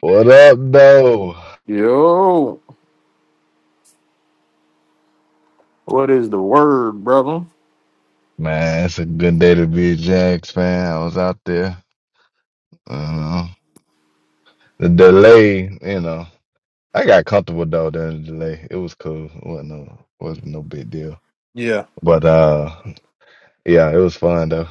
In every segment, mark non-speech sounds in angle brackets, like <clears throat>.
What up, though? Yo, what is the word, brother? Man, it's a good day to be a Jags fan. I was out there. Uh, the delay, you know, I got comfortable though during the delay. It was cool. It wasn't no, wasn't no big deal. Yeah. But uh, yeah, it was fun though.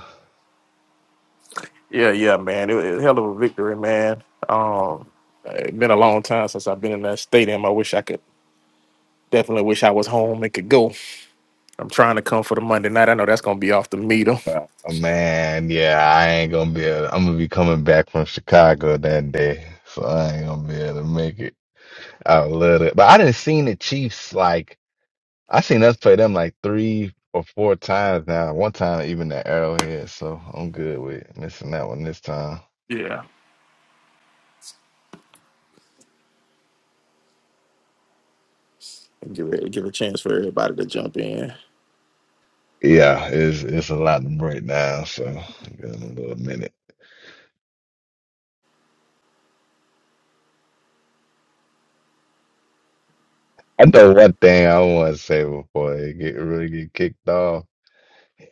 Yeah, yeah, man. It was a hell of a victory, man. Um, it's been a long time since I've been in that stadium. I wish I could definitely wish I was home and could go. I'm trying to come for the Monday night. I know that's gonna be off the meter. Uh, Man, yeah, I ain't gonna be able. I'm gonna be coming back from Chicago that day, so I ain't gonna be able to make it. I love it, but I didn't seen the Chiefs like. I seen us play them like three or four times now. One time even at Arrowhead, so I'm good with missing that one this time. Yeah. Give it give a chance for everybody to jump in. Yeah, it's it's a lot to break down, so I got a little minute. I know one thing I want to say before it get really get kicked off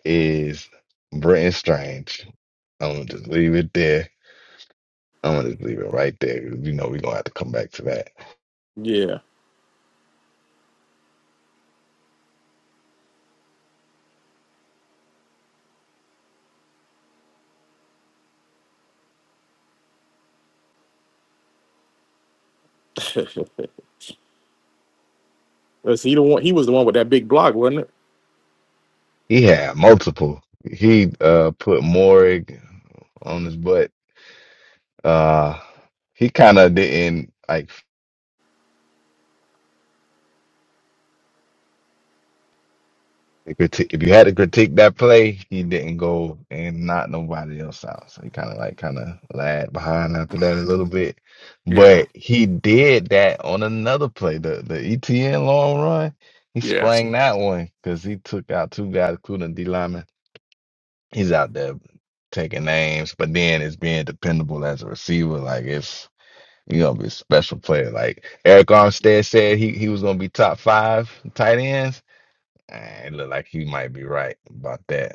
is Brenton Strange. I'm gonna just leave it there. I'm gonna just leave it right there. You know we're gonna have to come back to that. Yeah. <laughs> Was he the one he was the one with that big block, wasn't it? He had multiple. He uh put Morrig on his butt Uh, he kind of didn't like critique. If you had to critique that play, he didn't go and knock nobody else out. So he kind of like kind of lagged behind after that a little bit. Yeah. But he did that on another play, the the ETN long run. He Yes. sprang that one because he took out two guys, including D lineman. He's out there taking names, but then it's being dependable as a receiver. Like it's You're gonna be a special player. Like Eric Armstead said he, he was gonna be top five tight ends. Eh, It looked like he might be right about that.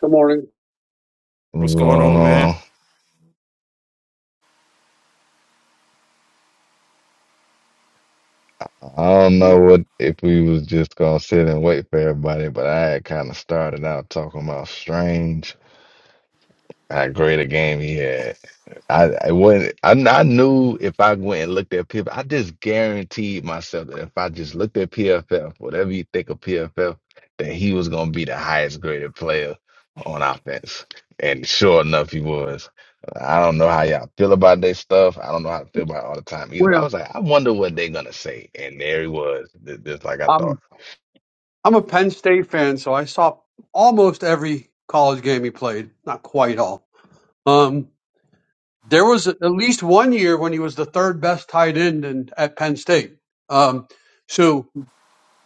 Good morning. What's What's going going on, man? on? I don't know what if we was just gonna sit and wait for everybody, but I had kind of started out talking about Strange. How great a game he had. I, I wouldn't. I, I knew if I went and looked at PFF, I just guaranteed myself that if I just looked at PFF, whatever you think of PFF, that he was going to be the highest graded player on offense. And sure enough, he was. I don't know how y'all feel about that stuff. I don't know how to feel about it all the time either. But I Well, was like, I wonder what they're gonna say. And there he was, ju- just like I thought. I'm I'm a Penn State fan, so I saw almost every college game he played. Not quite all. Um, there was at least one year when he was the third best tight end in, at Penn State. Um, so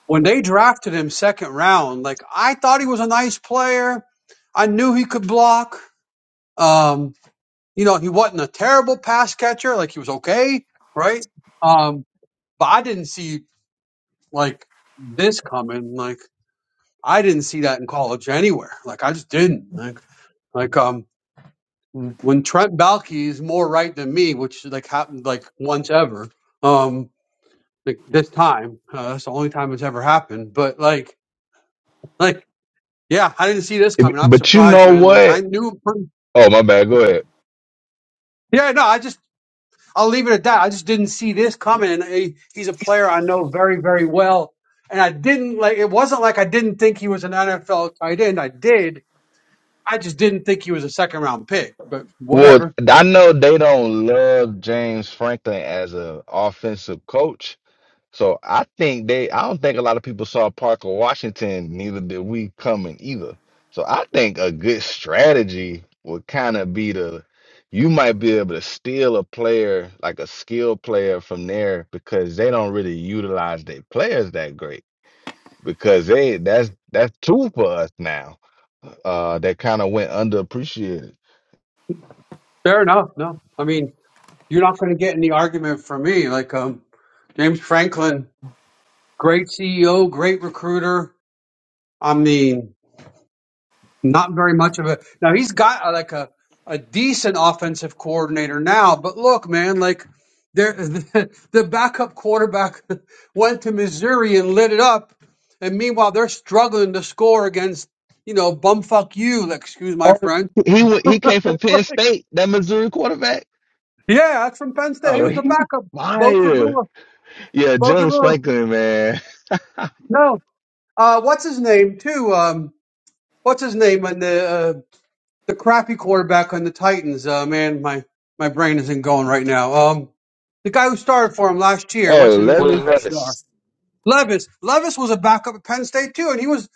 when they drafted him second round, like I thought he was a nice player. I knew he could block. Um, you know, he wasn't a terrible pass catcher. Like he was okay, right? Um, but I didn't see like this coming. Like. I didn't see that in college anywhere. Like I just didn't. Like like um when Trent Balky is more right than me, which like happened like once ever. Um like this time. Uh, that's the only time it's ever happened. But like like yeah, I didn't see this coming. I'm But you surprised, know man. Like I what? knew pretty Oh, my bad. Go ahead. Yeah, no, I just I'll leave it at that. I just didn't see this coming. And he, he's a player I know very, very well. And I didn't like it wasn't like I didn't think he was an NFL tight end. I did I just didn't think he was a second round pick, but Well, whatever. I know they don't love James Franklin as an offensive coach. So I think they, I don't think a lot of people saw Parker Washington, neither did we coming either. So I think a good strategy would kind of be to, you might be able to steal a player, like a skilled player from there because they don't really utilize their players that great because they, that's, that's two for us now. Uh, that kind of went underappreciated. Fair enough. No, I mean, you're not going to get any argument from me. Like, um, James Franklin, great CEO, great recruiter. I mean, not very much of a. Now he's got uh, like a, a decent offensive coordinator now, but look, man, like there, <laughs> the, the backup quarterback <laughs> went to Missouri and lit it up. And meanwhile, they're struggling to score against, you know, bumfuck you, like, excuse my Oh, French he wa- he came from Penn State, that Missouri quarterback. Yeah, that's from Penn State. He Oh, was a he's backup. Bo fire. Prabula. Yeah, Bo James Prabula. Franklin, man. No. Uh, what's his name too? Um, what's his name on the uh, the crappy quarterback on the Titans? Uh, man, my my brain isn't going right now. Um, the guy who started for him last year. Oh, What's his name? with Levis. Gosh, darn. lettuce. Levis. Levis was a backup at Penn State too, and he was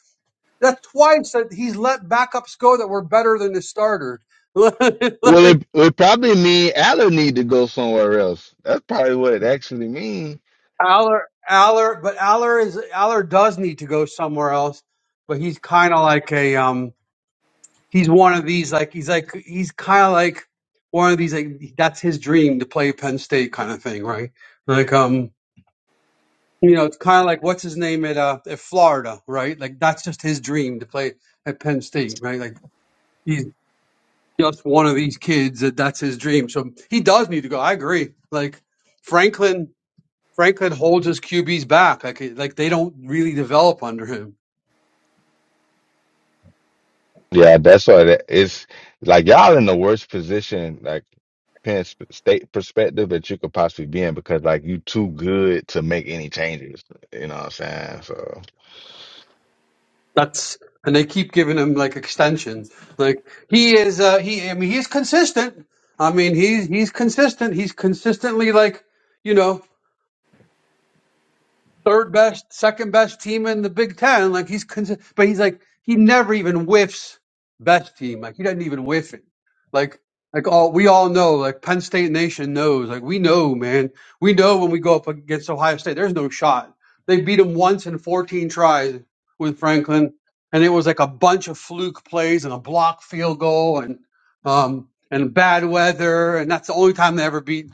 that's twice that he's let backups go that were better than the starter. <laughs> Well, like, it would probably mean Allen need to go somewhere else. That's probably what it actually means. Aller, Aller, but Aller is Aller does need to go somewhere else. But he's kind of like a um, he's one of these like he's like he's kind of like one of these like that's his dream to play Penn State kind of thing, right? Like um, you know, it's kind of like what's his name at uh at Florida, right? Like that's just his dream to play at Penn State, right? Like he's just one of these kids that that's his dream. So he does need to go. I agree. Like Franklin. Franklin holds his QBs back. Like like they don't really develop under him. Yeah, that's what it, it's like. Y'all in the worst position, like Penn Sp- State perspective that you could possibly be in, because like you too good to make any changes. You know what I'm saying? So. That's and they keep giving him like extension. Like he is uh he I mean he's consistent. I mean he's he's consistent. He's consistently like, you know, third best, second best team in the Big Ten. Like he's, cons- but he's like he never even whiffs best team. Like he doesn't even whiff it. Like like all we all know. Like Penn State Nation knows. Like we know, man. We know when we go up against Ohio State, there's no shot. They beat him once in 14 tries with Franklin, and it was like a bunch of fluke plays and a block field goal and um and bad weather, and that's the only time they ever beat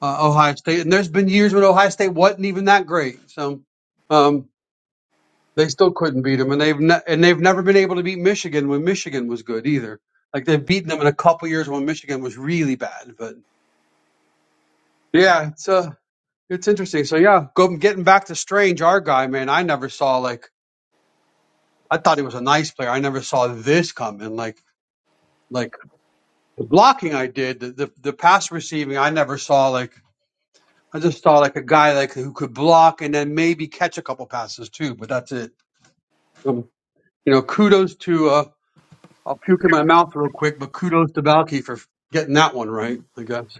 uh, Ohio State. And there's been years when Ohio State wasn't even that great. So um, they still couldn't beat them, and they've ne- and they've never been able to beat Michigan when Michigan was good either. Like they've beaten them in a couple years when Michigan was really bad. But yeah, it's uh, it's interesting. So yeah, go getting back to Strange, our guy, man. I never saw like I thought he was a nice player. I never saw this coming. Like like the blocking I did, the the, the pass receiving, I never saw like. I just saw like a guy like who could block and then maybe catch a couple passes too, but that's it. Um, you know, kudos to uh, I'll puke in my mouth real quick, but kudos to Balky for getting that one right. I guess.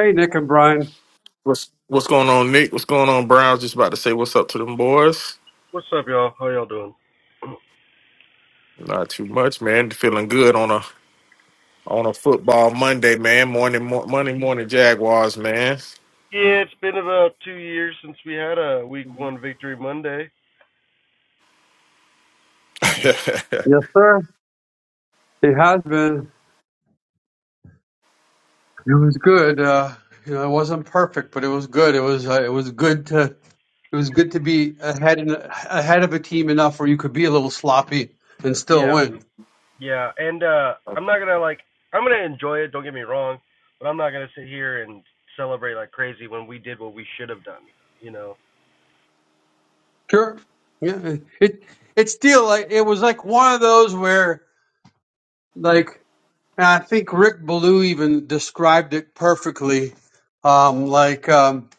Hey, Nick and Brian. What's what's going on, Nick? What's going on, Browns? Just about to say what's up to them boys. What's up, y'all? How y'all doing? Not too much, man. Feeling good on a on a football Monday, man. Morning, mo- Monday morning Jaguars, man. Yeah, it's been about two years since we had a Week One Victory Monday. <laughs> at Yes, sir. It has been. It was good. Uh, you know, it wasn't perfect, but it was good. It was uh, it was good to it was good to be ahead in, ahead of a team enough where you could be a little sloppy and still Yeah, win. yeah, and uh I'm not gonna like I'm gonna enjoy it. Don't get me wrong, but I'm not gonna sit here and celebrate like crazy when we did what we should have done. You know, Sure. Yeah. It it's still like it was like one of those where Like I think Rick Ballou even described it perfectly. Um, like um,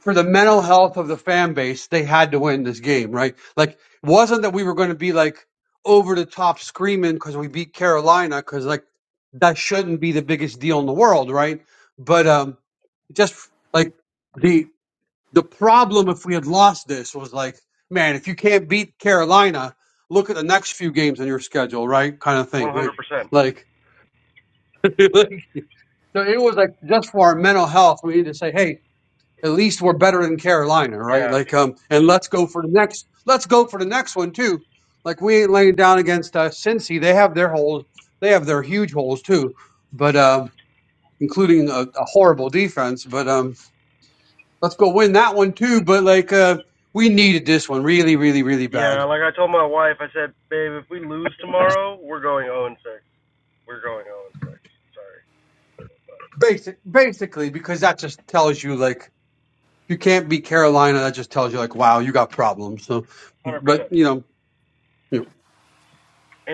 for the mental health of the fan base, they had to win this game, right? Like it wasn't that we were going to be like over the top screaming because we beat Carolina, because like that shouldn't be the biggest deal in the world, right? But um, just like the the problem if we had lost this was like, man, if you can't beat Carolina, look at the next few games on your schedule, right? Kind of thing, 100%. right? Like. <laughs> So it was like just for our mental health, we need to say, hey, at least we're better than Carolina, right? Yeah, Like, um, and let's go for the next. Let's go for the next one too. Like we ain't laying down against uh, Cincy. They have their holes. They have their huge holes too, but um, including a, a horrible defense. But um, let's go win that one too. But like, uh, we needed this one really, really, really yeah. bad. Like I told my wife, I said, babe, if we lose tomorrow, we're going 0 and 6. We're going 0 and 6. Sorry, but Basic, basically, because that just tells you like you can't beat Carolina. That just tells you like, wow, you got problems. So, but 100%. you know.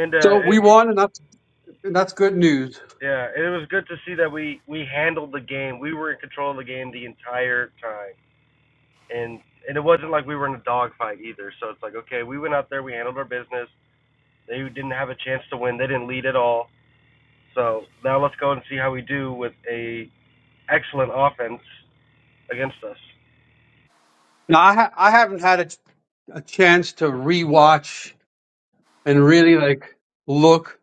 And So uh, we won, and that's and that's good news. Yeah, and it was good to see that we we handled the game. We were in control of the game the entire time, and and it wasn't like we were in a dogfight either. So it's like, okay, we went out there, we handled our business. They didn't have a chance to win. They didn't lead at all. So now let's go and see how we do with a excellent offense against us. Now I ha- I haven't had a, ch- a chance to rewatch and really like look,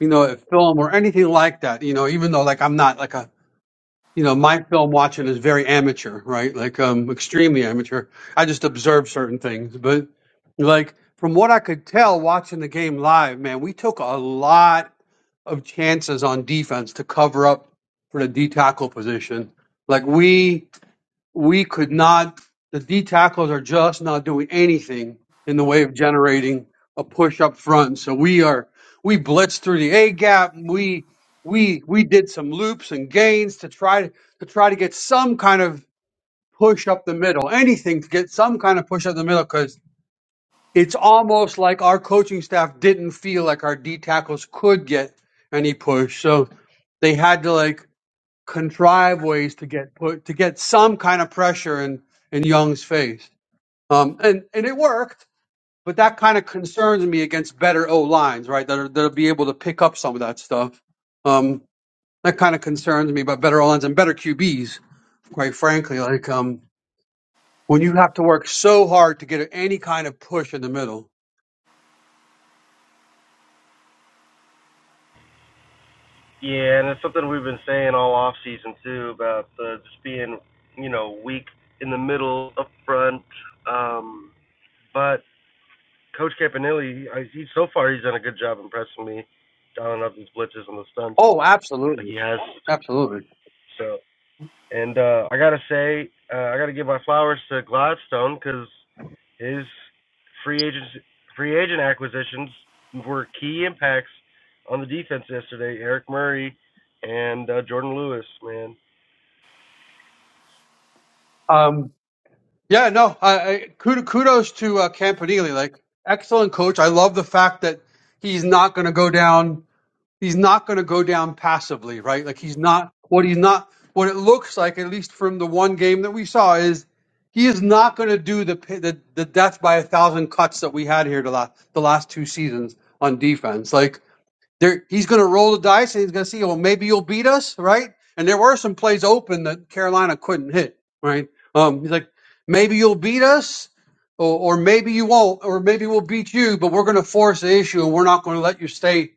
you know, at film or anything like that. You know, even though like I'm not like a you know my film watching is very amateur, right? Like um extremely amateur. I just observe certain things, but like from what I could tell watching the game live, man, we took a lot of chances on defense to cover up for the D tackle position. Like we we could not, the D tackles are just not doing anything in the way of generating a push up front. So we are, we blitzed through the A gap. We, we, we did some loops and gains to try to try to get some kind of push up the middle, anything to get some kind of push up the middle. Cause it's almost like our coaching staff didn't feel like our D tackles could get any push. So they had to like contrive ways to get put to get some kind of pressure in in Young's face. Um, and and it worked, but that kind of concerns me against better O lines, right? That are, that'll be able to pick up some of that stuff. Um, that kind of concerns me about better O lines and better QBs, quite frankly. Like um, when you have to work so hard to get any kind of push in the middle. Yeah, and it's something we've been saying all off season too about uh, just being you know weak in the middle up front. Um, but Coach Campanelli, I, he, so far he's done a good job impressing me, dialing up these blitzes and the stunts Oh, like absolutely, he has. absolutely. So, and uh, I gotta say, uh, I gotta give my flowers to Gladstone because his free agents, free agent acquisitions were key impacts on the defense yesterday. Eric Murray and uh, Jordan Lewis, man. Um, Yeah, no. I, I kud- kudos to uh, Campanile. Like excellent coach. I love the fact that he's not going to go down. He's not going to go down passively, right? Like he's not what he's not what it looks like, at least from the one game that we saw, is he is not going to do the, pi- the the death by a thousand cuts that we had here the last the last two seasons on defense. Like there, he's going to roll the dice and he's going to see, well, maybe you'll beat us, right? And there were some plays open that Carolina couldn't hit, right? Um, he's like, maybe you'll beat us, or, or maybe you won't, or maybe we'll beat you, but we're going to force the issue and we're not going to let you stay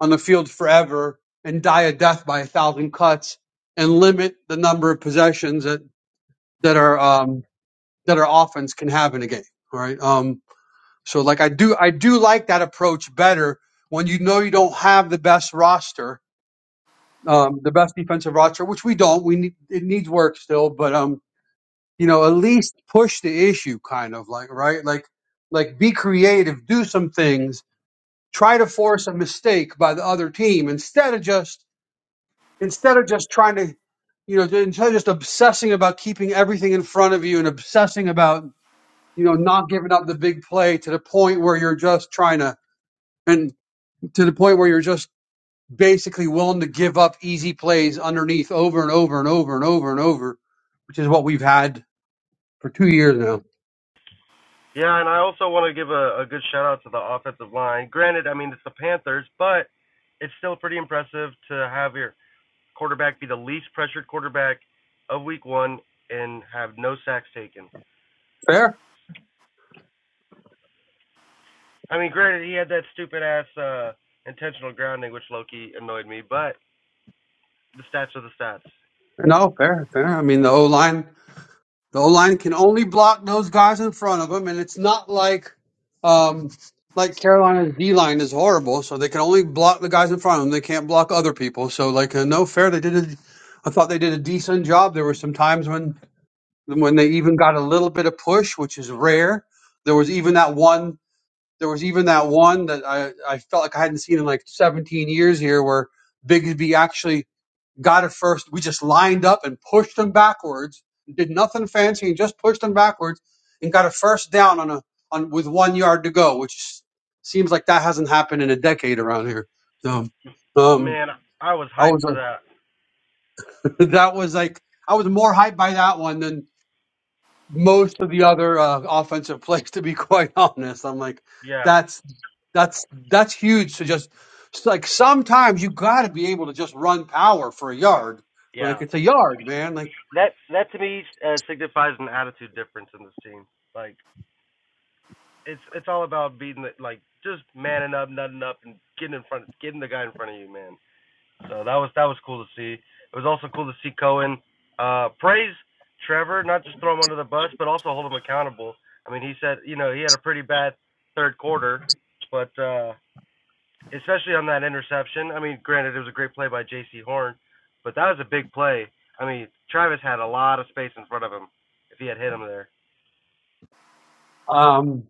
on the field forever and die a death by a thousand cuts and limit the number of possessions that that our um, that our offense can have in a game, all right? Um, so like I do I do like that approach better when you know you don't have the best roster um, the best defensive roster, which we don't. We need it needs work still, but um, you know, at least push the issue, kind of like right, like like be creative, do some things, try to force a mistake by the other team instead of just instead of just trying to, you know, instead of just obsessing about keeping everything in front of you and obsessing about you know not giving up the big play to the point where you're just trying to and to the point where you're just basically willing to give up easy plays underneath over and over and over and over and over, which is what we've had for two years now. Yeah, and I also want to give a, a good shout out to the offensive line. Granted, I mean it's the Panthers, but it's still pretty impressive to have here. quarterback be the least pressured quarterback of week one and have no sacks taken. Fair? I mean, granted, he had that stupid ass uh, intentional grounding, which Loki annoyed me, but the stats are the stats. No, fair, fair. I mean, the O line, the O line can only block those guys in front of them, and it's not like, um, like Carolina's D line is horrible, so they can only block the guys in front of them. They can't block other people. So, like, uh, no fair. They did a, I thought they did a decent job. There were some times when when they even got a little bit of push, which is rare. There was even that one There was even that one that I, I felt like I hadn't seen in like 17 years here where Bigsby actually got it first. We just lined up and pushed him backwards, did nothing fancy and just pushed him backwards and got a first down on a on with one yard to go, which seems like that hasn't happened in a decade around here. So um Man, I was I hyped was for like that. <laughs> that was like I was more hyped by that one than most of the other uh, offensive <laughs> plays. To be quite <laughs> honest, I'm like, Yeah, that's that's that's huge. To just it's like sometimes you got to be able to just run power for a yard. Like yeah. it's a yard, man. Like, That that to me uh, signifies an attitude difference in this team. Like it's it's all about beating the like just manning up, nutting up, and getting in front, getting the guy in front of you, man. So that was that was cool to see. It was also cool to see Cohen uh, praise Trevor, not just throw him under the bus, but also hold him accountable. I mean, he said, you know, he had a pretty bad third quarter, but uh, especially on that interception. I mean, granted, it was a great play by J.C. Horn, but that was a big play. I mean, Travis had a lot of space in front of him if he had hit him there. um,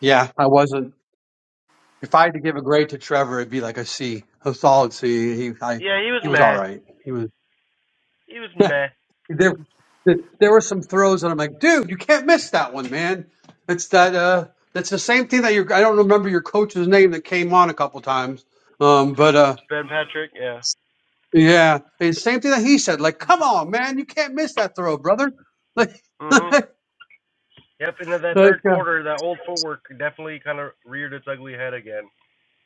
yeah, I wasn't. If I had to give a grade to Trevor, it'd be like a C, a solid C. He, I, Yeah, he was he was all meh. right. He was. He was <laughs> meh. There, there there were some throws that I'm like, dude, you can't miss that one, man. It's that. Uh, that's the same thing that your. I don't remember your coach's name that came on a couple times. Um, Coach but uh, Ben Patrick, yeah. yeah, the same thing that he said. Like, come on, man, you can't miss that throw, brother. <laughs> Like, Mhm. Yep, and then that like, third uh, quarter, that old footwork definitely kind of reared its ugly head again.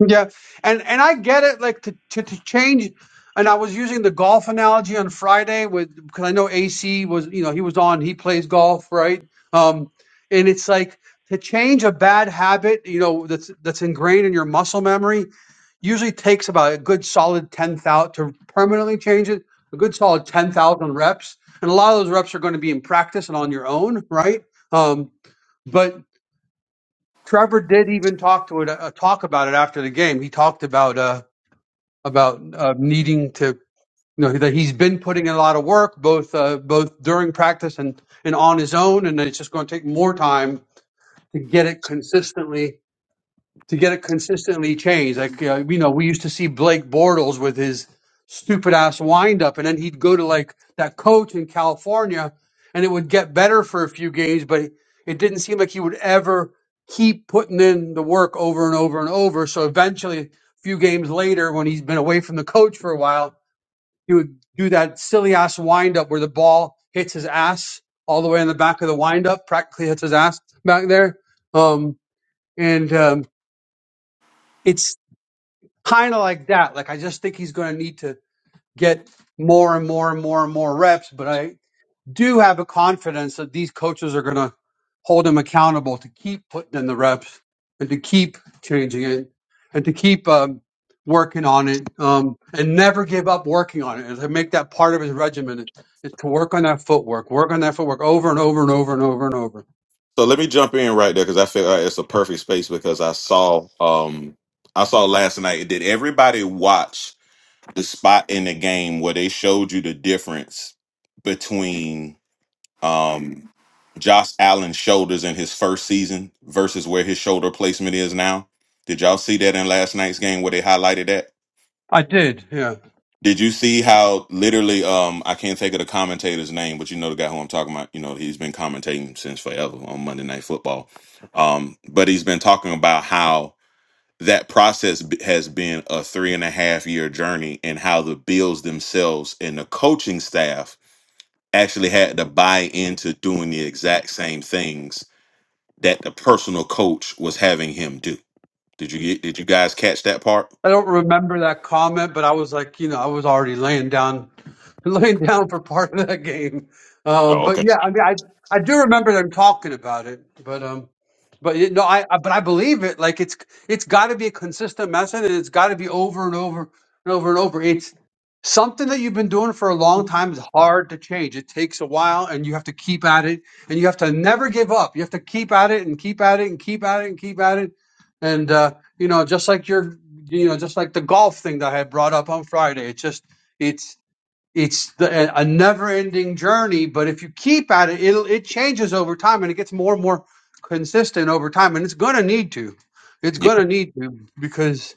Yeah, and and I get it. Like to to, to change, and I was using the golf analogy on Friday with because I know AC was you know he was on he plays golf right, um, and it's like to change a bad habit you know that's that's ingrained in your muscle memory usually takes about a good solid ten thousand to permanently change it a good solid ten thousand reps, and a lot of those reps are going to be in practice and on your own right. Um, but Trevor did even talk to it, uh, talk about it after the game. He talked about uh, about uh, needing to, you know, that he's been putting in a lot of work, both uh, both during practice and and on his own, and it's just going to take more time to get it consistently to get it consistently changed. Like uh, you know, we used to see Blake Bortles with his stupid ass windup, and then he'd go to like that coach in California, and it would get better for a few games, but it didn't seem like he would ever keep putting in the work over and over and over. So eventually, a few games later, when he's been away from the coach for a while, he would do that silly ass windup where the ball hits his ass all the way in the back of the windup, practically hits his ass back there. Um, and um, it's kind of like that. Like I just think he's going to need to get more and more and more and more reps. But I do have a confidence that these coaches are going to hold him accountable to keep putting in the reps and to keep changing it and to keep um, working on it um, and never give up working on it and to make that part of his regimen is to work on that footwork, work on that footwork over and over and over and over and over. So let me jump in right there because I feel like it's a perfect space because I saw um I saw last night. Did everybody watch the spot in the game where they showed you the difference between um Josh Allen's shoulders in his first season versus where his shoulder placement is now? Did y'all see that in last night's game where they highlighted that? I did, yeah. Did you see how literally um I can't think of the commentator's name, but you know the guy who I'm talking about, you know, he's been commentating since forever on Monday Night Football. Um, but he's been talking about how that process b- has been a three and a half year journey and how the Bills themselves and the coaching staff actually had to buy into doing the exact same things that the personal coach was having him do. Did you get did you guys catch that part? I don't remember that comment, but I was like, you know, I was already laying down <laughs> laying down for part of that game. Um, Oh, but okay. yeah, I mean, I I do remember them talking about it, but um, but you know, I, I but I believe it. Like it's it's got to be a consistent message, and it's got to be over and over and over and over. It's something that you've been doing for a long time is hard to change. It takes a while, and you have to keep at it, and you have to never give up. You have to keep at it and keep at it and keep at it and keep at it, and uh, you know, just like your you know, just like the golf thing that I had brought up on Friday. It's just it's it's the, a never-ending journey but if you keep at it it'll, it changes over time and it gets more and more consistent over time and it's going to need to it's going to need to because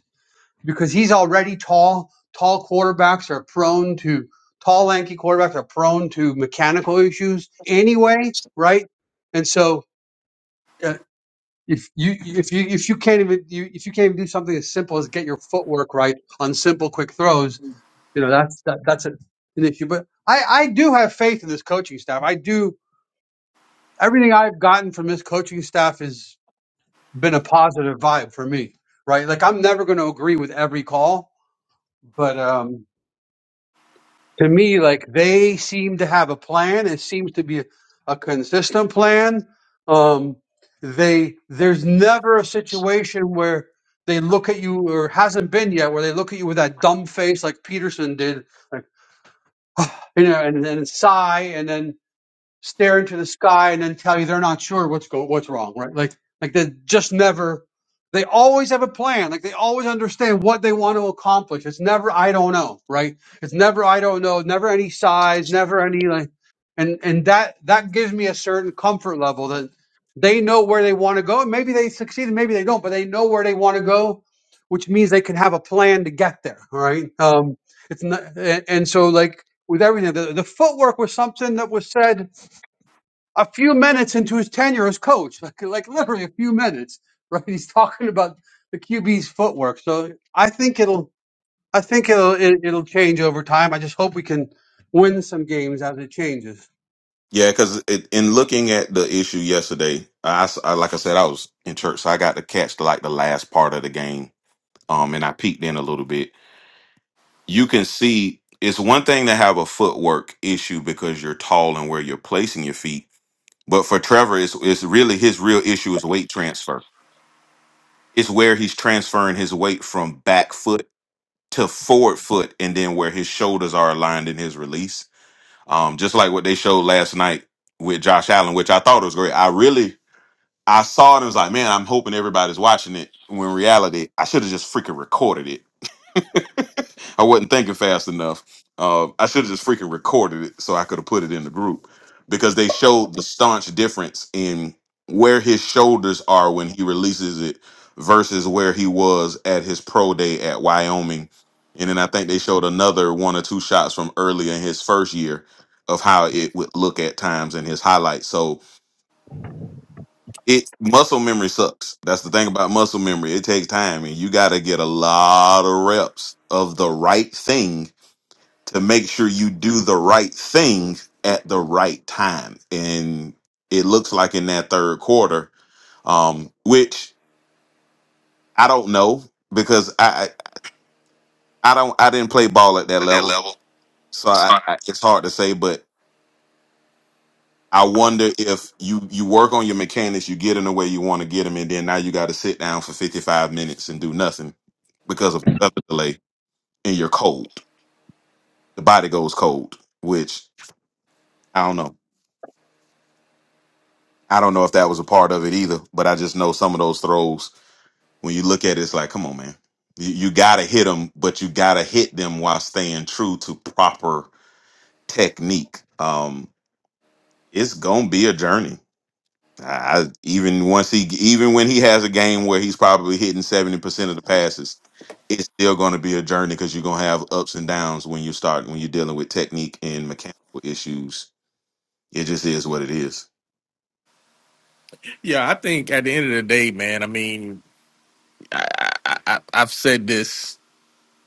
because he's already tall tall quarterbacks are prone to tall lanky quarterbacks are prone to mechanical issues anyway right and so uh, if you if you if you can't even you, if you can't even do something as simple as get your footwork right on simple quick throws you know that's that, that's a, an issue but i i do have faith in this coaching staff i do everything i've gotten from this coaching staff has been a positive vibe for me right like i'm never going to agree with every call but um to me like they seem to have a plan it seems to be a consistent plan um they there's never a situation where they look at you or hasn't been yet where they look at you with that dumb face like peterson did like you know and then sigh and then stare into the sky and then tell you they're not sure what's go what's wrong, right? Like like they just never they always have a plan. Like they always understand what they want to accomplish. It's never I don't know, right? It's never I don't know, never any size, never any like and and that that gives me a certain comfort level that they know where they want to go. And maybe they succeed and maybe they don't, but they know where they want to go, which means they can have a plan to get there. All right. Um it's not and, and so like with everything, the, the footwork was something that was said a few minutes into his tenure as coach, like, like literally a few minutes, <laughs> right? He's talking about the QB's footwork. So I think it'll, I think it'll, it, it'll change over time. I just hope we can win some games as it changes. Yeah, because in looking at the issue yesterday, I, s- I- like I said, I was in church, so I got to catch the, like the last part of the game, um, and I peeked in a little bit. You can see it's one thing to have a footwork issue because you're tall and where you're placing your feet, but for Trevor, it's it's really his real issue is weight transfer. It's where he's transferring his weight from back foot to forward foot, and then where his shoulders are aligned in his release. Um, just like what they showed last night with Josh Allen, which I thought was great. I really I saw it and was like, man, I'm hoping everybody's watching it. When in reality, I should have just freaking recorded it. I wasn't thinking fast enough. Uh, I should have just freaking recorded it so I could have put it in the group because they showed the staunch difference in where his shoulders are when he releases it versus where he was at his pro day at Wyoming. And then I think they showed another one or two shots from earlier in his first year of how it would look at times in his highlights. So it muscle memory sucks. That's the thing about muscle memory. It takes time and you got to get a lot of reps of the right thing to make sure you do the right thing at the right time. And it looks like in that third quarter, um, which I don't know because I, I I don't I didn't play ball at that that level. level. So I, Sorry. I, it's hard to say, but. I wonder if you you work on your mechanics, you get in the way you want to get them, and then now you got to sit down for 55 minutes and do nothing because of the weather delay and you're cold. The body goes cold, which I don't know. I don't know if that was a part of it either, but I just know some of those throws when you look at it, it's like, come on, man, you, you got to hit them, but you got to hit them while staying true to proper technique. Um, it's gonna be a journey I, even once he, even when he has a game where he's probably hitting seventy percent of the passes, it's still going to be a journey because you're going to have ups and downs when you start when you're dealing with technique and mechanical issues. It just is what it is. Yeah, I think at the end of the day, man. I mean, I, I, I I've said this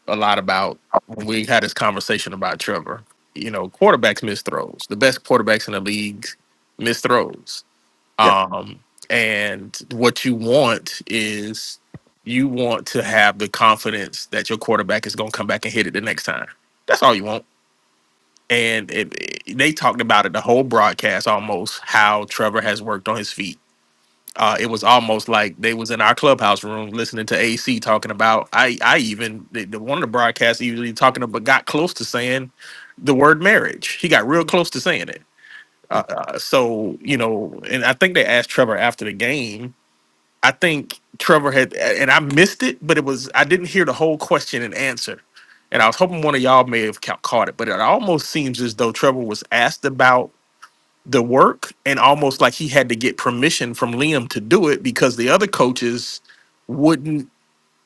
a lot about when we had this conversation about Trevor. You know, quarterbacks miss throws. The best quarterbacks in the league miss throws. Yeah, Um, and what you want is you want to have the confidence that your quarterback is going to come back and hit it the next time. That's all you want. And it, it- they talked about it the whole broadcast almost how Trevor has worked on his feet. Uh, it was almost like they was in our clubhouse room listening to AC talking about. I I even the, the one of the broadcasts usually talking about got close to saying the word marriage. He got real close to saying it. yeah, Uh, uh, so you know, and I think they asked Trevor after the game I think Trevor had, and I missed it, but it was I didn't hear the whole question and answer, and I was hoping one of y'all may have ca- caught it. But it almost seems as though Trevor was asked about the work, and almost like he had to get permission from Liam to do it because the other coaches wouldn't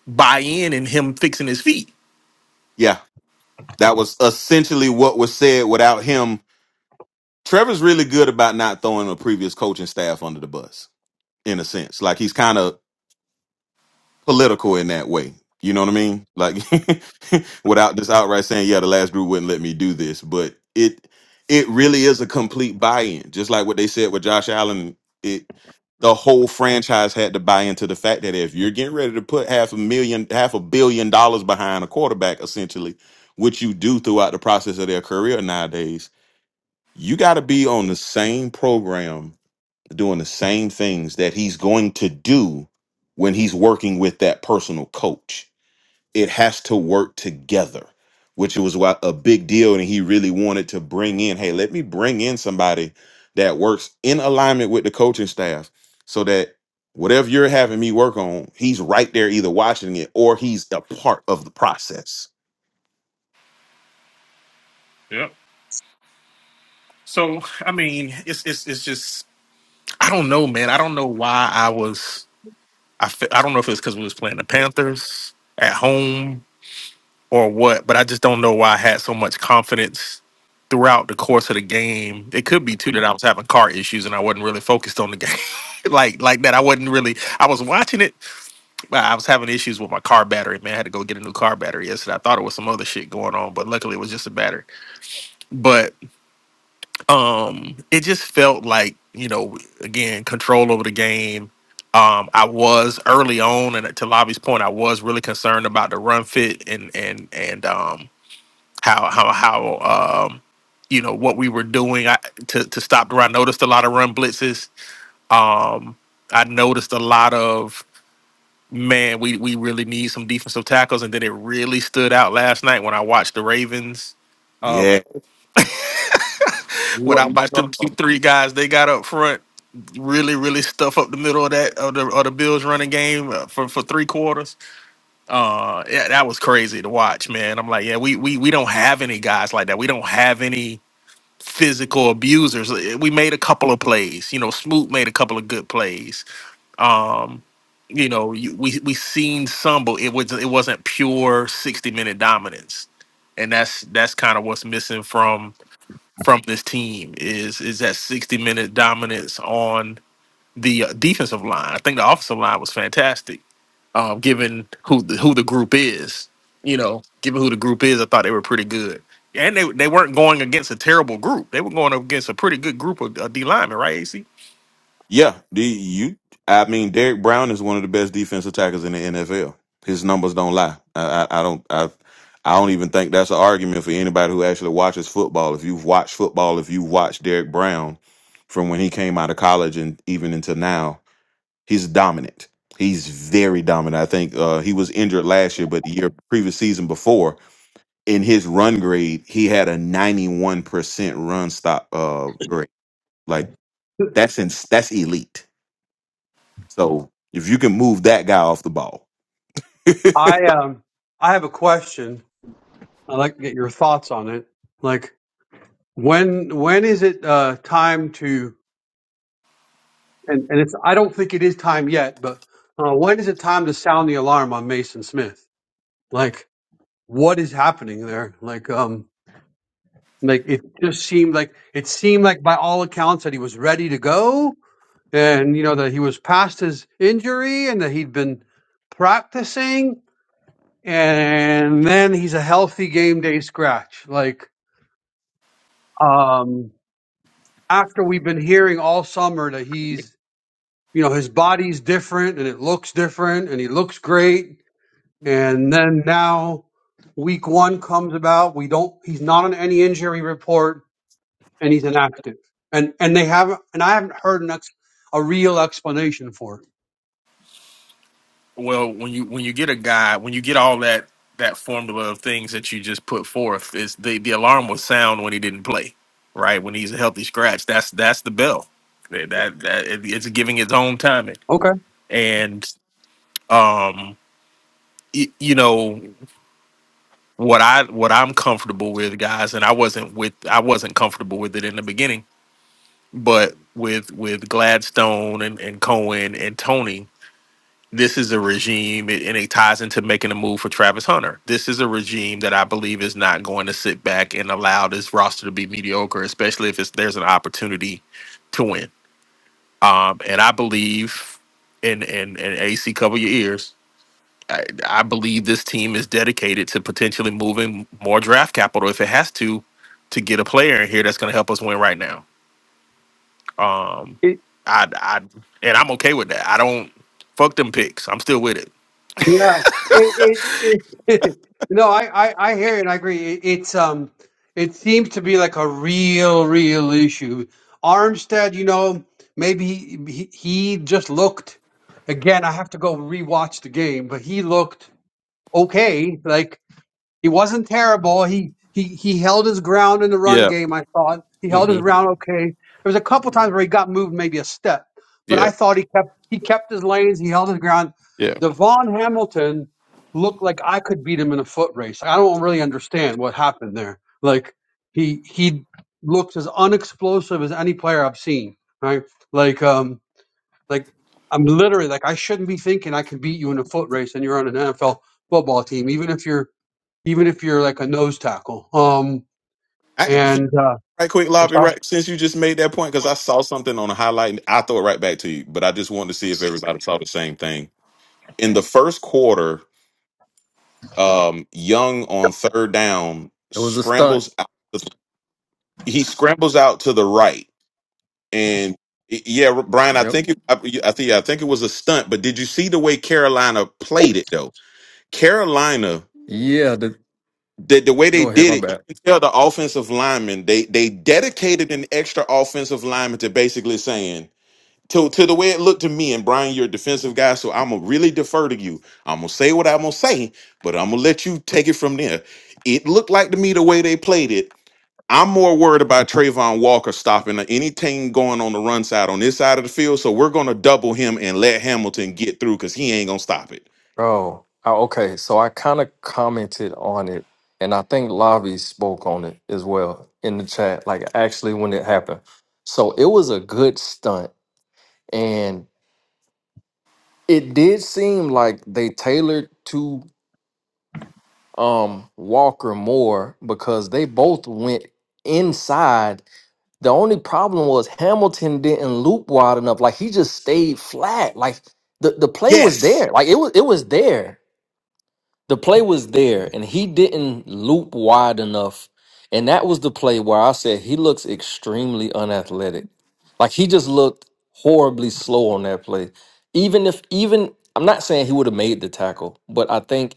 buy in in him fixing his feet. yeah. That was essentially what was said. Without him, Trevor's really good about not throwing a previous coaching staff under the bus. In a sense, like he's kind of political in that way. You know what I mean? Like <laughs> without just outright saying, yeah, the last group wouldn't let me do this, but it it really is a complete buy-in. Just like what they said with Josh Allen, it the whole franchise had to buy into the fact that if you're getting ready to put half a million, half a billion dollars behind a quarterback, essentially, which you do throughout the process of their career nowadays, you got to be on the same program doing the same things that he's going to do when he's working with that personal coach. It has to work together, which was why a big deal. And he really wanted to bring in, hey, let me bring in somebody that works in alignment with the coaching staff so that whatever you're having me work on, he's right there either watching it or he's a part of the process. Yeah. So I mean, it's it's it's just I don't know, man. I don't know why I was I fe- I don't know if it's because we was playing the Panthers at home or what, but I just don't know why I had so much confidence throughout the course of the game. It could be too that I was having car issues and I wasn't really focused on the game. <laughs> like like that. I wasn't really I was watching it, but I was having issues with my car battery. Man, I had to go get a new car battery yesterday. I thought it was some other shit going on, but luckily it was just a battery. But um it just felt like, you know, again, control over the game. Um, I was early on, and to Lobby's point, I was really concerned about the run fit and and and um, how how how um you know what we were doing I, to to stop the run. I noticed a lot of run blitzes. Um, I noticed a lot of man. We we really need some defensive tackles, and then it really stood out last night when I watched the Ravens. Uh, Yeah. when I watched them keep three guys they got up front, really really stuff up the middle of that of the of the Bills running game uh, for for three quarters. Uh, yeah, that was crazy to watch, man. I'm like, yeah, we we we don't have any guys like that. We don't have any. physical abusers. We made a couple of plays. You know, Smoot made a couple of good plays. Um, you know, you, we we seen some, but it was it wasn't pure sixty minute dominance, and that's that's kind of what's missing from from this team is is that sixty minute dominance on the uh, defensive line. I think the offensive line was fantastic um, given who the, who the group is. You know, given who the group is, I thought they were pretty good, and they they weren't going against a terrible group. They were going up against a pretty good group of, of D linemen, right? AC. Yeah, the you. I mean, Derek Brown is one of the best defensive tackles in the NFL. His numbers don't lie. I, I, I don't. I, I don't even think that's an argument for anybody who actually watches football. If you've watched football, if you've watched Derek Brown from when he came out of college and even until now, he's dominant. He's very dominant. I think uh, he was injured last year, but the year previous season before, in his run grade, he had a ninety-one percent run stop uh, grade. Like that's in, that's elite so if you can move that guy off the ball, <laughs> yep. I, um, I have a question. I'd like to get your thoughts on it. Like when, when is it, uh, time to, and, and it's, I don't think it is time yet, but, uh, when is it time to sound the alarm on Mason Smith? Like, what is happening there? Like, um, Like it just seemed like it seemed like by all accounts that he was ready to go, and you know that he was past his injury, and that he'd been practicing, and then he's a healthy game day scratch. Like um, after we've been hearing all summer that he's you know his body's different and it looks different and he looks great, and then now week one comes about, we don't he's not on any injury report and he's inactive. And and they haven't and I haven't heard an ex, a real explanation for it. Well, when you when you get a guy, when you get all that that formula of things that you just put forth, is the the alarm will sound when he didn't play, right? When he's a healthy scratch, that's that's the bell. That that, that it- it's giving its own timing, Okay. and um, y- you know. what I what I'm comfortable with, guys, and I wasn't with I wasn't comfortable with it in the beginning, but with with Gladstone and, and Cohen and Tony, this is a regime it- and it ties into making a move for Travis Hunter. This is a regime that I believe is not going to sit back and allow this roster to be mediocre, especially if it's, there's an opportunity to win. Um, and I believe and and and AC cover your ears I, I believe this team is dedicated to potentially moving more draft capital if it has to to get a player in here that's going to help us win right now. Um, It- I, I, and I'm okay with that. I don't fuck them picks. I'm still with it. yeah. It, it, it, <laughs> no, I, I, I hear you and I agree. It, it's um it seems to be like a real, real issue. Armstead, you know, maybe he, he, he just looked again, I have to go rewatch the game, but he looked okay. Like He wasn't terrible. He he he held his ground in the run Yeah, game. I thought he held hmm his ground okay. There was a couple times where he got moved maybe a step, but yeah, I thought he kept he kept his lanes. He held his ground. yeah. Devon Hamilton looked like I could beat him in a foot race. I don't really understand what happened there. Like he he looks as unexplosive as any player I've seen. Right? Like um like I'm literally like I shouldn't be thinking I can beat you in a foot race and you're on an NFL football team, even if you're even if you're like a nose tackle. Um, I, can- and uh, right quick, I'm Lobby. sorry. Right, since you just made that point, because I saw something on a highlight, and I throw it right back to you. But I just wanted to see if everybody saw the same thing in the first quarter. Um, Young on third down It was a stunt. scrambles. Out, he scrambles out to the right, and yeah, Brian. I Yep. think it, I, I think yeah, I think it was a stunt. But did you see the way Carolina played it though? Carolina Yeah. The, the, the way they go ahead. did My it, you bad. can tell the offensive lineman they they dedicated an extra offensive lineman to basically saying to to the way it looked to me and Brian, you're a defensive guy, so I'm gonna really defer to you. I'm gonna say what I'm gonna say, but I'm gonna let you take it from there. It looked like to me the way they played it. I'm more worried about Trayvon Walker stopping anything going on the run side on this side of the field, so we're gonna double him and let Hamilton get through because he ain't gonna stop it. Oh, oh, okay. So I kind of commented on it, and I think Lavi spoke on it as well in the chat, like actually when it happened. So it was a good stunt, and it did seem like they tailored to um Walker more because they both went inside The only problem was Hamilton didn't loop wide enough. Like he just stayed flat. Like the, the play was Yes. there. Like it was it was there. The play was there, and he didn't loop wide enough. And that was the play where I said he looks extremely unathletic. Like he just looked horribly slow on that play. Even if even I'm not saying he would have made the tackle, but I think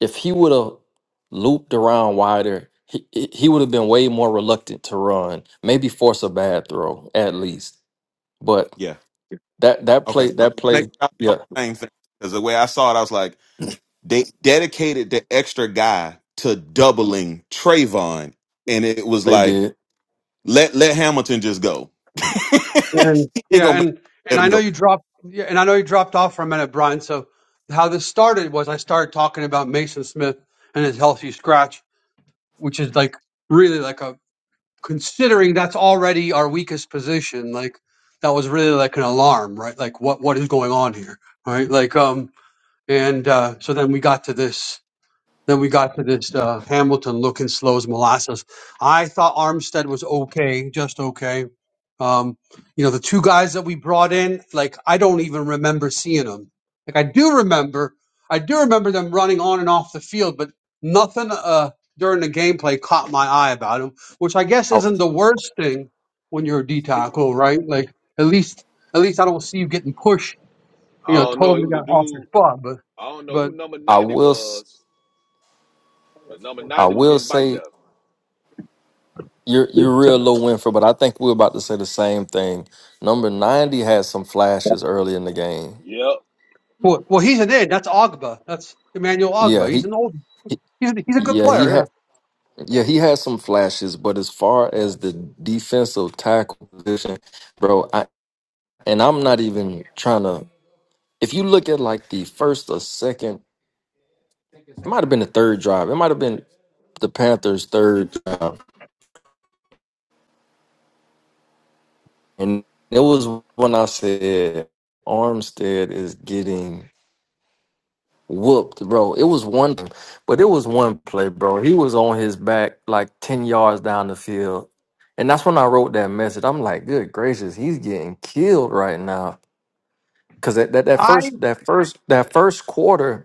if he would have looped around wider, he he would have been way more reluctant to run. Maybe force a bad throw at least. But that that Okay, play I'm that play, making out all yeah, the things because the way I saw it, I was like, they dedicated the extra guy to doubling Trayvon, and it was they like, did. let let Hamilton just go. <laughs> And he ain't yeah, gonna make, and let and him I know go. you dropped. Yeah, and I know you dropped off for a minute, Brian. So how this started was I started talking about Mason Smith and his healthy scratch, which is like really like a considering that's already our weakest position. Like that was really like an alarm, right? Like what what is going on here, right? Like um, and uh, so then we got to this. Then we got to this uh, Hamilton looking slows molasses. I thought Armstead was okay, just okay. Um, you know, the two guys that we brought in, like I don't even remember seeing them. Like I do remember, I do remember them running on and off the field, but nothing uh, during the gameplay caught my eye about them, which I guess I isn't the worst thing when you're a D tackle, right? Like at least, at least I don't see you getting pushed, you I know, don't know. It totally was a got off your dude. spot. But, I don't know who but number I 90 will s- was, but number I 90 was will getting biked say up. you're you're real low Winfrey, but I think we're about to say the same thing. Number ninety had some flashes early in the game. Yep. Well, well, he's an id. That's Ogba. That's Emmanuel Ogba. Yeah, He's he, an old. he He's a, he's a good yeah he player. had. Yeah, he had some flashes, but as far as the defensive tackle position, bro. and I'm not even trying to. If you look at like the first or second, it might have been the third drive. It might have been the Panthers' third drive, and it was when I said Armstead is getting whooped, bro. It was one, but it was one play, bro. He was on his back like ten yards down the field, and that's when I wrote that message. I'm like, good gracious, he's getting killed right now. Cause that, that, Yeah. that first I. that first that first quarter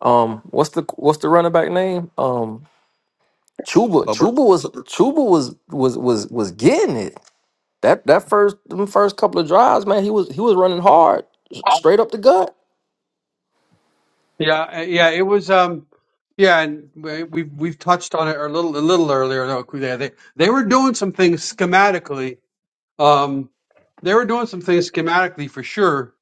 Um, what's the what's the running back name? Um, Chuba. Hubbard, Chuba was Chuba was was was was getting it. That that first them first couple of drives, man, he was he was running hard, s- straight up the gut. Yeah, uh, yeah. It was. Um. Yeah, and we- we've we've touched on it a little a little earlier. though. Yeah, they they were doing some things schematically. Um, they were doing some things schematically for sure.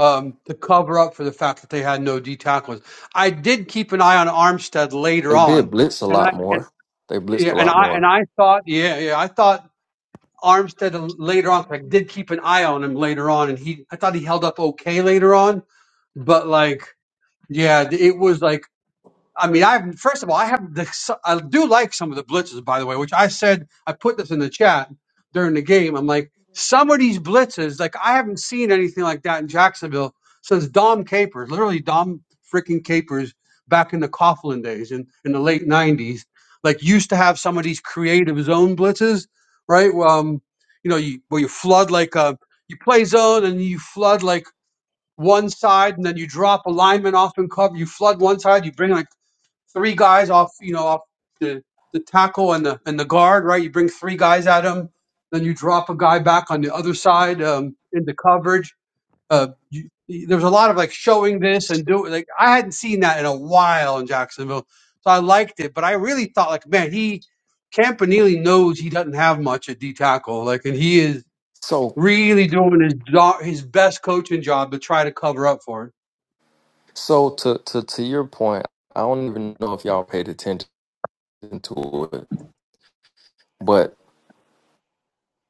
Um, to cover up for the fact that they had no D tacklers. I did keep an eye on Armstead later They did on, blitz a and lot I and more. They blitzed yeah, a and lot I and more. I thought yeah yeah I thought Armstead later on I did keep an eye on him later on, and he I thought he held up okay later on, but like yeah, it was like I mean, I have first of all, I have the I do like some of the blitzes, by the way, which I said I put this in the chat during the game. I'm like, some of these blitzes, like I haven't seen anything like that in Jacksonville since Dom Capers, literally Dom freaking Capers back in the Coughlin days in, in the late '90s. Like used to have some of these creative zone blitzes, right? Well, Um, you know, you, where you flood like a you play zone and you flood like one side, and then you drop a lineman off and cover. You flood one side, you bring like three guys off, you know, off the, the tackle and the and the guard, right? You bring three guys at him, then you drop a guy back on the other side um, into coverage. Uh, you, there's a lot of like showing this and do like I hadn't seen that in a while in Jacksonville, so I liked it. But I really thought like, man, he Campanile knows he doesn't have much at D tackle, like, and he is So really doing his do- his best coaching job to try to cover up for it. so to to to your point, I don't even know if y'all paid attention to it,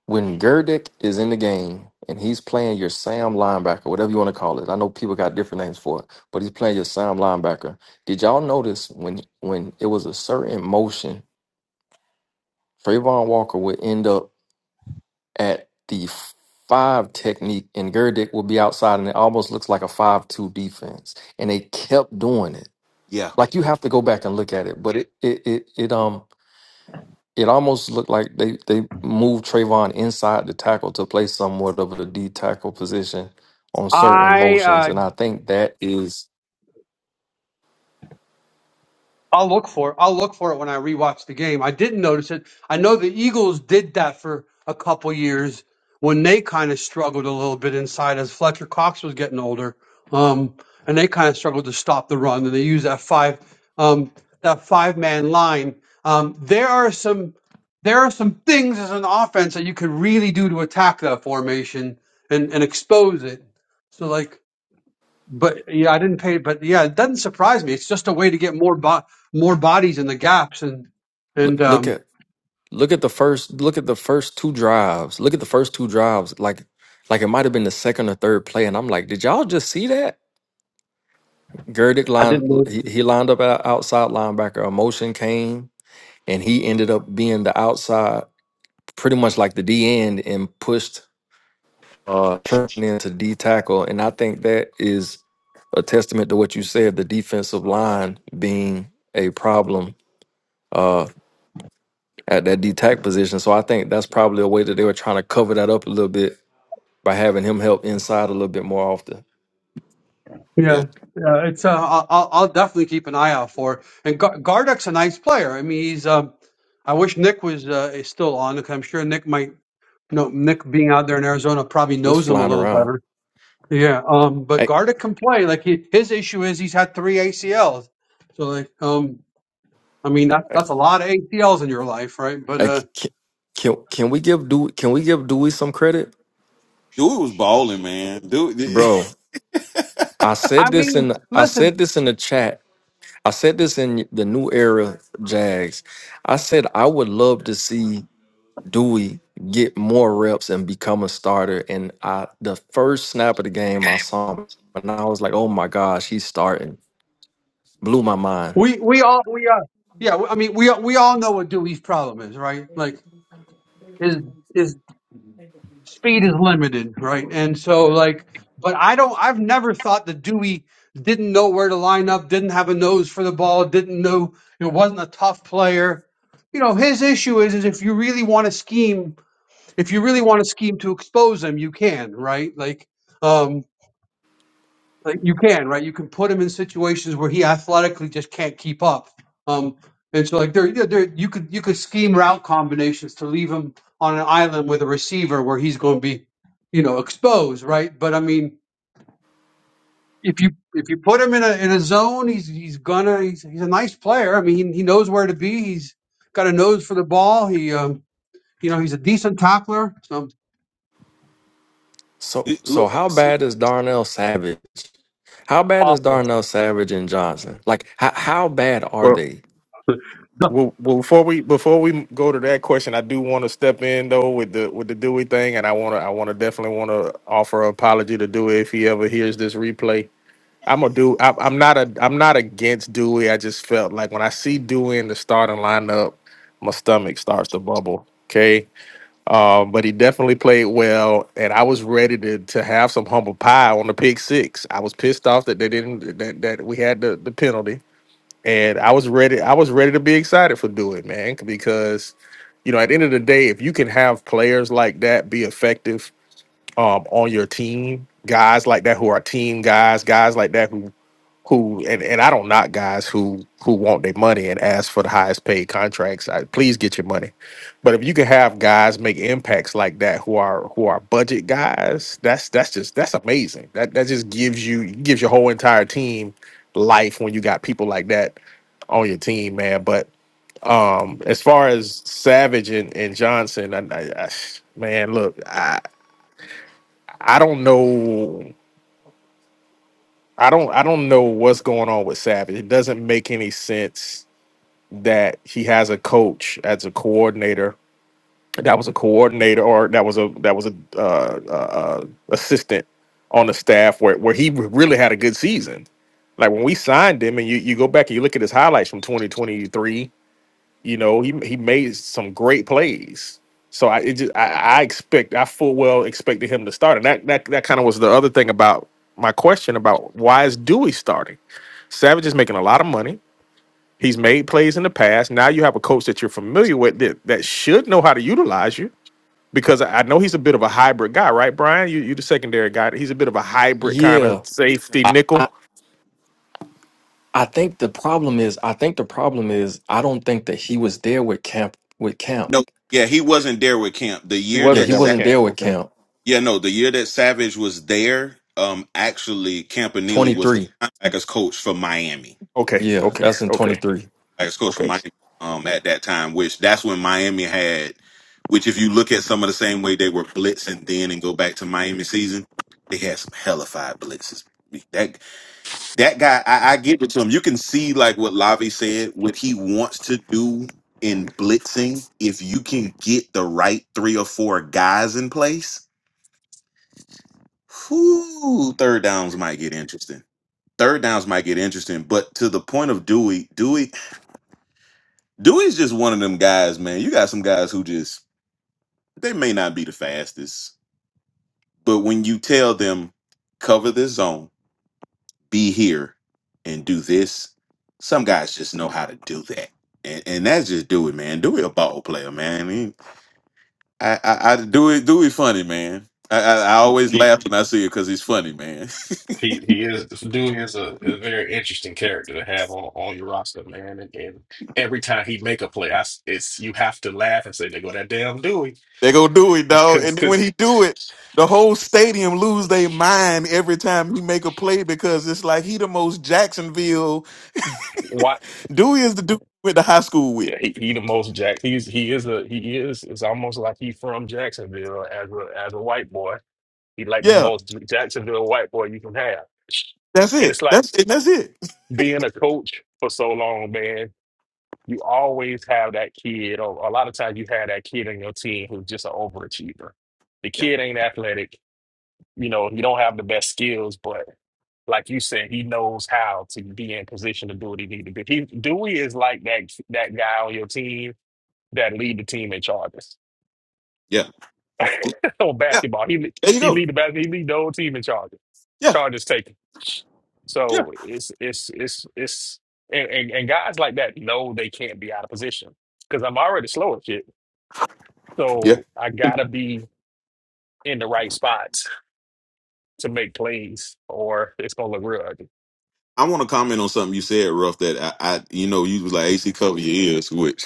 When Gerdick is in the game and he's playing your Sam linebacker, whatever you want to call it. I know people got different names for it, but he's playing your Sam linebacker. Did y'all notice when when it was a certain motion, Trayvon Walker would end up at the five technique and Gerdick would be outside and it almost looks like a five two defense. And they kept doing it. yeah, Like you have to go back and look at it. But it it it, it um It almost looked like they, they moved Trayvon inside the tackle to play somewhat of a D tackle position on certain I. uh, motions, and I think that is I'll look for I'll look for it when I rewatch the game. I didn't notice it. I know the Eagles did that for a couple years when they kind of struggled a little bit inside as Fletcher Cox was getting older. Um, and they kind of struggled to stop the run, and they used that five um, that five man line. Um, there are some there are some things as an offense that you could really do to attack that formation and, and expose it. So like but yeah, I didn't pay. But yeah, it doesn't surprise me. It's just a way to get more bo- more bodies in the gaps, and look, and look um, at look at the first look at the first two drives. Look at the first two drives, like like it might have been the second or third play, and I'm like, did y'all just see that? Gerdick I line didn't know. he, he lined up at outside linebacker. A motion came, and he ended up being the outside, pretty much like the D end, and pushed. into D tackle, and I think that is a testament to what you said, the defensive line being a problem uh, at that D tack position. So I think that's probably a way that they were trying to cover that up a little bit by having him help inside a little bit more often. It yeah, Yeah, yeah, it's uh, I'll I'll I'll definitely keep an eye out for. And Gar- Gardeck's a nice player. I mean, he's um, I wish Nick was uh, is still on because I'm sure Nick might. You know, Nick being out there in Arizona probably was knows him a flying little around. better. Yeah, um, but I, Gardeck can play. Like he, his issue is he's had three ACLs, so like um, I mean that that's a lot of ACLs in your life, right? But I uh. can, can can we give Dewey, can we give Dewey some credit, dude was balling, man. Dude, <laughs> bro? I said I this in mean, I listen, said this in the chat. I said this in the new era Jags. I said I would love to see Dewey get more reps and become a starter. And I the first snap of the game game. I saw him and I was like, oh my gosh, he's starting. Blew my mind. we we all we are yeah. I mean, we we all know what Dewey's problem is, right? Like, is is speed is limited, right? And so, like, but I don't. I've never thought that Dewey didn't know where to line up, didn't have a nose for the ball, didn't know you know, wasn't a tough player. You know, his issue is is if you really want to scheme, if you really want to scheme to expose him, you can, right? Like. um, Like you can, right? You can put him in situations where he athletically just can't keep up. Um, and so like there, yeah, there you could you could scheme route combinations to leave him on an island with a receiver where he's going to be, you know, exposed, right? But I mean, if you if you put him in a in a zone, he's he's gonna he's, he's a nice player. I mean, he, he knows where to be. He's got a nose for the ball. He um you know he's a decent tackler. So So it- so look, how see- bad is Darnell Savage? How bad is awful. Darnell Savage and Johnson? Like how how bad are Well, they? <laughs> well, well, before we before we go to that question, I do want to step in though with the with the Dewey thing, and I want to I want to definitely want to offer an apology to Dewey if he ever hears this replay. I'm a do. I, I'm not a. I'm not against Dewey. I just felt like when I see Dewey in the starting lineup, my stomach starts to bubble. Okay, um, but he definitely played well, and I was ready to to have some humble pie on the pick six. I was pissed off that they didn't that, that we had the, the penalty, and I was ready. I was ready to be excited for Dewey, man, because you know at the end of the day, if you can have players like that be effective um, on your team, guys like that who are team guys, guys like that who who and, and I don't knock guys who who want their money and ask for the highest paid contracts. I, please get your money. But if you can have guys make impacts like that who are who are budget guys, that's that's just that's amazing. That that just gives you gives your whole entire team life when you got people like that on your team, man. But um as far as Savage and, and Johnson, I, I, I, man, look, I I don't know I don't I don't know what's going on with Savage. It doesn't make any sense that he has a coach as a coordinator that was a coordinator or that was a that was a uh, uh, uh, assistant on the staff where, where he really had a good season like when we signed him and you, you go back and you look at his highlights from 2023 you know he, he made some great plays so I it just, I, I expect I full well expected him to start and that that, that kind of was the other thing about my question about why is Dewey starting Savage is making a lot of money He's made plays in the past. Now you have a coach that you're familiar with that, that should know how to utilize you because I I know he's a bit of a hybrid guy, right, Brian? You you the secondary guy. He's a bit of a hybrid kind Yeah. of safety I, nickel. I I think the problem is I think the problem is I don't think that he was there with camp with camp. no, yeah, he wasn't there with Camp the He year Yeah, wasn't that. he that Sa- with wasn't Cam. there with Okay. camp. yeah, no, the year that Savage was there, um, actually, Campanile was the 23. linebackers coach for Miami. Okay. Yeah, Okay. that's in Okay. 23. As coach for Okay. Miami um, at that time, which that's when Miami had, which if you look at some of the same way they were blitzing then and go back to Miami season, they had some hellified blitzes. That that guy, I, I give it to him. You can see like what Lavi said, what he wants to do in blitzing. If you can get the right three or four guys in place, whoo, third downs might get interesting. Third downs might get interesting, but to the point of Dewey, Dewey Dewey's just one of them guys, man. You got some guys who just they may not be the fastest, but when you tell them cover this zone, be here, and do this, some guys just know how to do that, and, and that's just Dewey, man. Dewey a ball player, man. He, I, I, I Dewey, Dewey funny, man. I, I, I always He laugh when I see it because he's funny, man. he he is this dude is a, a very interesting character to have on, on your roster, man. And, and every time he make a play, I s it's you have to laugh and say, "They go that damn Dewey," <laughs> they go Dewey, dog, because and then when because he do it, the whole stadium lose their mind every time he make a play because it's like he the most Jacksonville Dewey is the dude we went to high school with. Yeah, he, he the most Jack. He's he is a he is. It's almost like he from Jacksonville as a as a white boy. He like the Yeah, most Jacksonville white boy you can have. that's And it's it. like That's it. That's it. being a coach for so long, man. You always have that kid, or a lot of times you have that kid on your team who's just an overachiever. The Yeah, kid ain't athletic. You know, he don't have the best skills, but like you said, he knows how to be in position to do what he need to do. He Dewey is like that that guy on your team that lead the team in charges yeah, <laughs> on yeah. basketball. He There you he go. lead the basket. He lead the whole team in charges. Yeah, Charges taken. yeah, So it's it's it's it's and, and and guys like that know they can't be out of position because I'm already slow at shit. yeah. So I gotta be in the right spots to make plays, or it's gonna look real ugly. I want to comment on something you said, Ruff. That I, I you know, you was like AC cover your ears, which.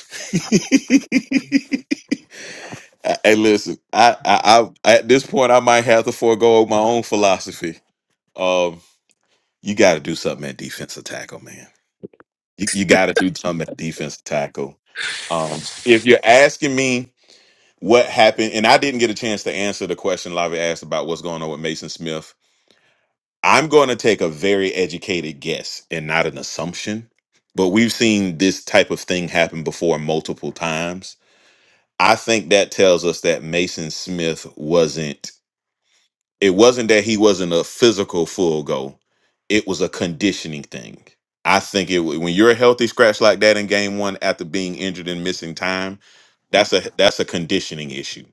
<laughs> hey, listen, I, I, I, at this point, I might have to forego my own philosophy. Um, you got to do something at defensive tackle, man. You, you got to do something at defensive tackle. Um, if you're asking me. what happened, and I didn't get a chance to answer the question Lavi asked about what's going on with Mason Smith. I'm going to take a very educated guess and not an assumption, but we've seen this type of thing happen before multiple times. I think that tells us that Mason Smith wasn't, it wasn't that he wasn't a physical full go, it was a conditioning thing. I think it when you're a healthy scratch like that in game one after being injured and missing time, that's a that's a conditioning issue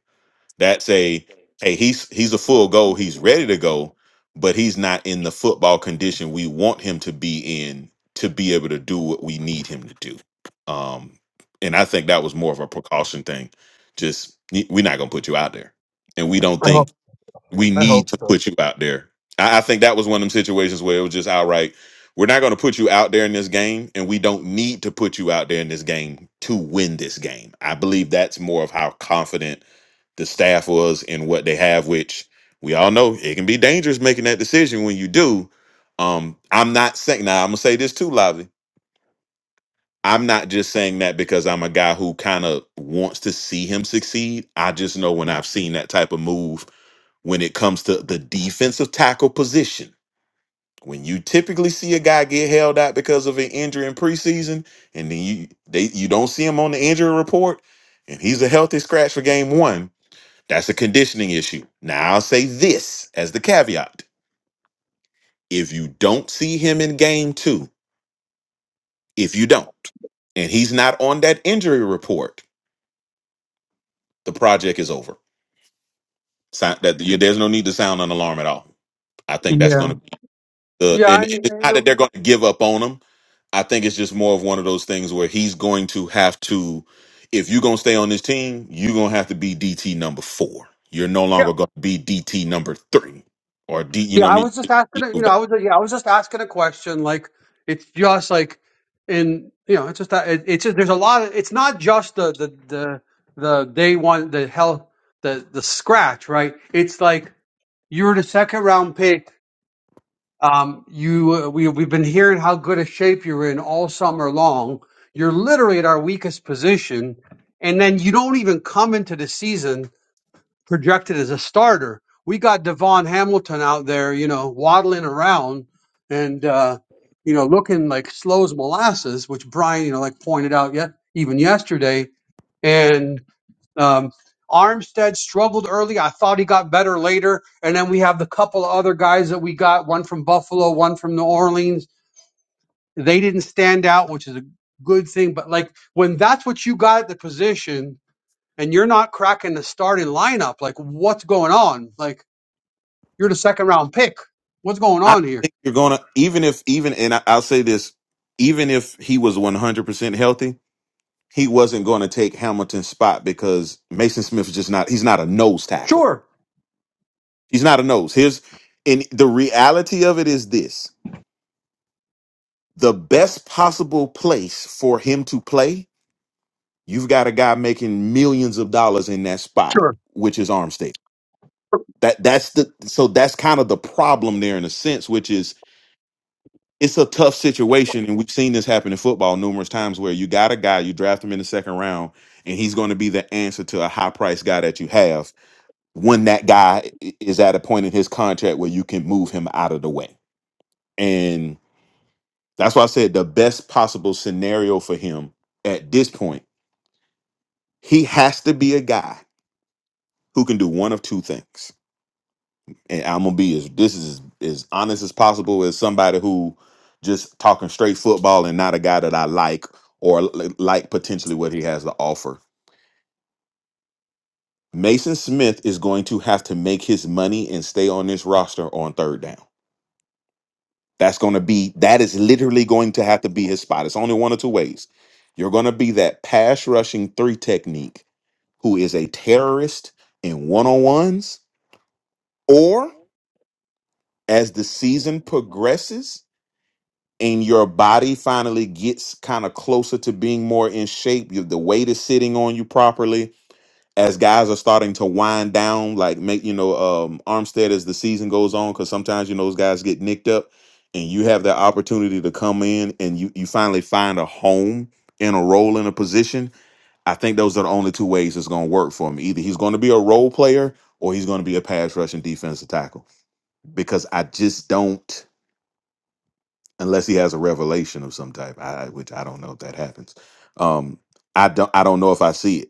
that's a hey, he's he's a full go. he's ready to go, but he's not in the football condition we want him to be in to be able to do what we need him to do. Um, and I think that was more of a precaution thing. Just y- we're not gonna put you out there, and we don't I think hope we I need hope to so. put you out there. I, I think that was one of them situations where it was just outright, we're not going to put you out there in this game, and we don't need to put you out there in this game to win this game. I believe that's more of how confident the staff was in what they have, which we all know it can be dangerous making that decision when you do. Um, I'm not saying now, I'm gonna say this too loudly. I'm not just saying that because I'm a guy who kind of wants to see him succeed. I just know when I've seen that type of move when it comes to the defensive tackle position. When you typically see a guy get held out because of an injury in preseason, and then you they you don't see him on the injury report, and he's a healthy scratch for game one, that's a conditioning issue. Now I'll say this as the caveat: if you don't see him in game two, if you don't, and he's not on that injury report, the project is over. So, that, yeah, there's no need to sound an alarm at all. I think that's going Yeah. to be The Yeah. and I, it's not that they're going to give up on him. I think it's just more of one of those things where he's going to have to. If you're going to stay on this team, you're going to have to be DT number four. You're no I- longer going to be DT number three or D. You Yeah, know what I I mean? was just You asking. A, you move know, back. I was yeah, I was just asking a question. Like, it's just like, in you know, it's just that it, it's just there's a lot of. It's not just the the the the day one the hell the the scratch right. It's like you're the second round pick. Um, you uh, we we've been hearing how good a shape you're in all summer long. You're literally at our weakest position, and then you don't even come into the season projected as a starter. We got Devon Hamilton out there, you know, waddling around and uh, you know looking like slow as molasses, which Brian, you know, like pointed out yet even yesterday. And um, Armstead struggled early. I thought he got better later. And then we have the couple of other guys that we got, one from Buffalo, one from New Orleans. They didn't stand out, which is a good thing. But like when that's what you got at the position, and you're not cracking the starting lineup, like what's going on? Like you're the second round pick. What's going I on here? think you're going to even if even and I, I'll say this: even if he was 100 percent healthy, he wasn't going to take Hamilton's spot because Mason Smith is just not. He's not a nose tackle. Sure, He's not a nose. Here's and the reality of it is this. the best possible place for him to play, you've got a guy making millions of dollars in that spot, sure. which is Arm State. That that's the so that's kind of the problem there in a sense, which is it's a tough situation, and we've seen this happen in football numerous times where you got a guy, you draft him in the second round, and he's going to be the answer to a high price guy that you have when that guy i- is at a point in his contract where you can move him out of the way. And that's why I said the best possible scenario for him at this point He has to be a guy who can do one of two things. And I'm gonna be as this is as honest as possible as somebody who just talking straight football and not a guy that I like or li- like potentially what he has to offer. Mason Smith is going to have to make his money and stay on this roster on third down. That's going to be that is literally going to have to be his spot. It's only one of two ways. You're going to be that pass rushing three technique who is a terrorist in one on ones, as the season progresses and your body finally gets kind of closer to being more in shape, you, the weight is sitting on you properly. As guys are starting to wind down, like make you know um, Armstead as the season goes on, because sometimes you know those guys get nicked up, and you have the opportunity to come in and you you finally find a home in a role in a position. I think those are the only two ways it's going to work for him. Either he's going to be a role player or he's going to be a pass rushing defensive tackle because I just don't. unless he has a revelation of some type, I, which I don't know if that happens. Um, I don't. I don't know if I see it.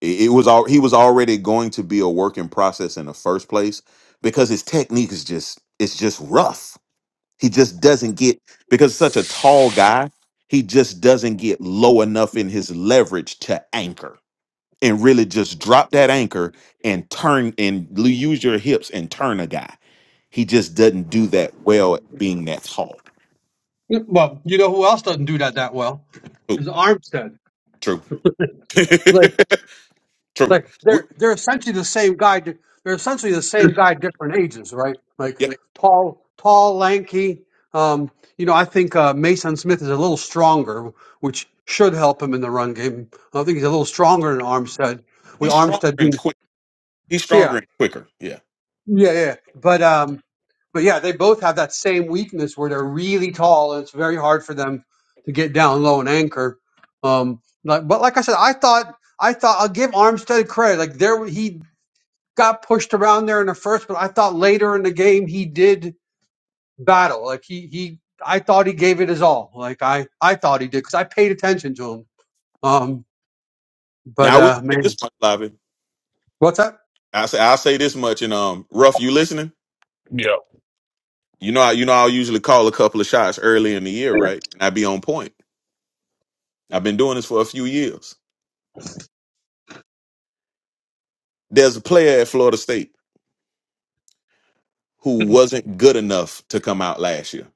It, it was all he was already going to be a work in process in the first place because his technique is just it's just rough. He just doesn't get because such a tall guy. He just doesn't get low enough in his leverage to anchor and really just drop that anchor and turn and l- use your hips and turn a guy. He just doesn't do that well at being that tall. Well, you know who else doesn't do that that well? Is Armstead. True. Like, <laughs> True. like We, they're they're essentially the same guy. di- They're essentially the same guy, different ages, right? Like yeah, tall, tall, lanky. Um, you know, I think uh, Mason Smith is a little stronger, which should help him in the run game. I think he's a little stronger than Armstead. With he's stronger Armstead and being, quick. He's stronger yeah, and quicker. Yeah. yeah, yeah. But um, But yeah, they both have that same weakness where they're really tall, and it's very hard for them to get down low and anchor. Um, like, but like I said, I thought I thought I'll give Armstead credit. Like there, he got pushed around there in the first, but I thought later in the game he did battle. Like he he, I thought he gave it his all. Like I I thought he did because I paid attention to him. Um, but Now I will uh, say man, this much, Lavi. what's that? I say I'll say this much. And um, rough, you listening? Yeah. You know, I, you know, I'll usually call a couple of shots early in the year, right? And I be on point. I've been doing this for a few years. There's a player at Florida State who <laughs> wasn't good enough to come out last year.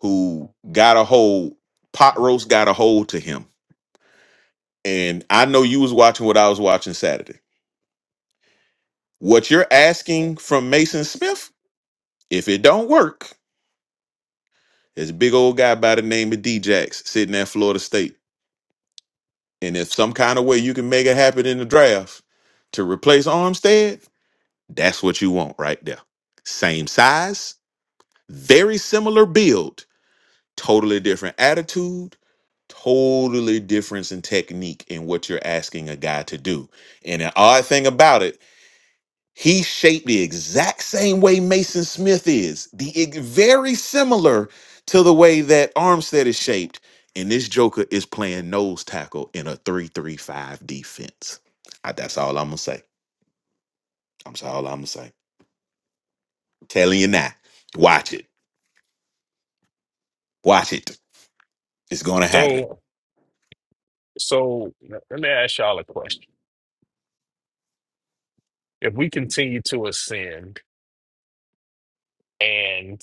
Who got a hold? Pot roast got a hold to him. And I know you was watching what I was watching Saturday. What you're asking from Mason Smith? If it don't work, there's a big old guy by the name of d Djax sitting at Florida State. And if some kind of way you can make it happen in the draft to replace Armstead, that's what you want right there. Same size, very similar build, totally different attitude, totally difference in technique in what you're asking a guy to do. And an odd thing about it He's shaped the exact same way Mason Smith is, the ex- very similar to the way that Armstead is shaped. And this Joker is playing nose tackle in a three-three-five defense. I- that's all I'm gonna say. I'm sorry, all I'm gonna say. telling you now. Watch it. Watch it. It's gonna happen. So so let me ask y'all a question. If we continue to ascend and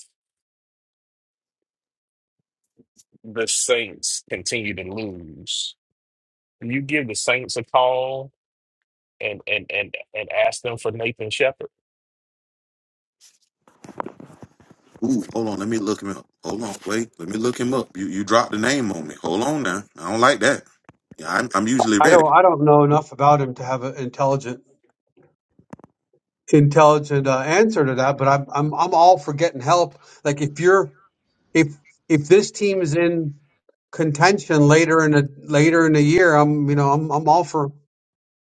the Saints continue to lose. You give the Saints a call and and and and ask them for Nathan Shepherd. Ooh, hold on. Let me look him up. Hold on. Wait. Let me look him up. You you dropped the name on me. Hold on now. I don't like that. Yeah, I'm, I'm usually I ready. don't I don't know enough about him to have an intelligent intelligent uh, answer to that, but I'm I'm I'm all for getting help. Like if you're if if this team is in contention later in the later in the year, I'm you know I'm I'm all for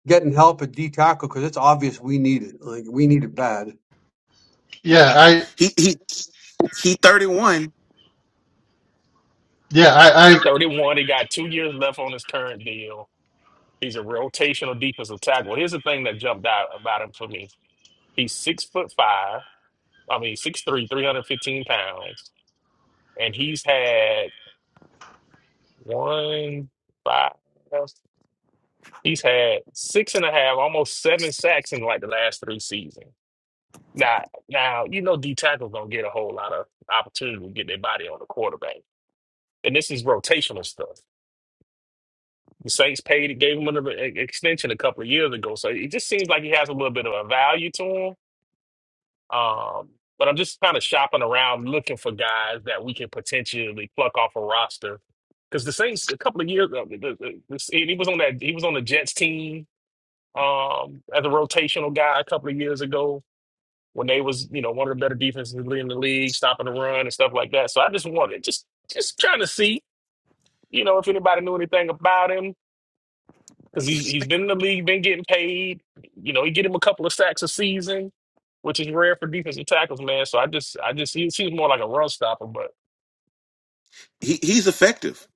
getting help at D tackle because it's obvious we need it. Like we need it bad. Yeah, I He he he. Thirty one. yeah, I, I 31, he got two years left on his current deal. He's a rotational defensive tackle. Here's the thing that jumped out about him for me. He's six foot five, I mean six three, three hundred fifteen pounds, and he's had one five he's had six and a half, almost seven sacks in like the last three seasons. Now now you know D tackles don't get a whole lot of opportunity to get their body on the quarterback. and this is rotational stuff. The Saints paid gave him an e- e-, extension a couple of years ago, so it just seems like he has a little bit of a value to him. Um, but I'm just kind of shopping around looking for guys that we can potentially pluck off a roster because the Saints a couple of years ago, the, the, the- he was on that he was on the Jets team um, as a rotational guy a couple of years ago when they was you know one of the better defenses in the league, stopping the run and stuff like that. So I just wanted just just trying to see you know if anybody knew anything about him because he he's been in the league, been getting paid. You know, he get him a couple of sacks a season, which is rare for defensive tackles, man. So I just I just he seems more like a run stopper. But he he's effective.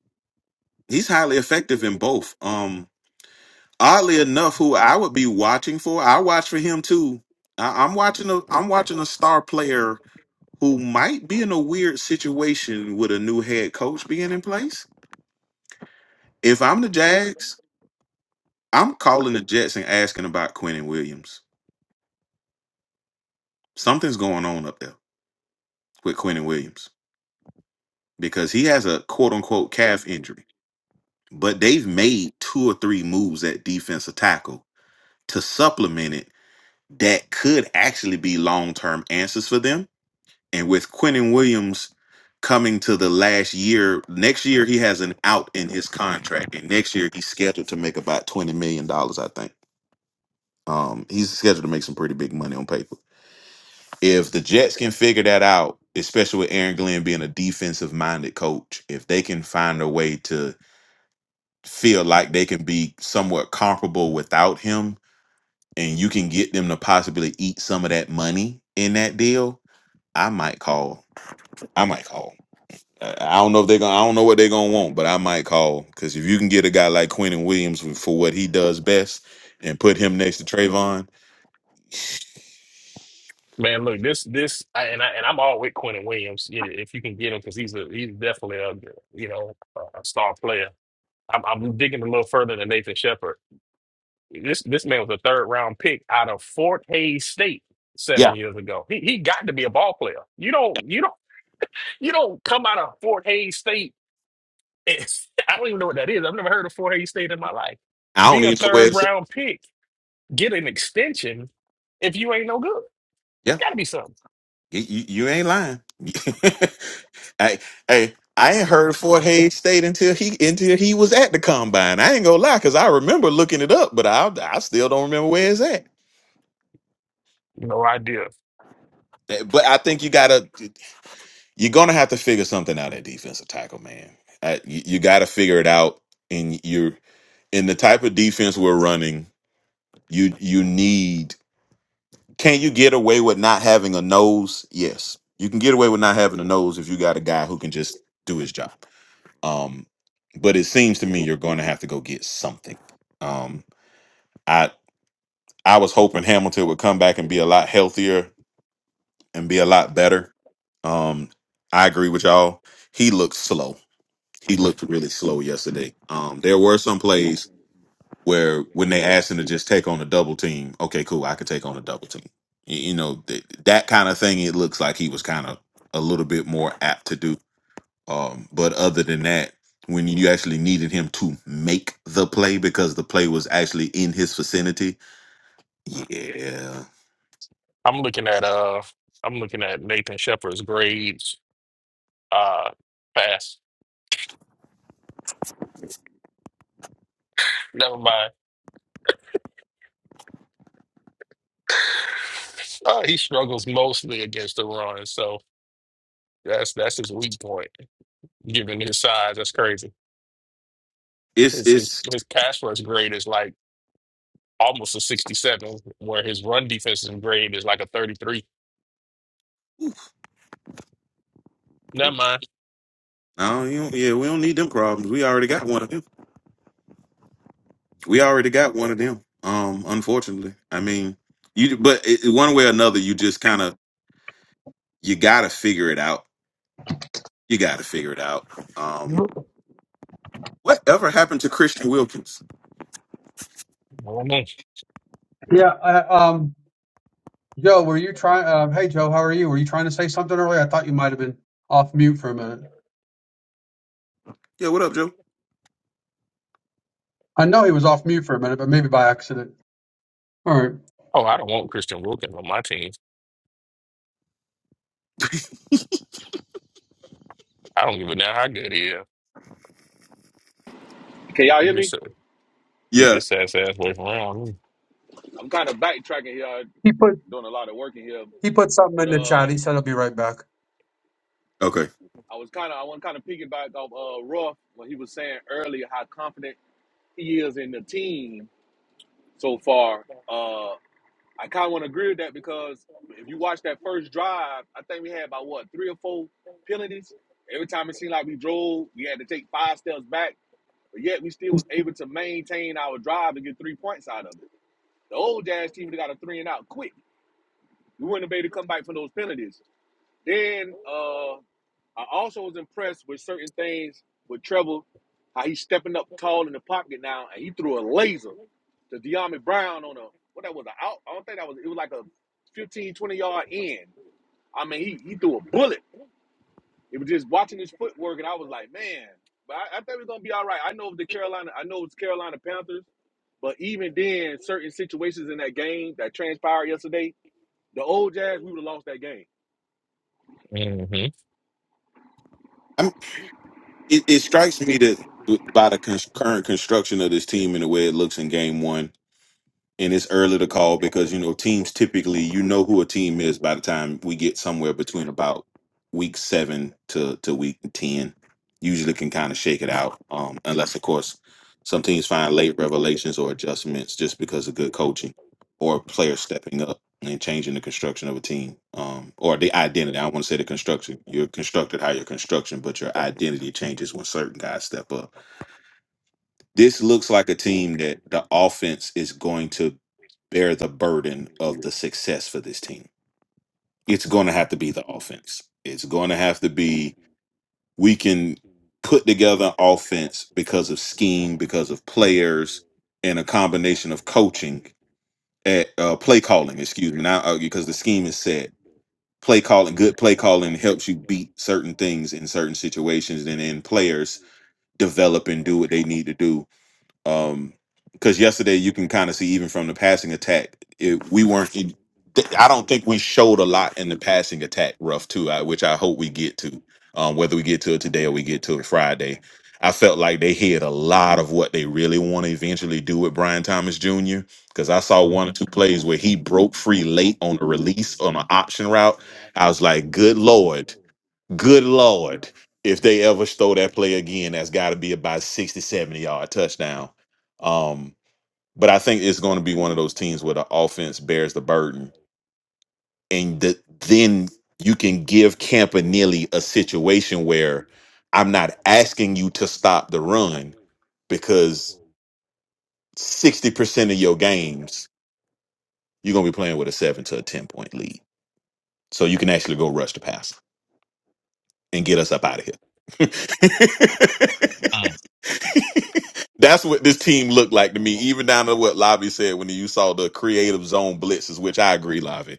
He's highly effective in both. Um, oddly enough, who I would be watching for, I watch for him too. I, I'm watching a I'm watching a star player who might be in a weird situation with a new head coach being in place. If I'm the Jags, I'm calling the Jets and asking about Quentin Williams. Something's going on up there with Quentin Williams because he has a quote unquote calf injury. But they've made two or three moves at defensive tackle to supplement it that could actually be long term answers for them. And with Quentin Williams coming to the last year, next year he has an out in his contract, and next year he's scheduled to make about twenty million dollars. I think um, he's scheduled to make some pretty big money on paper. If the Jets can figure that out, especially with Aaron Glenn being a defensive minded coach, if they can find a way to feel like they can be somewhat comparable without him, and you can get them to possibly eat some of that money in that deal I might call. I might call. Uh, I don't know if they're gonna. I don't know what they're gonna want, but I might call because if you can get a guy like Quentin Williams for what he does best and put him next to Trayvon, man, look this this I, and I and I'm all with Quentin Williams you know, if you can get him because he's a he's definitely a you know a star player. I'm, I'm digging a little further than Nathan Shepard. This this man was a third round pick out of Fort Hays State seven yeah, years ago. He he got to be a ball player. You don't you don't you don't come out of Fort Hays State It's, <laughs> I don't even know what that is. I've never heard of four A state in my life. I Be don't a even know where third it's. at. round pick, get an extension if you ain't no good. Yeah, Gotta be something. you, you you ain't lying. <laughs> hey, hey, I ain't heard Fort Hays State until he until he was at the combine. I ain't gonna lie because I remember looking it up, but I I still don't remember where it's at. That- No idea. But I think you gotta. You're gonna have to figure something out at defensive tackle, man. Uh, you you got to figure it out, and you're in the type of defense we're running. You you need. Can you get away with not having a nose? Yes, you can get away with not having a nose if you got a guy who can just do his job. Um, but it seems to me you're going to have to go get something. Um, I I was hoping Hamilton would come back and be a lot healthier and be a lot better. Um, I agree with y'all. He looks slow he looked really slow yesterday. Um, there were some plays where when they asked him to just take on a double team, okay, cool, I could take on a double team. Y- You, know, th- that kind of thing. It looks like he was kind of a little bit more apt to do. Um, but other than that, when you actually needed him to make the play because the play was actually in his vicinity, yeah, I'm looking at uh I'm looking at Nathan Shepard's grades. Uh pass. Never mind. Uh, he struggles mostly against the run, so that's that's his weak point. Given his size, that's crazy. it's His his it's. his pass rush grade is like almost a 67, where his run defensive grade is like a 33 Never mind. No, you don't, yeah, we don't need them problems. We already got one. We already got one of them. Um, unfortunately, I mean, you. But it, one way or another, you just kind of you got to figure it out. You got to figure it out. Um, Nope. whatever happened to Christian Wilkins? I don't know. Yeah. I, um. Joe, were you trying? Um, hey, Joe, how are you? Were you trying to say something earlier? I thought you might have been off mute for a minute. Yeah, what up, Joe? I know he was off mute for a minute, but maybe by accident. All right. Oh, I don't want Christian Wilkins on my team. I don't give a damn how good he is. Can y'all hear Keep me? his, keep Yeah, his ass ass away from around I'm kind of backtracking here. I'm He put doing a lot of work in here. he put something But in the uh, chat. He said he'll be right back. okay. I was kind of, I want to kind of piggyback off uh, Ruff when he was saying earlier how confident he is in the team so far. Uh, I kind of want to agree with that because if you watch that first drive, I think we had about what, three or four penalties? Every time it seemed like we drove, we had to take five steps back but yet we still was able to maintain our drive and get three points out of it. The old Jazz team would have got a three and out quick. We wouldn't have been able to come back from those penalties. Then uh, I also was impressed with certain things with Trevor, how he's stepping up tall in the pocket now, and he threw a laser to De'Ami Brown on a what that was an out. I don't think that was it was like a 15 20 yard end. I mean, he, he threw a bullet. It was just watching his footwork, and I was like, man. But I, I think we're gonna be all right. I know the Carolina, I know it's Carolina Panthers. But even then, certain situations in that game that transpired yesterday, the old Jazz, we would have lost that game. me. Mm-hmm. I'm, it, it strikes me that b- by the con- current construction of this team and the way it looks in Game One. and it's early to call because you know teams typically you know who a team is by the time we get somewhere between about week seven to to week ten. Usually can kind of shake it out, um, unless of course some teams find late revelations or adjustments just because of good coaching or players stepping up and changing the construction of a team um, or the identity. I don't want to say the construction. You're constructed how you're construction, but your identity changes when certain guys step up. This looks like a team that the offense is going to bear the burden of the success for this team. It's going to have to be the offense. It's going to have to be we can put together offense because of scheme, because of players, and a combination of coaching at uh, play calling. Excuse me, now uh, because the scheme is set. Play calling, good play calling helps you beat certain things in certain situations, and then players develop and do what they need to do um, because yesterday you can kind of see even from the passing attack, it, we weren't. It, I don't think we showed a lot in the passing attack, rough too. I, which I hope we get to, um, whether we get to it today or we get to it Friday. I felt like they hid a lot of what they really want to eventually do with Brian Thomas Jr. Because I saw one or Mm. two plays where he broke free late on a release on an option route. I was like, "Good lord!" Good Lord. If they ever stole that play again, that's got to be about 60, 70 yard touchdown. Um, but I think it's going to be one of those teams where the offense bears the burden. And the, then you can give Campanelli a situation where I'm not asking you to stop the run because 60% of your games, you're going to be playing with a seven to a 10 point lead. So you can actually go rush the pass and get us up out of here. <laughs> That's what this team looked like to me, even down to what Lavi said when you saw the creative zone blitzes, which I agree, Lavi.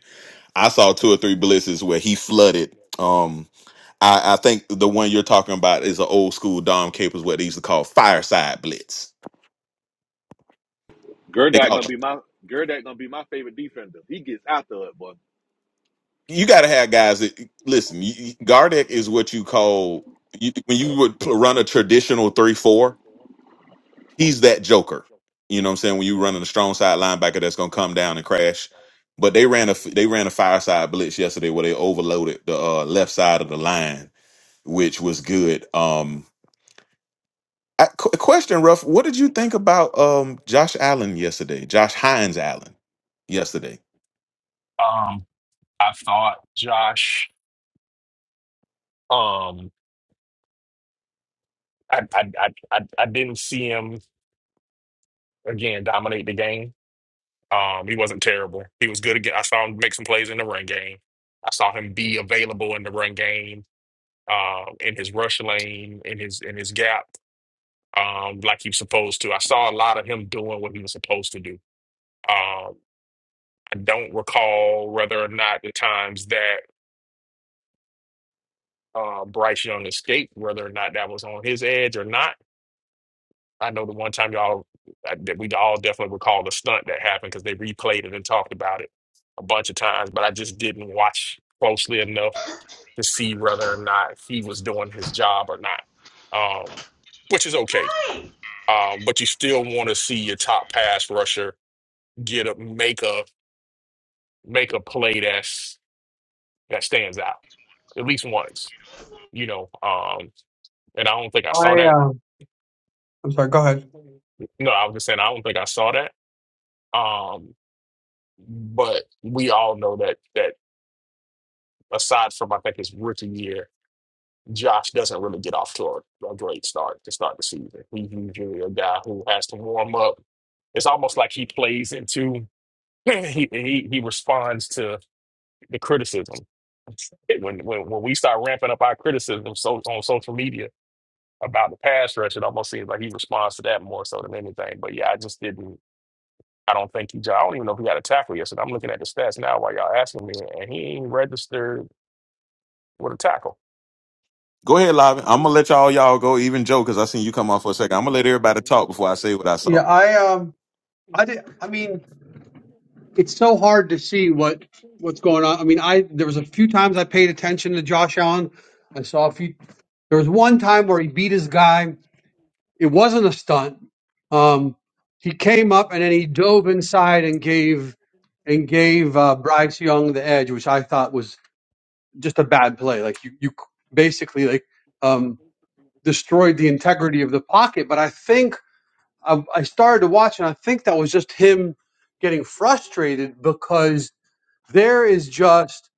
I saw two or three blitzes where he flooded. Um, I, I think the one you're talking about is an old school Dom Capers, what they used to call fireside blitz. They Gerdak call gonna be my Gerdak gonna be my favorite defender. He gets after it, boy. you got to have guys that listen. You, you- Gardeck is what you call you, when you would pl- run a traditional three four. he's that joker. You know what I'm saying? When you running a strong side linebacker that's gonna come down and crash. But they ran a they ran a fireside blitz yesterday where they overloaded the uh, left side of the line, which was good. Um, I, qu- question, Ruff, what did you think about um Josh Allen yesterday? Josh Hines Allen yesterday. Um, I thought Josh. Um, I I I I, I didn't see him again dominate the game. Um, he wasn't terrible. He was good again. I saw him make some plays in the run game. I saw him be available in the run game, uh, in his rush lane, in his in his gap, um, like he was supposed to. I saw a lot of him doing what he was supposed to do. Um, I don't recall whether or not the times that uh, Bryce Young escaped, whether or not that was on his edge or not. I know the one time y'all I- that we all definitely recall the stunt that happened because they replayed it and talked about it a bunch of times, but I just didn't watch closely enough to see whether or not he was doing his job or not, um, which is okay. Um, but you still want to see your top pass rusher get a make a make a play that's that stands out at least once, you know. Um, and I don't think I saw I that. um. I'm sorry. Go ahead. No, I was just saying I don't think I saw that. Um, but we all know that that aside from I think his rookie year. Josh doesn't really get off to a, a great start to start the season. He's usually a guy who has to warm up. It's almost like he plays into <clears throat> he he, he responds to the criticism. When, when when we start ramping up our criticism so on social media about the pass rush, it almost seems like he responds to that more so than anything. But yeah, I just didn't. I don't think he. I don't even know if he had a tackle yesterday. I'm looking at the stats now while y'all asking me, and he ain't registered with a tackle. Go ahead, Lavin. I'm gonna let y'all y'all go. Even Joe, because I seen you come on for a second. I'm gonna let everybody talk before I say what I Yeah, saw. I um, I did. I mean, it's so hard to see what what's going on. I mean, I there was a few times I paid attention to Josh Allen. I saw a few. There was one time where he beat his guy. It wasn't a stunt. Um, he came up and then he dove inside and gave and gave uh, Bryce Young the edge, which I thought was just a bad play. Like you, you basically like um destroyed the integrity of the pocket. But I think I, I started to watch, and I think that was just him getting frustrated because there is just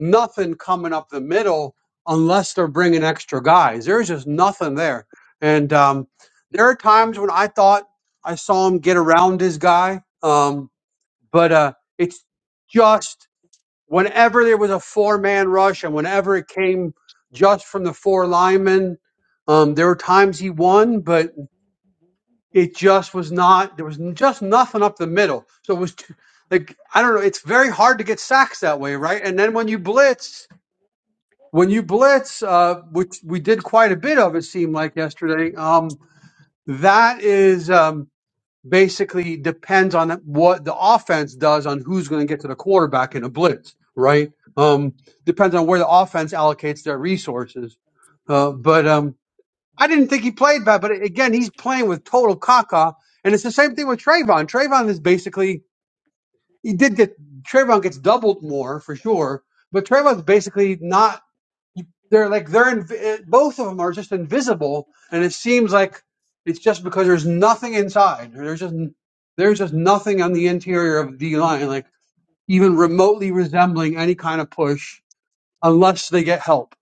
nothing coming up the middle unless they're bringing extra guys. There's just nothing there. And um, there are times when I thought I saw him get around his guy, um, but uh, it's just whenever there was a four man rush and whenever it came just from the four linemen, um, there were times he won, but it just was not. There was just nothing up the middle. So it was too, like I don't know. It's very hard to get sacks that way, right? And then when you blitz, when you blitz, uh, which we did quite a bit of, it seemed like yesterday. Um, that is um, basically depends on what the offense does on who's going to get to the quarterback in a blitz, right? Um, depends on where the offense allocates their resources. Uh, but um, I didn't think he played bad, but again, he's playing with total caca. And it's the same thing with Trayvon. Trayvon is basically he did get Trayvon gets doubled more for sure, but Trayvon's basically not. They're like they're inv- both of them are just invisible, and it seems like it's just because there's nothing inside. There's just there's just nothing on the interior of the line, like even remotely resembling any kind of push, unless they get help.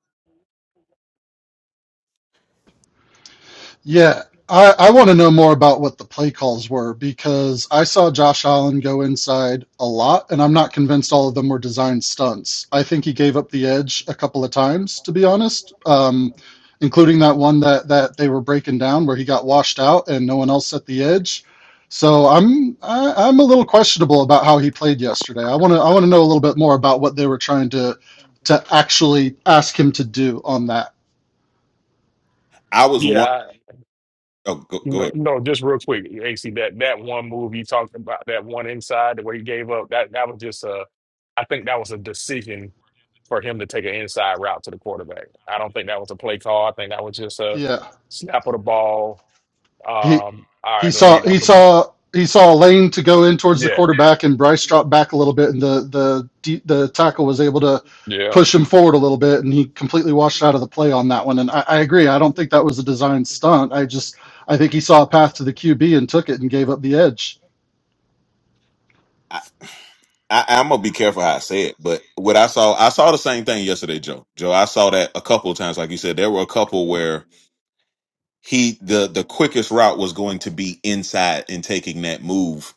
Yeah, I, I want to know more about what the play calls were because I saw Josh Allen go inside a lot, and I'm not convinced all of them were designed stunts. I think he gave up the edge a couple of times, to be honest, um, including that one that, that they were breaking down where he got washed out and no one else set the edge. So I'm I, I'm a little questionable about how he played yesterday. I want to I want to know a little bit more about what they were trying to to actually ask him to do on that. I was one. Yeah, Oh, go, go No, ahead. no, just real quick, AC, that that one move you talked about, that one inside, the way he gave up, that that was just a, I think that was a decision for him to take an inside route to the quarterback. I don't think that was a play call. I think that was just a Yeah. snap of the ball. he. Um, all He right, let saw me, I'm, he gonna- saw he saw a lane to go in towards the yeah, quarterback, and Bryce dropped back a little bit, and the the the tackle was able to yeah. push him forward a little bit, and he completely washed out of the play on that one. And I, I agree. I don't think that was a design stunt. I just I think he saw a path to the QB and took it and gave up the edge. I, I'm gonna be careful how I say it, but what I saw, I saw the same thing yesterday, Joe. Joe, I saw that a couple of times. Like you said, there were a couple where he the the quickest route was going to be inside and taking that move,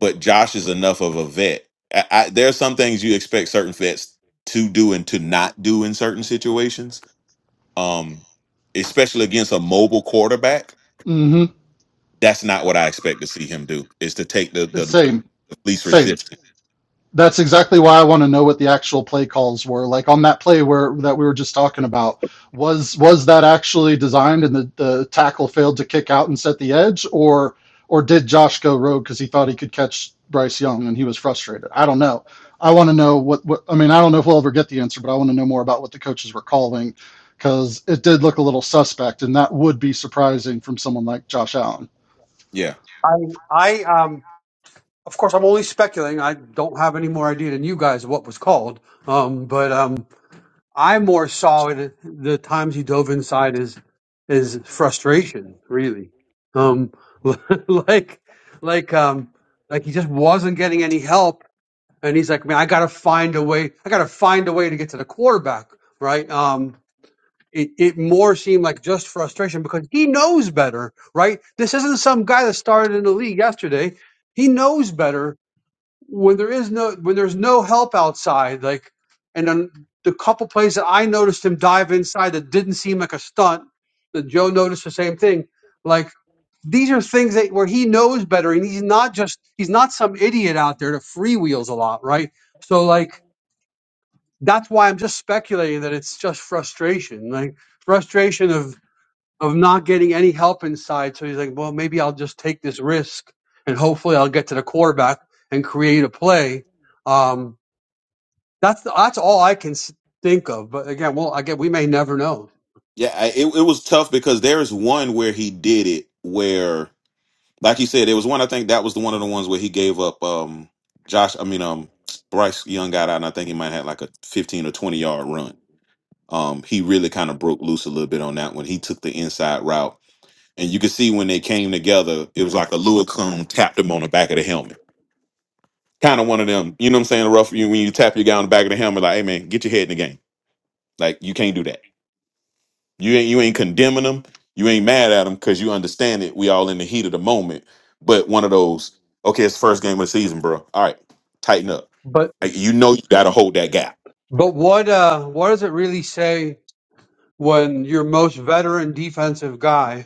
but Josh is enough of a vet. I, I, there are some things you expect certain vets to do and to not do in certain situations, um, especially against a mobile quarterback. Mm-hmm. That's not what I expect to see him do. Is to take the the, the Same. least Same. resistance. that's exactly why I want to know what the actual play calls were. Like on that play where that we were just talking about, was was that actually designed and the, the tackle failed to kick out and set the edge, or or did Josh go rogue because he thought he could catch Bryce Young and he was frustrated? I don't know. I want to know what, what I mean. I don't know if we'll ever get the answer, but I want to know more about what the coaches were calling because it did look a little suspect, and that would be surprising from someone like Josh Allen. Yeah. I I um Of course, I'm only speculating. I don't have any more idea than you guys of what was called. Um, but um, I more saw it the times he dove inside is is frustration, really. Um, <laughs> like like um, like he just wasn't getting any help, and he's like, man, I gotta find a way. I gotta find a way to get to the quarterback, right? Um, it, it more seemed like just frustration because he knows better, right? This isn't some guy that started in the league yesterday. He knows better when there is no when there's no help outside, like and then the couple plays that I noticed him dive inside that didn't seem like a stunt, that Joe noticed the same thing. Like these are things that where he knows better and he's not just he's not some idiot out there that freewheels a lot, right? So like that's why I'm just speculating that it's just frustration. Like frustration of of not getting any help inside. So he's like, well, maybe I'll just take this risk and hopefully I'll get to the quarterback and create a play. Um, that's the, that's all I can think of. But again, well, again, we may never know. Yeah, I, it it was tough because there's one where he did it where, like you said, there was one. I think that was the one of the ones where he gave up. Um, Josh, I mean, um, Bryce Young got out, and I think he might have had like a 15 or 20 yard run. Um, he really kind of broke loose a little bit on that one. He took the inside route, and you could see when they came together, it was like a Lua cone tapped him on the back of the helmet. Kind of one of them, you know what I'm saying? Rough you when you tap your guy on the back of the helmet, like, hey man, get your head in the game. Like you can't do that You ain't you ain't condemning them. You ain't mad at them because you understand it. We all in the heat of the moment. But one of those, okay, it's the first game of the season, bro. All right, tighten up. But Like, You know you got to hold that gap, but what uh, what does it really say when your most veteran defensive guy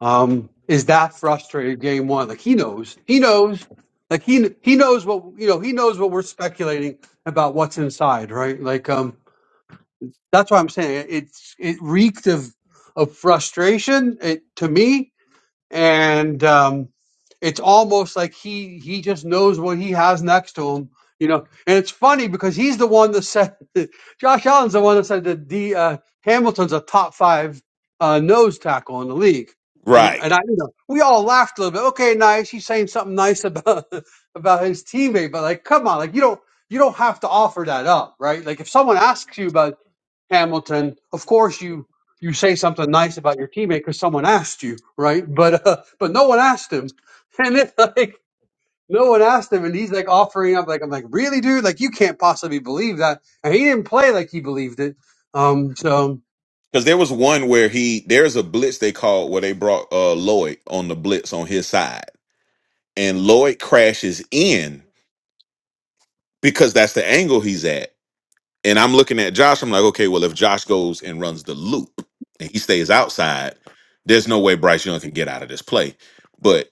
um, is that frustrated game one? Like he knows, he knows, like he he knows what you know. He knows what we're speculating about what's inside, right? Like um, That's what I'm saying. It's it reeked of of frustration it, to me, and um, it's almost like he he just knows what he has next to him, you know. And it's funny because he's the one that said <laughs> Josh Allen's the one that said that the uh, Hamilton's a top five uh, nose tackle in the league, and right? and I you know we all laughed a little bit. Okay, nice. He's saying something nice about <laughs> about his teammate, but like, come on, like you don't you don't have to offer that up, right? Like if someone asks you about Hamilton, of course you you say something nice about your teammate because someone asked you, right? But uh, but no one asked him, <laughs> and it's like no one asked him, and he's like offering up, like I'm like really, dude, like you can't possibly believe that, and he didn't play like he believed it. Um, so Because there was one where he there's a blitz they called where they brought uh Lloyd on the blitz on his side, and Lloyd crashes in because that's the angle he's at. And I'm looking at Josh. I'm like, okay, well, if Josh goes and runs the loop and he stays outside, there's no way Bryce Young can get out of this play. But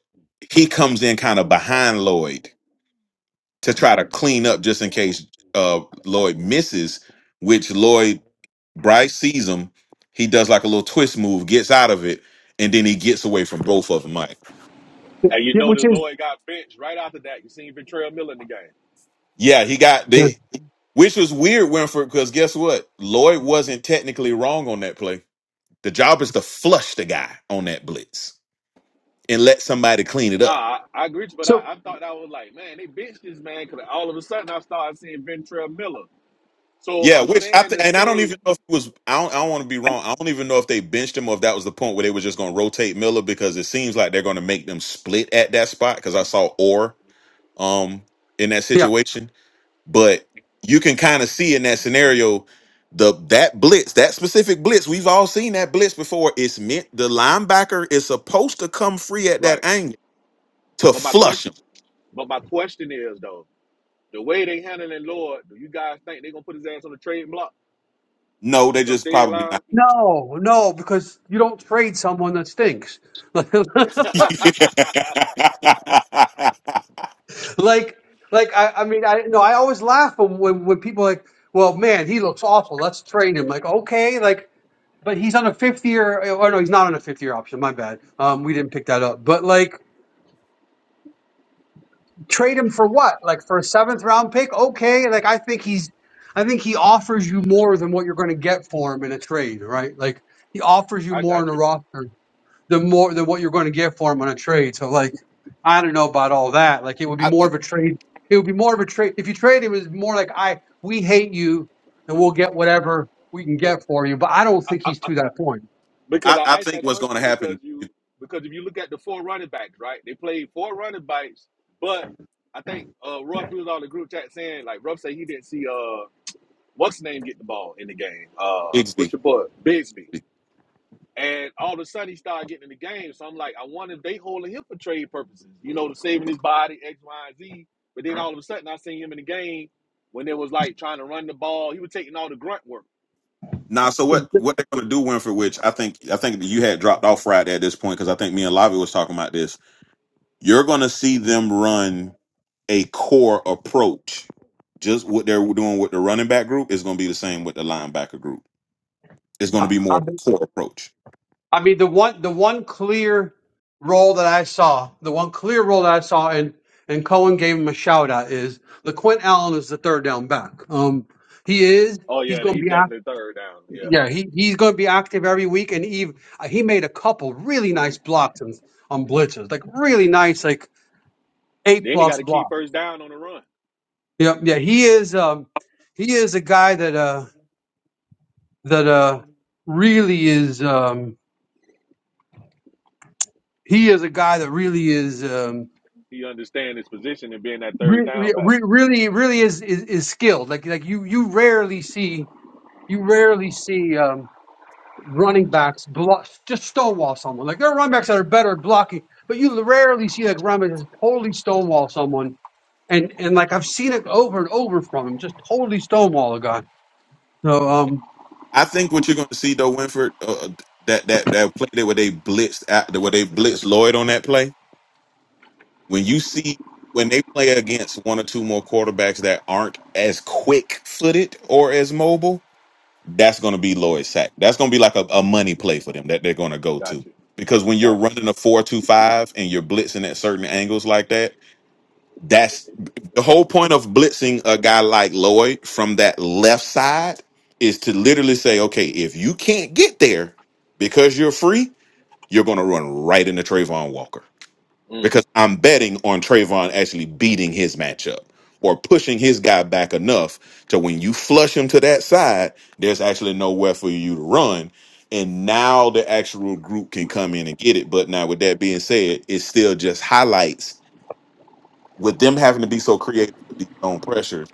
he comes in kind of behind Lloyd to try to clean up just in case uh, Lloyd misses, which Lloyd Bryce sees him. He does like a little twist move, gets out of it, and then he gets away from both of them. Like, And you know the Lloyd got benched right after that. You seen Ventrell Miller in the game. yeah, he got they, which was weird, Winford, because guess what? Lloyd wasn't technically wrong on that play. The job is to flush the guy on that blitz and let somebody clean it up. Nah, I, I agree, with you, but I, I thought that was like, man, they benched this man because all of a sudden I started seeing Ventrell Miller. So Yeah, I'm which I saying th- to and I don't say, even know if it was. I don't, I don't want to be wrong. I don't even know if they benched him or if that was the point where they were just going to rotate Miller because it seems like they're going to make them split at that spot because I saw Orr um in that yeah, situation, but you can kind of see in that scenario the that blitz that specific blitz we've all seen that blitz before. It's meant the linebacker is supposed to come free at right. that angle to But my flush question, him. but my question is though, the way they handling Lloyd, do you guys think they gonna put his ass on the trade block No, they come just probably not. deadline? no, no, because you don't trade someone that stinks, <laughs> like. I, <laughs> Like like I, I mean, I no, I always laugh when when, when people are like, well, man, he looks awful. Let's trade him. Like, okay, like But he's on a fifth year. Oh no, he's not on a fifth year option. My bad. Um, we didn't pick that up. But like, trade him for what? Like for a seventh round pick? Okay. Like I think he's, I think he offers you more than what you're going to get for him in a trade, right? Like he offers you I more in got a you. roster than more than what you're going to get for him on a trade. So like, I don't know about all that. Like it would be more of think- a trade. It would be more of a trade if you trade him. It's more like I we hate you and we'll get whatever we can get for you. But I don't think I- I- he's to that point. Because I, I I asked think that what's going to question because happen. you because if you look at the four running backs, right? They played four running backs, but I think uh Ruff we was on the group chat saying like Ruff said he didn't see uh what's his name get the ball in the game. Uh what's Exactly. your boy? Bigsby. And all of a sudden he started getting in the game. So I'm like, I wonder if they holding him for trade purposes, you know, to saving his body, X, Y, and Z. But then all of a sudden I seen him in the game when it was like trying to run the ball. He was taking all the grunt work. Now, so what? What they're going to do, Winfrey? Which I think I think that you had dropped off Friday at this point because I think me and Lavi was talking about this. You're going to see them run a core approach. Just what they're doing with the running back group is going to be the same with the linebacker group. It's going to I, be I more core approach. I mean, the one the one clear role that I saw, the one clear role that I saw, and and Cohen gave him a shout out is LaQuint Allen is the third down back. Um, he is. Oh He's yeah, going to he be active. definitely third down. Yeah. Yeah, he, he's going to be active every week. And Eve, uh, he made a couple really nice blocks on, on blitzes, like really nice, like A Then he got plus to keep block. first down on the run. Yeah, yeah. He is. Um, he is a guy that uh that uh really is. Um, he is a guy that really is. Um, He understand his position and being that third re, re, down back. re- really really is, is is skilled. Like like you you rarely see you rarely see um, running backs block just stonewall someone. Like there are running backs that are better at blocking, but you rarely see like running backs just totally stonewall someone. And and like I've seen it over and over from him, just totally stonewall a guy. So um, I think what you're going to see though, Winford, uh, that that that play that where they blitzed out, where they blitzed Lloyd on that play. when you see when they play against one or two more quarterbacks that aren't as quick footed or as mobile, that's going to be Lloyd Sack. That's going to be like a, a money play for them that they're going to go to. Gotcha. Because when you're Gotcha. running a four-two-five and you're blitzing at certain angles like that, that's the whole point of blitzing a guy like Lloyd from that left side is to literally say, okay, if you can't get there because you're free, you're going to run right into Trayvon Walker Mm, because I'm betting on Trayvon actually beating his matchup or pushing his guy back enough to when you flush him to that side, there's actually nowhere for you to run. And now the actual group can come in and get it. But now, with that being said, it still just highlights with them having to be so creative with these zone pressures,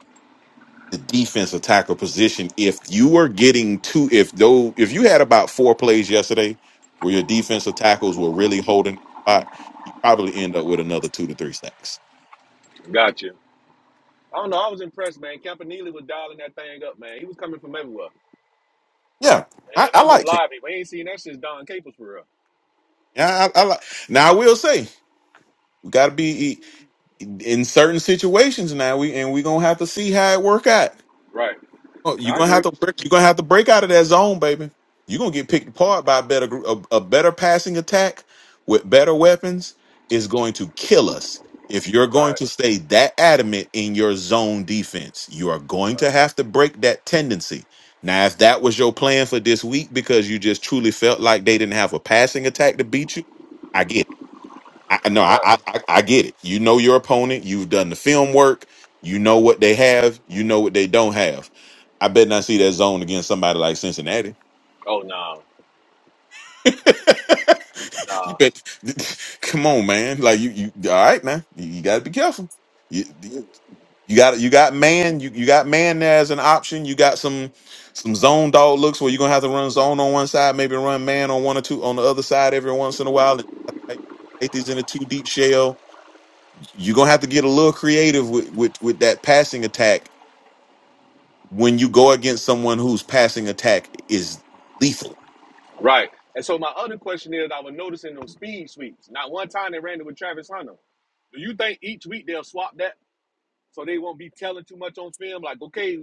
the defensive tackle position. If you were getting two, if though, if you had about four plays yesterday where your defensive tackles were really holding, the spot, you probably end up with another two to three sacks gotcha. I don't know. I was impressed, man. Campanile was dialing that thing up, man. He was coming from everywhere. Yeah, I, And I I'm with like him. Lively. We ain't seen that since Don Capers for real. Yeah, I, I like. Now I will say we got to be in certain situations now. We and we gonna have to see how it work out. Right. Oh, you're I gonna agree. have to break, you're gonna have to break out of that zone, baby. You're gonna get picked apart by a better gr- a, a better passing attack with better weapons is going to kill us. If you're going Right. to stay that adamant in your zone defense, you are going to have to break that tendency. Now, if that was your plan for this week because you just truly felt like they didn't have a passing attack to beat you, I get it. I no, I, Right. I I I get it. You know your opponent. You've done the film work. You know what they have. You know what they don't have. I bet not see that zone against somebody like Cincinnati. Oh no. <laughs> you No. bet. Come on, man. Like you, you all right, man. You, you got to be careful. You, Mm. you got you got man. You you got man there as an option. You got some some zone dog looks where you're gonna have to run zone on one side, maybe run man on one or two on the other side every once in a while. And safety's in a two deep shell you're gonna have to get a little creative with, with with that passing attack when you go against someone whose passing attack is lethal. Right. And so my other question is, I was noticing them speed sweeps. Not one time they ran it with Travis Hunter. Do you think each week they'll swap that? so they won't be telling too much on film. Like, okay,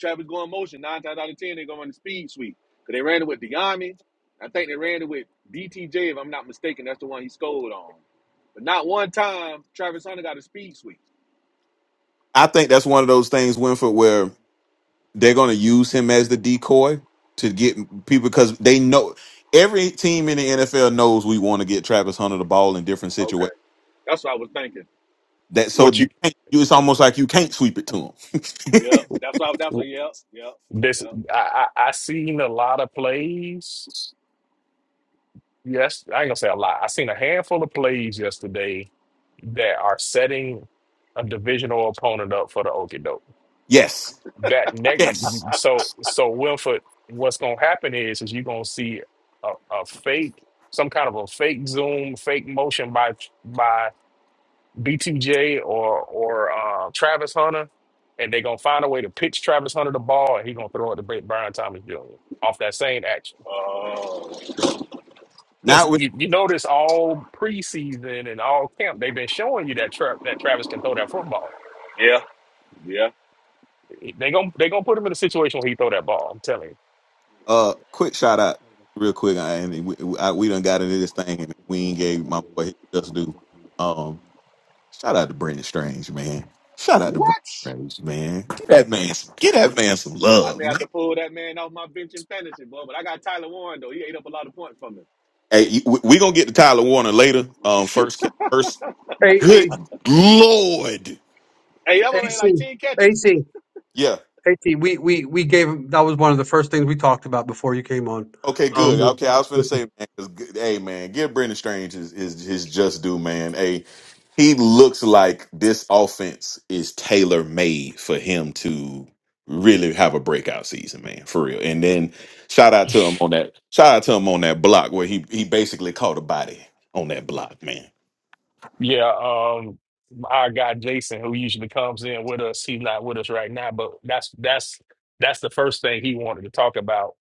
Travis going motion nine times out of ten, they're going on the speed sweep because they ran it with Deami. I think they ran it with BTJ, if I'm not mistaken. That's the one he scored on. But not one time Travis Hunter got a speed sweep. I think that's one of those things, Winford, where they're gonna use him as the decoy to get people because they know every team in the NFL knows we want to get Travis Hunter the ball in different Okay. situations. That's what I was thinking. That so What you, you can't, you it's almost like you can't sweep it to him. <laughs> Yep. That's what. I, that's what. Yep. Yep. this, Yep. I, I, I seen a lot of plays Yes, I ain't gonna say a lot. I seen a handful of plays yesterday that are setting a divisional opponent up for the okie doke. Yes, That next, yes. so so Wilford, what's gonna happen is is you gonna see a, a fake, some kind of a fake zoom, fake motion by by BTJ or or uh, Travis Hunter, and they're gonna find a way to pitch Travis Hunter the ball, and he's gonna throw it to Brian Thomas Jr. off that same action. Oh. Because you, you notice all preseason and all camp, they've been showing you that tra- that Travis can throw that football. Yeah. Yeah. They gonna they gonna put him in a situation where he throw that ball. I'm telling Uh, quick shout out, real quick. I, and we, I, we done got into this thing, you. and we ain't gave my boy his just do. Um, shout out to Brendan Strange, man. Shout out to What? Brendan Strange, man. Get that man, some, get that man some I may love. have Man. to pull that man off my bench in fantasy, boy. But I got Tyler Warren though. He ate up a lot of points from me. Hey, you- we, we gonna get to Tyler Warner later. Um, first, ca- first, a, a, good lord, Hey, that man AC like ten catches. AC yeah. AC we we we gave him that was one of the first things we talked about before you came on. Okay, Um, good. Okay, I was gonna I say, man, 'cause good- hey, man, give Brendan Strange his, his his just due, man. Hey, he looks like this offense is tailor made for him to really have a breakout season, man, for real. And then shout out to him on that. Shout out to him on that block where he he basically caught a body on that block, man. Yeah, um, our guy Jason, who usually comes in with us, he's not with us right now, but that's that's that's the first thing he wanted to talk about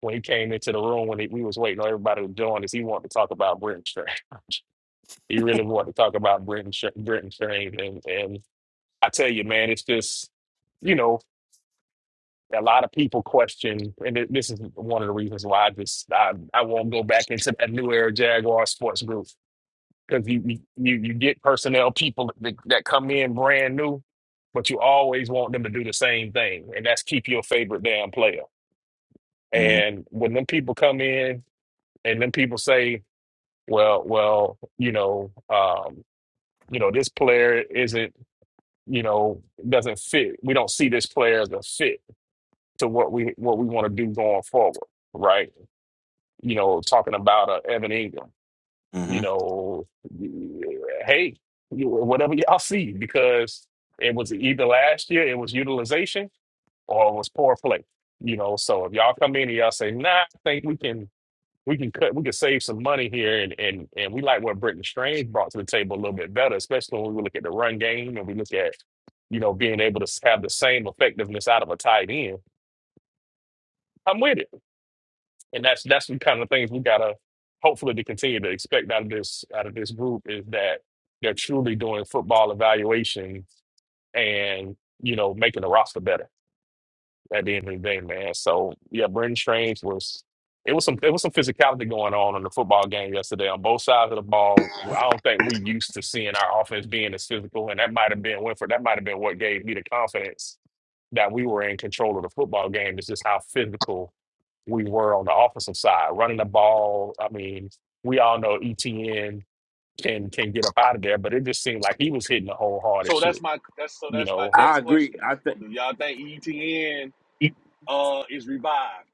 when he came into the room when he, we was waiting on everybody to join us. He wanted to talk about Brenton Strange. <laughs> He really wanted to talk about Brenton Str- Brenton Strange, and and I tell you, man, it's just you know. a lot of people question, and th- this is one of the reasons why I just I, I won't go back into that new era Jaguar sports group because you, you you you get personnel people that, that come in brand new, but you always want them to do the same thing, and that's keep your favorite damn player. hmm And when them people come in and them people say, well, well, you know, um, you know, this player isn't, you know, doesn't fit. We don't see this player as a fit to what we what we want to do going forward right? you know, talking about uh, Evan Ingram, you hmm know, hey, you- whatever y'all see, because it was either last year it was utilization or it was poor play, you know. So if y'all come in and y'all say, nah, I think we can we can cut we can save some money here and and and we like what Britton Strange brought to the table a little bit better, especially when we look at the run game and we look at you know being able to have the same effectiveness out of a tight end. I'm with it. and that's that's the kind of things we gotta hopefully to continue to expect out of this out of this group is that they're truly doing football evaluation and you know making the roster better at the end of the day, man. So yeah, Brendan Strange was it was some it was some physicality going on in the football game yesterday on both sides of the ball. I don't think we used to seeing our offense being as physical, and that might have been Winford. That might have been what gave me the confidence that we were in control of the football game. Is just how physical we were on the offensive side, running the ball. I mean, we all know ETN can can get up out of there, but it just seemed like he was hitting the whole hard as So that's shit. my that's so You that's my know, I next agree. question. I think Do y'all think ETN uh is revived?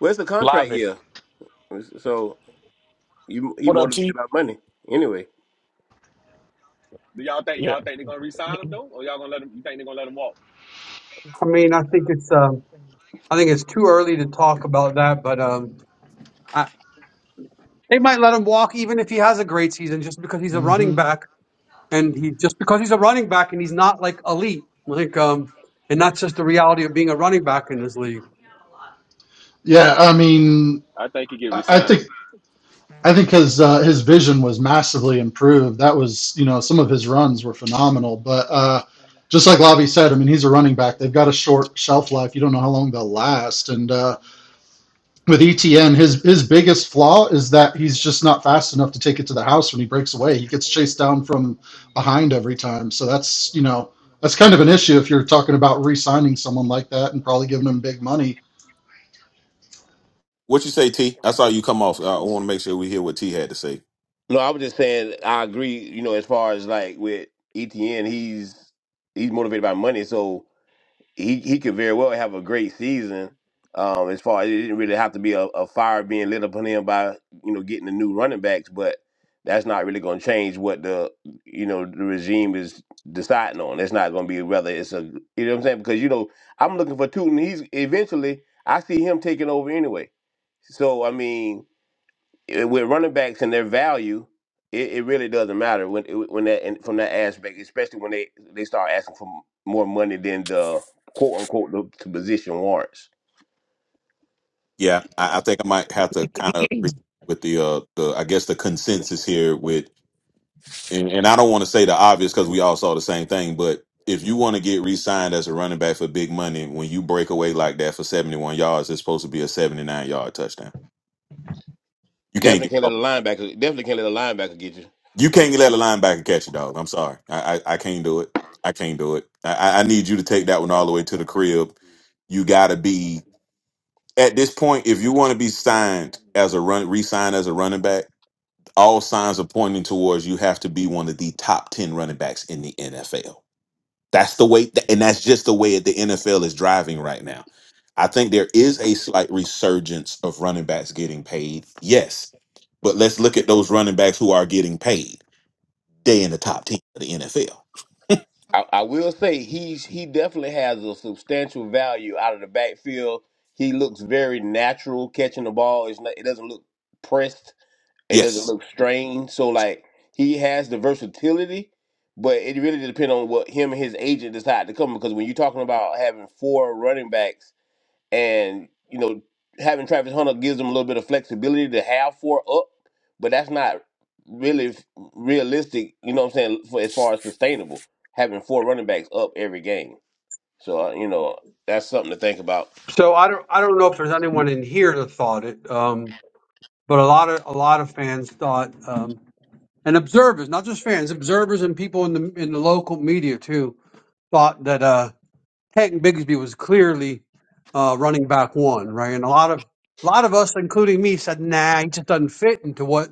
well, it's a live contract it. year, so you he What up, motivated T? by money anyway. Do y'all think Yeah, y'all think they're gonna resign him though, or y'all gonna let him? You think they're gonna let him walk? mean I think it's um. I think it's too early to talk about that, but um, I, they might let him walk even if he has a great season, just because he's a mm running hmm back, and he just because he's a running back and he's not like elite, like um, and that's just the reality of being a running back in this league. Yeah, I mean, I think he get I think resigned. I think his uh, his vision was massively improved. That was you know some of his runs were phenomenal, but uh, just like Lavi said, I mean he's a running back. They've got a short shelf life. You don't know how long they'll last. And uh, with ETN, his his biggest flaw is that he's just not fast enough to take it to the house when he breaks away. He gets chased down from behind every time. So that's you know that's kind of an issue if you're talking about re-signing someone like that and probably giving him big money. What you say, T? I saw you come off. I want to make sure we hear what T had to say. No, I was just saying I agree. You know, as far as like with ETN, he's he's motivated by money, so he he could very well have a great season. Um, as far it didn't really have to be a, a fire being lit upon him by you know getting the new running backs, but that's not really going to change what the you know the regime is deciding on. It's not going to be whether it's a you know what I'm saying because you know I'm looking for Tootin. He's eventually I see him taking over anyway. So I mean eh, with running backs and their value, it, it really doesn't matter when when that and from that aspect, especially when they they start asking for more money than the quote unquote the, the position warrants. Yeah, I, I think I might have to kind of agree with the uh the I guess the consensus here with and, and I don't want to say the obvious because we all saw the same thing, but if you want to get re-signed as a running back for big money, when you break away like that for 71 yards, it's supposed to be a 79 yard touchdown. You can't Definitely get can't let oh, a linebacker. Definitely can't let a linebacker get you. you can't let a linebacker catch it, dog. I'm sorry. I, I I can't do it. I can't do it. I, I I need you to take that one all the way to the crib. You gotta be at this point, if you want to be signed as a run re-signed as a running back, all signs are pointing towards you have to be one of the top 10 running backs in the NFL That's the way, and that's just the way the NFL is driving right now. I think there is a slight resurgence of running backs getting paid. Yes. But let's look at those running backs who are getting paid. They in the top 10 of the NFL. I, I will say he's he definitely has a substantial value out of the backfield. He looks very natural catching the ball. It's not, it doesn't look pressed It doesn't Yes. look strained. So like he has the versatility, but it really depends on what him and his agent decide to come. Because when you're talking about having four running backs and you know having Travis Hunter gives them a little bit of flexibility to have four up, but that's not really f- realistic. You know what I'm saying? For as far as sustainable, having four running backs up every game. So uh, you know that's something to think about. So I don't, I don't know if there's anyone in here that thought it, um, but a lot of a lot of fans thought, um, and observers, not just fans, observers and people in the in the local media too, thought that. Uh, Peyton Bigsby was clearly uh, running back one, right? And a lot of a lot of us, including me, said, "Nah, he just doesn't fit into what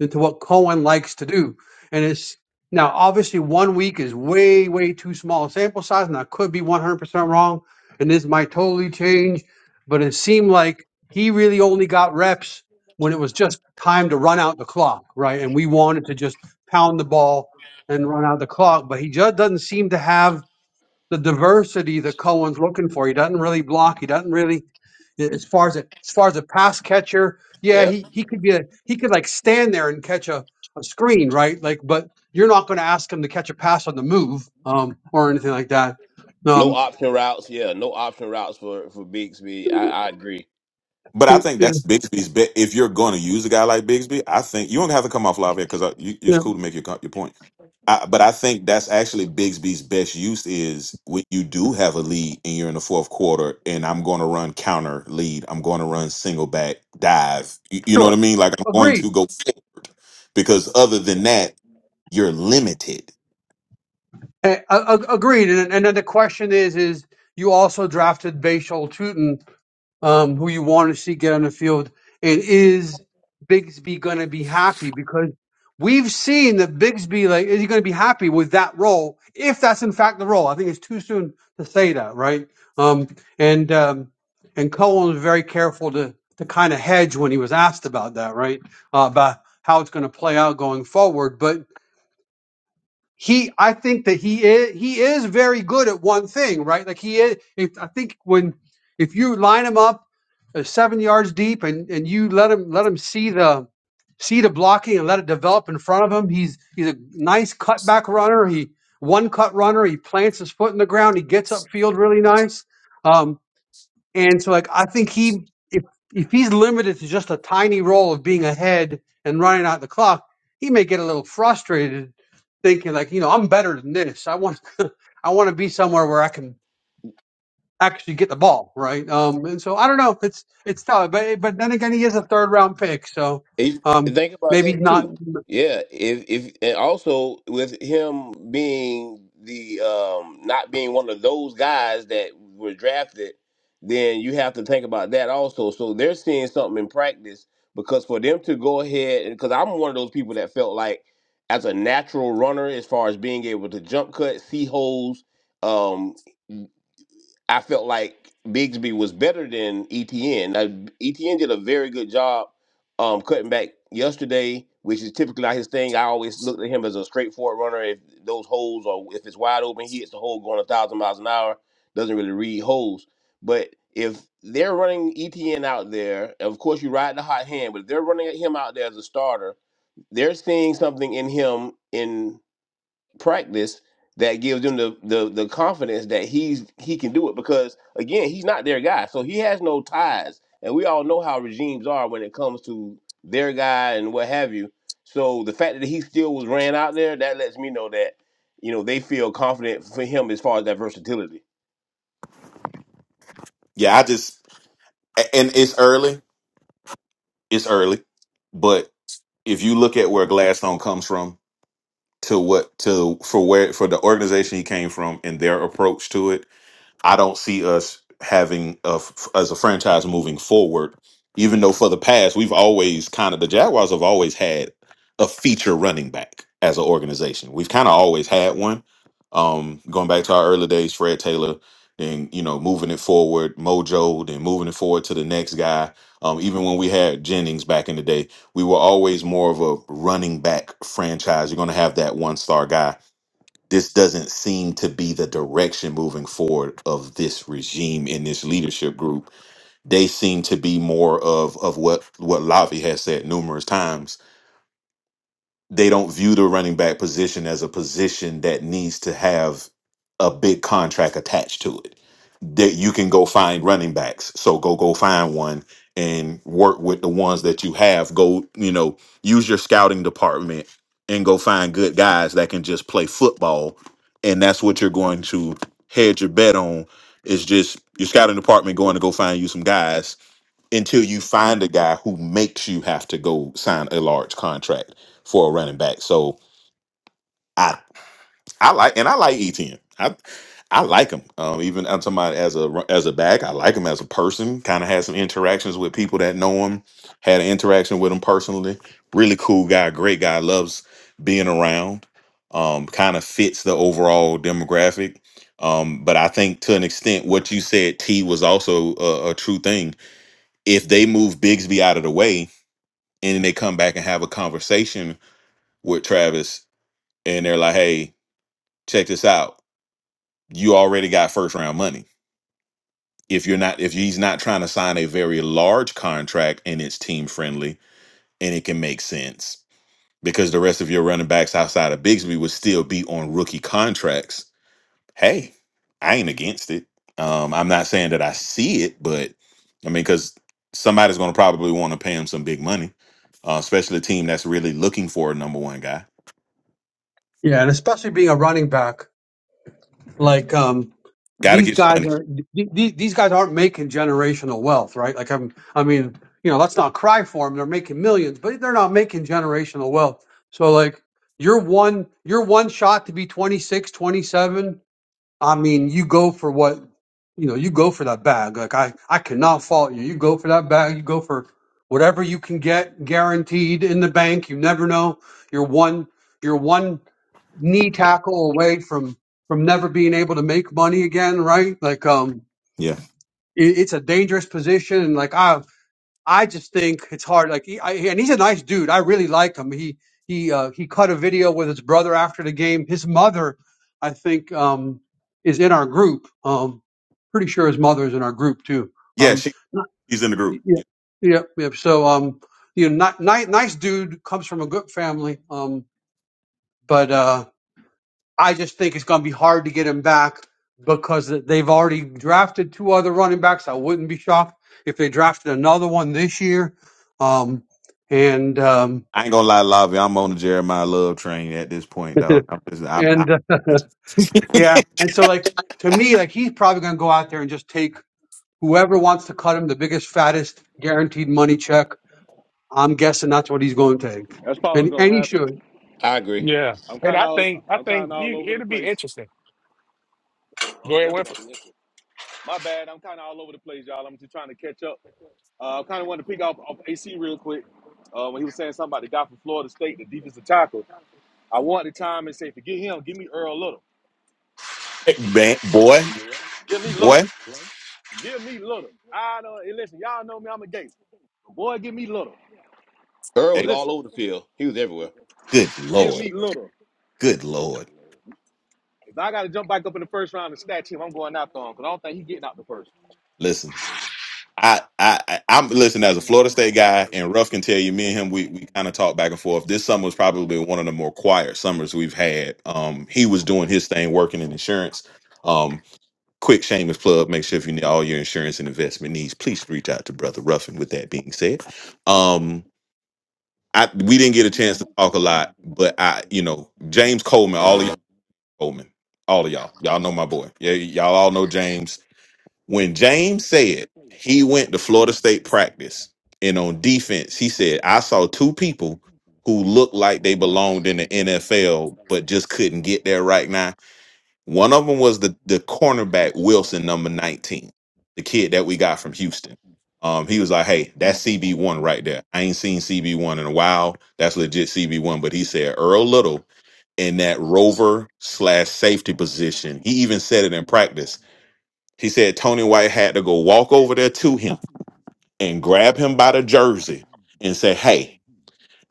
into what Cohen likes to do." And it's now obviously one week is way way too small a sample size, and I could be one hundred percent wrong, and this might totally change. But it seemed like he really only got reps when it was just time to run out the clock, right? And we wanted to just pound the ball and run out the clock, but he just doesn't seem to have the diversity that Cohen's looking for. He doesn't really block. He doesn't really, as far as a, as far as a pass catcher. Yeah, Yeah, he he could be a he could like stand there and catch a, a screen, right? Like, but you're not going to ask him to catch a pass on the move, um, or anything like that. no Um, option routes. Yeah, no option routes for for Bixby. I, I agree. But I think yeah, that's Bigsby's bet. If you're going to use a guy like Bigsby, I think you don't have to come off live here because you, it's yeah, cool to make your, co- your point. I, but I think that's actually Bigsby's best use is when you do have a lead and you're in the fourth quarter, and I'm going to run counter lead. I'm going to run single back dive. You, you know what I sure, mean? Like I'm going agreed, to go forward because other than that, you're limited. A- a- a- agreed. And and then the question is, is you also drafted Bashal Tutin um, who you want to see get on the field, and is Bigsby going to be happy? Because we've seen that Bigsby, like, is he going to be happy with that role? If that's in fact the role, I think it's too soon to say that, right? Um, and um, and Cohen was very careful to to kind of hedge when he was asked about that, right? Uh, about how it's going to play out going forward, but he I think that he is he is very good at one thing, right? Like he is if, I think when if you line him up uh, seven yards deep and and you let him let him see the see the blocking and let it develop in front of him, he's he's a nice cutback runner. He one cut runner. He plants his foot in the ground. He gets upfield really nice. Um, and so, like, I think he, if if he's limited to just a tiny role of being ahead and running out the clock, he may get a little frustrated, thinking like, you know, I'm better than this. I want, <laughs> I want to be somewhere where I can actually get the ball, right? Um, and so I don't know. It's it's tough, but but then again, he is a third round pick, so If, um, think about maybe this not. too. Yeah, if if and also with him being the um not being one of those guys that were drafted, then you have to think about that also. So they're seeing something in practice because for them to go ahead because I'm one of those people that felt like as a natural runner as far as being able to jump cut, see holes, um I felt like Bigsby was better than ETN. Now, ETN did a very good job um, cutting back yesterday, which is typically not his thing. I always looked at him as a straightforward runner. If those holes or if it's wide open, he hits the hole going a thousand miles an hour. Doesn't really read holes. But if they're running ETN out there, of course you ride the hot hand. But if they're running at him out there as a starter, they're seeing something in him in practice that gives them the, the the confidence that he's he can do it because again he's not their guy so he has no ties and we all know how regimes are when it comes to their guy and what have you so the fact that he still was ran out there that lets me know that you know they feel confident for him as far as that versatility Yeah, I just a- and it's early. It's early, but if you look at where Gladstone comes from to what to for where for the organization he came from and their approach to it I don't see us having a f as a franchise moving forward. Even though for the past we've always kind of the Jaguars have always had a feature running back as an organization. We've kind of always had one. Um, going back to our early days, Fred Taylor, then you know moving it forward, Mojo, then moving it forward to the next guy. Um, even when we had Jennings back in the day, we were always more of a running back franchise. You're going to have that one star guy this doesn't seem to be the direction moving forward of this regime in this leadership group. They seem to be more of of what what Lavi has said numerous times. They don't view the running back position as a position that needs to have a big contract attached to it that you can go find running backs. So go go find one and work with the ones that you have. Go, you know, use your scouting department and go find good guys that can just play football. And that's what you're going to hedge your bet on is just your scouting department going to go find you some guys until you find a guy who makes you have to go sign a large contract for a running back. So I I like and I like ETN. I I like him. Um, even I'm talking about as a as a back. I like him as a person. Kind of had some interactions with people that know him. Had an interaction with him personally. Really cool guy. Great guy. Loves being around. Um, kind of fits the overall demographic. Um, but I think to an extent, what you said, T was also a, a true thing. If they move Bigsby out of the way and then they come back and have a conversation with Travis, and they're like, "Hey, check this out." you already got first round money. If you're not, if he's not trying to sign a very large contract and it's team friendly and it can make sense because the rest of your running backs outside of Bigsby would still be on rookie contracts. Hey, I ain't against it. Um, I'm not saying that I see it, but I mean, because somebody's going to probably want to pay him some big money, uh, especially a team that's really looking for a number one guy. Yeah, and especially being a running back, like um, Got to these get your guys money. are these, these guys aren't making generational wealth, right? Like I'm, I mean, you know, let's not cry for them. They're making millions, but they're not making generational wealth. So like you're one you're one shot to be 26, 27. I mean, you go for what you know, you go for that bag. Like I I cannot fault you. You go for that bag, you go for whatever you can get guaranteed in the bank. You never know. You're one You're one knee tackle away from from never being able to make money again, right? Like, um, Yeah. it, it's a dangerous position, and like I I just think it's hard. Like, he, I, and he's a nice dude. I really like him. He he uh, he cut a video with his brother after the game. His mother, I think, um, is in our group. Um, pretty sure his mother is in our group too. Yeah. Um, She, not- she's in the yeah, group. yeah, yeah. So, um, you know, not, ni- nice dude comes from a good family. Um, but uh. I just think it's going to be hard to get him back because they've already drafted two other running backs. I wouldn't be shocked if they drafted another one this year. Um, and um, I ain't gonna lie, Lavi. I'm on the Jeremiah Love train at this point, <laughs> dog. I'm just, I, I, and uh, <laughs> yeah, and so <laughs> like to me, like he's probably going to go out there and just take whoever wants to cut him the biggest, fattest, guaranteed money check. I'm guessing that's what he's going to take, That's probably what's and and gonna he happen. should. i agree yeah. I'm And kind I of all think I I'm kind of think all over you, the it'll be place. interesting. Oh, Go it's ahead, definitely Winfrey. not connected. My bad. I'm kind of all over the place, y'all. I'm just trying to catch up. Uh, I kind of wanted to pick up off AC real quick uh, when he was saying something about the guy from Florida State, the defensive tackle. I wanted to chime and say, forget him. Give me Earl Little. Man, boy, Give me Little. boy. Give me little. I don't. And listen, y'all know me. I'm a gator. Boy, give me little. earl Hey, was all Listen, over the field he was everywhere good give lord, me little. good lord. If I got to jump back up in the first round and snatch him, I'm going after him because I don't think he's getting out the first. Listen, I, I, I- I'm listen as a Florida State guy, and Ruff can tell you, me and him, we we kind of talk back and forth. This summer was probably one of the more quiet summers we've had. Um, he was doing his thing, working in insurance. Um, quick shameless plug. Make sure if you need all your insurance and investment needs, please reach out to Brother Ruffin. With that being said, um. I we didn't get a chance to talk a lot, but I, you know, James Coleman, all of y'all Coleman, all of y'all, y'all know my boy. Yeah, y'all all know James. When James said he went to Florida State practice and on defense, he said, I saw two people who looked like they belonged in the NFL, but just couldn't get there right now one of them was the the cornerback Wilson, number nineteen, the kid that we got from Houston. Um, he was like, "Hey, that's CB one right there. I ain't seen CB one in a while. That's legit CB one." But he said Earl Little in that rover slash safety position. He even said it in practice. He said Tony White had to go walk over there to him and grab him by the jersey and say, "Hey,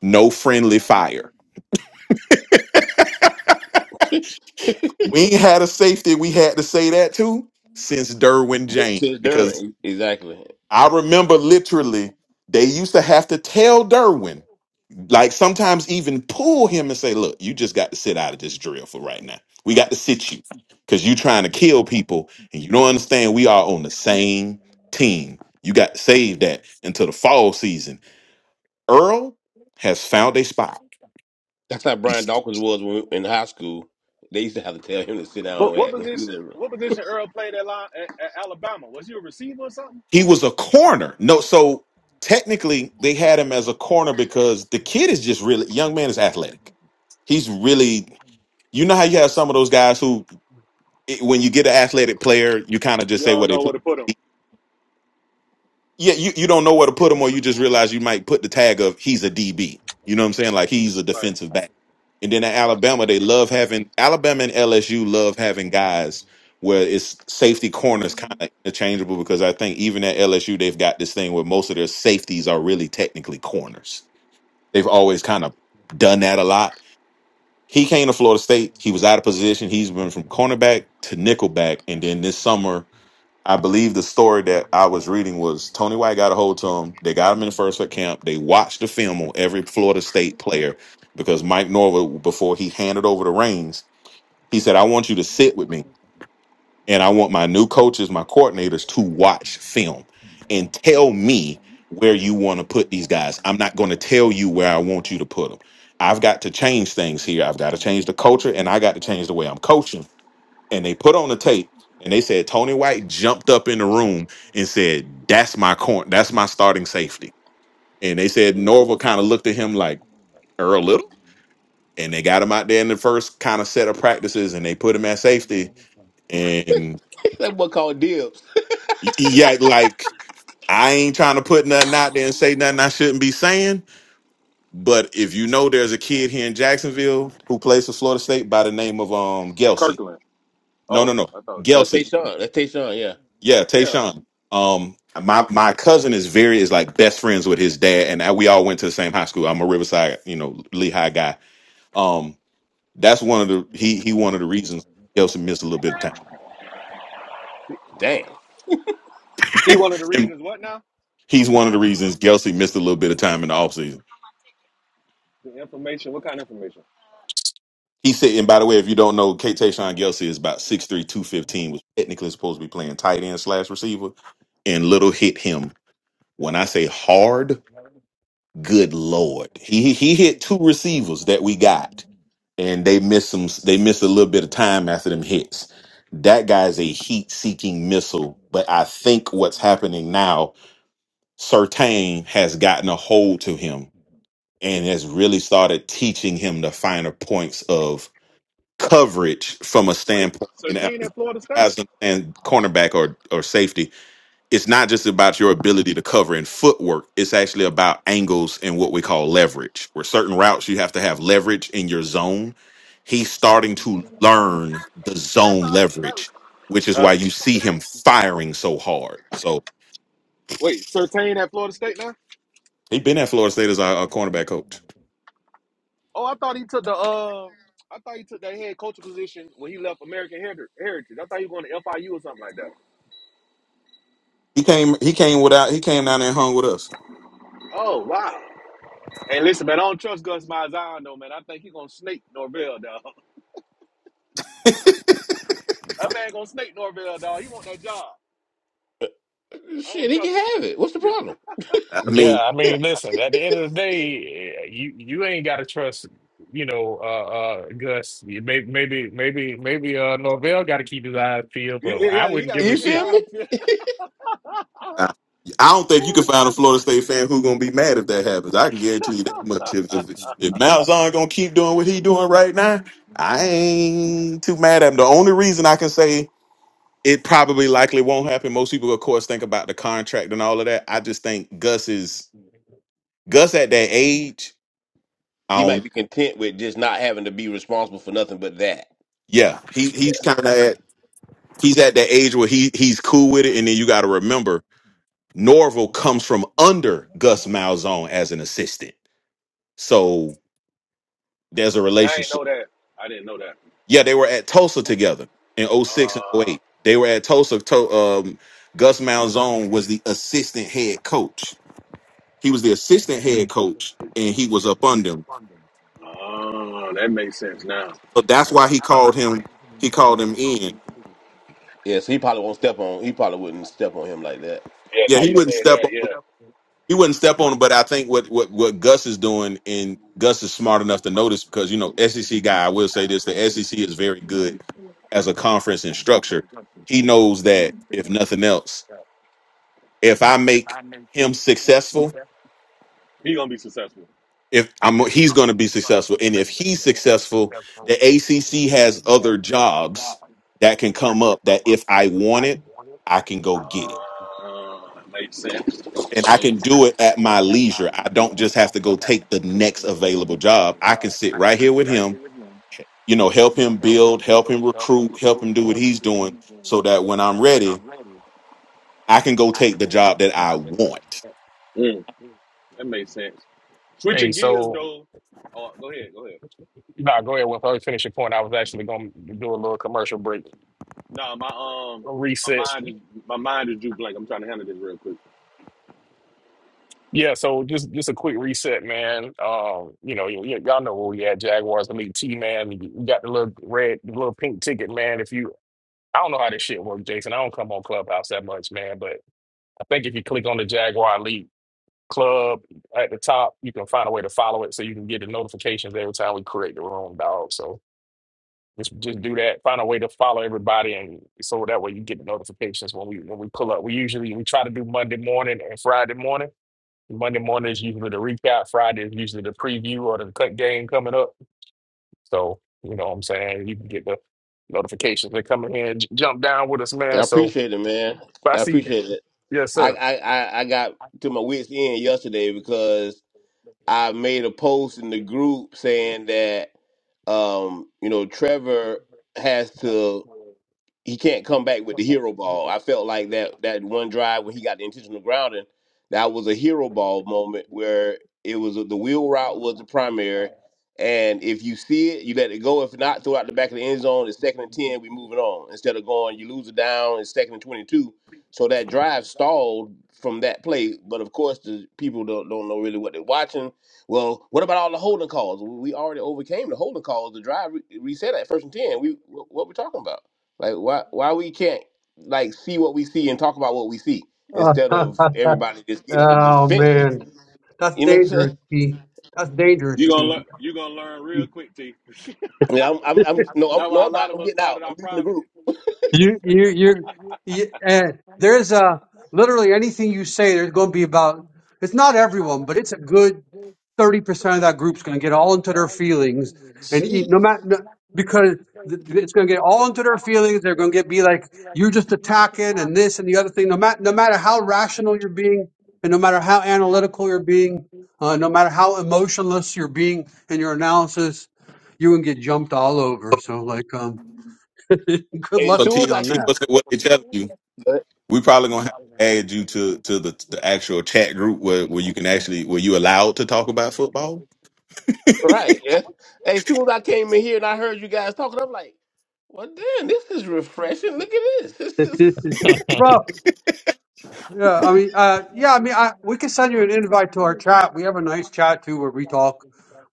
no friendly fire." We ain't had a safety. We had to say that to since Derwin D- James to because." during exactly I remember literally they used to have to tell Derwin, like sometimes even pull him and say, "Look, you just got to sit out of this drill for right now. We got to sit you because you trying to kill people and you don't understand we are on the same team. You got to save that until the fall season." Earl has found a spot. that's how brian dawkins was when, in high school they used to have to tell him to sit down But and what act when he was position? everywhere What position Earl played at, line, at, at Alabama? Was he a receiver or something? He was a corner. No, so technically they had him as a corner because the kid is just really young man is athletic. He's really you know how you have some of those guys who it- when you get an athletic player, you kind of You just say don't what they know play. where to put him. Yeah, you, you don't know where to put him, or you just realize you might put the tag of he's a DB. You know what I'm saying? Like he's a Right, defensive back. And then at right. Alabama, they love having Alabama and LSU love having guys where it's safety corners kind of interchangeable because I think even at LSU they've got this thing where most of their safeties are really technically corners. They've always kind of done that a lot he came to Florida State. He was out of position. He's been from cornerback to nickelback, and then this summer I believe the story that I was reading was Tony White got a hold to him. They got him in the first camp. They watched the film on every Florida State player because Mike Norvell, before he handed over the reins, he said, I want you to sit with me and I want my new coaches, my coordinators to watch film and tell me where you want to put these guys. I'm not going to tell you where I want you to put them. I've got to change things here. I've got to change the culture and I got to change the way I'm coaching and they put on the tape and they said Tony White jumped up in the room and said, "That's my corn. That's my starting safety." And they said Mm. Norville kind of looked at him like Earl Little, and they got him out there in the first kind of set of practices, and they put him at safety. And <laughs> that boy called Dill y- yeah, like I ain't trying to put nothing out there and say nothing I shouldn't be saying. But if you know there's a kid here in Jacksonville who plays for Florida State by the name of um Gelsey. Kirkland. No, no, Oh, no. I thought. No, Gelsey. Tayshaun. That's Tayshaun, yeah. Yeah, Yeah, Tayshawn. Um, my my cousin is very is like best friends with his dad, and I, we all went to the same high school. I'm a Riverside, you know, Lehigh guy. Um, that's one of the he he one of the reasons Gelsey missed a little bit of time. Damn. he <laughs> one of the and reasons. What now? he's one of the reasons Gelsey missed a little bit of time in the offseason. The information. What kind of information? He said, and by the way, if you don't know, Kate Tayshawn Gelsey is about six three, two fifteen. was technically supposed to be playing tight end slash receiver, and Little hit him. When I say hard, good lord, he he hit two receivers that we got and they miss some they miss a little bit of time after them hits. That guy is a heat seeking missile, but I think what's happening now, Sertain has gotten a hold to him and has really started teaching him the finer points of coverage from a Wait, standpoint. And if Sertain at Florida you State? guys understand cornerback or or safety, it's not just about your ability to cover in footwork. It's actually about angles and what we call leverage, where certain routes you have to have leverage in your zone. He's starting to learn the zone leverage, which is Huh? why you see him firing so hard. So Wait, Sertain at Florida State now. he's been at Florida State as our, our cornerback coach. Oh, I thought he took the uh, I thought he took that head coach position when he left American Heri- Heritage. I thought he was going to FIU or something like that. He came, he came without, he came down there and hung with us. Oh wow! And listen, man, I don't trust Gus Malzahn though, man. I think he gonna snake Norvell, dog. <laughs> That man gonna snake Norvell, dog. He want that job. I Shit, don't he can trust have it. What's the him. <laughs> problem? I mean, Yeah, I mean, listen, at the end of the day, eh, you you ain't got to trust, you know, uh, uh Gus. Maybe maybe maybe maybe uh Norvell got to keep his eyes peeled, but Yeah, I yeah, he wouldn't gotta give a You keep his feel shit. eye me? <laughs> peeled. I I don't think you can Ooh. find a Florida State fan who's gonna be mad if that happens. I can guarantee you that much. If if, if Malzahn gonna keep doing what he doing right now, I ain't too mad at him. The only reason I can say it probably likely won't happen. Most people, of course, think about the contract and all of that. I just think Gus is Gus at that age. I He might don't. be content with just not having to be responsible for nothing but that. Yeah, he he's kind of at he's at that age where he he's cool with it. And then you got to remember, Norville comes from under Gus Malzahn as an assistant. So there's a See, I ain't know relationship. that. I didn't know that. Yeah, they were at Tulsa together in '06 and '08. They were at Tulsa. To, um, Gus Malzone was the assistant head coach. He was the assistant head coach, and he was up under him. Uh, oh, that makes sense now. So that's why he called him. He called him in. Yeah, so he probably won't step on he probably wouldn't step on him like that. Yeah, Yeah, now he you said wouldn't step that. on. Yeah, He wouldn't step on him. But I think what what what Gus is doing, and Gus is smart enough to notice because you know SEC guy. I will say this: the SEC is very good as a conference in structure. He knows that if nothing else if I make him successful, he gonna be successful. if I'm he's going to be successful, and if he's successful, the ACC has other jobs that can come up that if I want it, I can go get it. Uh, makes sense. Makes And I can sense. do it at my leisure. I don't just have to go take the next available job. I can sit right here with him, you know, help him build, help him recruit, help him do what he's doing so that when I'm ready, I can go take the job that I want. Hmm. That makes sense. Hey, Switching gears so though. Oh, go ahead, go ahead. nah, go ahead. Well, I finish your point, I was actually gonna do a little commercial break, No, my um, a my reset. mind is my mind is drew blank. I'm trying to handle this real quick. Yeah, so just just a quick reset, man. Um, you know, y- y- y'all know where we at, Jaguars Elite T, man. You got the little red, the little pink ticket, man. If you, I don't know how this shit works, Jason. I don't come on Clubhouse that much, man, but. I think if you click on the Jaguar Elite Club at the top, you can find a way to follow it so you can get the notifications every time we create the room, dog. So just just do that. Find a way to follow everybody, and so that way you get the notifications when we when we pull up. We usually we try to do Monday morning and Friday morning. Monday morning is usually the recap. Friday is usually the preview or the cut game coming up. So you know what I'm saying. You can get the notifications that come in here and j- jump down with us, I man. So appreciate it, man. but I I see, appreciate it. yes, I sir. I, I I got to my wits end yesterday because I made a post in the group saying that um, you know, Trevor has to he can't come back with the hero ball. I felt like that that one drive when he got the intentional grounding, that was a hero ball moment where it was the wheel route was the primary, and if you see it, you let it go. If not, throw out the back of the end zone. It's second and ten. We moving on instead of going. You lose a down. It's second and twenty two. So that drive stalled from that play. But of course, the people don't don't know really what they're watching. Well, what about all the holding calls? We already overcame the holding calls. The drive re- reset at first and ten. We what we talking about? Like why why we can't like see what we see and talk about what we see <laughs> oh instead of everybody just getting on the defensive. man, that's You know what I'm saying? dangerous, T. That's dangerous, You gonna T. learn. You gonna learn real quick, T. <laughs> Yeah, I'm I'm, I'm no I'm That's no why a I'm not lot of I'm us getting out. started I'm our leaving the properties. group. You, you, you're, you, and there's a literally anything you say, there's going to be about, it's not everyone, but it's a good 30% of that group's going to get all into their feelings. And eat, Jeez. no matter, no, because th- th- it's going to get all into their feelings. They're going to get be like, you're just attacking and this and the other thing. No matter, no matter how rational you're being and no matter how analytical you're being, uh, no matter how emotionless you're being in your analysis, you can get jumped all over. So like, um, <laughs> good As So luck to soon as you T, I on T that. what's what they telling you? ca- We probably gonna have to add you to to the, the actual chat group where, where you can actually where you allowed to talk about football. right, yeah. As soon as I came in here and I heard you guys talking, I'm like, well damn, this is refreshing. Look at this. <laughs> This is <laughs> Bro, yeah, I mean, uh, yeah, I mean, I, we can send you an invite to our chat. We have a nice chat too, where we talk,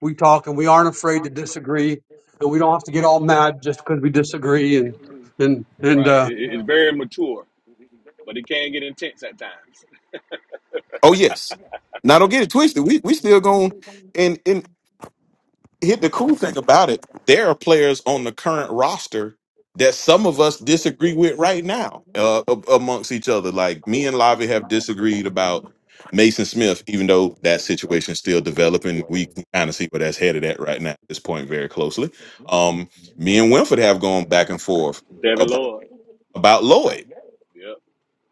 we talk, and we aren't afraid to disagree, and we don't have to get all mad just because we disagree. And and and Right. It, uh, it- it's very mature, but it can get intense at times. <laughs> Oh yes. Now don't get it twisted. We we still going and and. Here, the cool thing about it, there are players on the current roster that some of us disagree with right now uh, a- amongst each other. Like me and Lavi have disagreed about Mason Smith, even though that situation is still developing. We can kind of see where that's headed at right now at this point very closely. Um, me and Winford have gone back and forth Devin about, Lloyd. about Lloyd. Yep.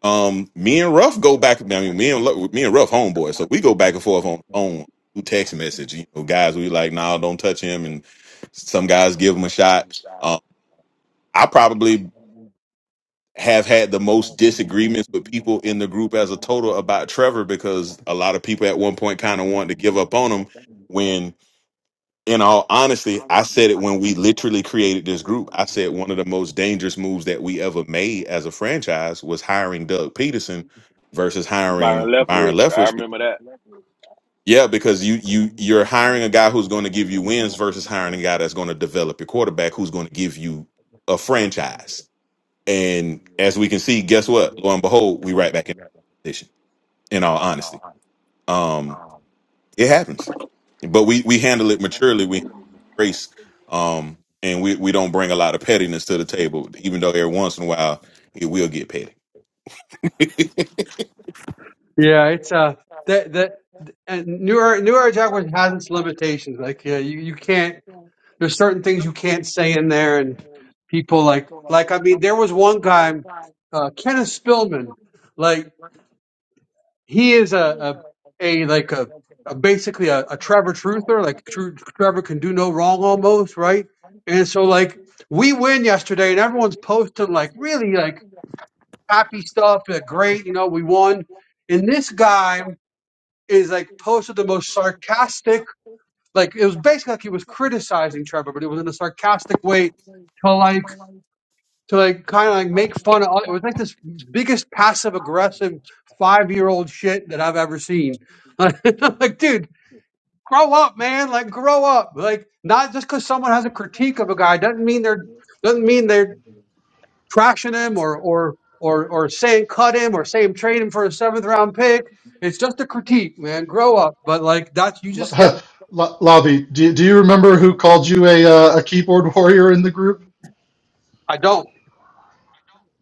Um, me and Ruff go back. I mean, me and Lu- me and Ruff homeboy, so we go back and forth on on text message. You know, guys, we like, nah, don't touch him, and some guys give him a shot. Um, I probably have had the most disagreements with people in the group as a total about Trevor because a lot of people at one point kind of wanted to give up on him when in all honesty, I said it when we literally created this group. I said one of the most dangerous moves that we ever made as a franchise was hiring Doug Peterson versus Byron hiring Byron Leftwich. I Leftwich. remember that. Yeah, because you you you're hiring a guy who's going to give you wins versus hiring a guy that's going to develop your quarterback who's going to give you a franchise. And as we can see, guess what? Lo and behold, we right back in position. In all honesty, um, it happens, but we we handle it maturely. We grace. Um, and we, we don't bring a lot of pettiness to the table, even though every once in a while it will get petty. <laughs> yeah, it's uh, that that and New Era New Era Jaguars has its limitations. Like, yeah, you you can't. There's certain things you can't say in there, and people like like I mean, there was one guy, uh, Kenneth Spillman. like. he is a a, a like a, a basically a, a Trevor truther. Like Tru- Trevor can do no wrong almost, right? And so like we win yesterday, and everyone's posting like really like happy stuff, like great, you know, we won. And this guy is like posted the most sarcastic, like it was basically like he was criticizing Trevor, but it was in a sarcastic way to like to like kind of like make fun of. It was like this biggest passive aggressive five year old shit that I've ever seen. <laughs> like, dude, grow up, man. Like, grow up. Like, not just because someone has a critique of a guy doesn't mean they're doesn't mean they're trashing him or or or or saying cut him or saying trade him for a seventh round pick. It's just a critique, man. Grow up. But like, that's you just get. <laughs> L- Lavi, do, do you remember who called you a uh, a keyboard <laughs> warrior in the group? I don't.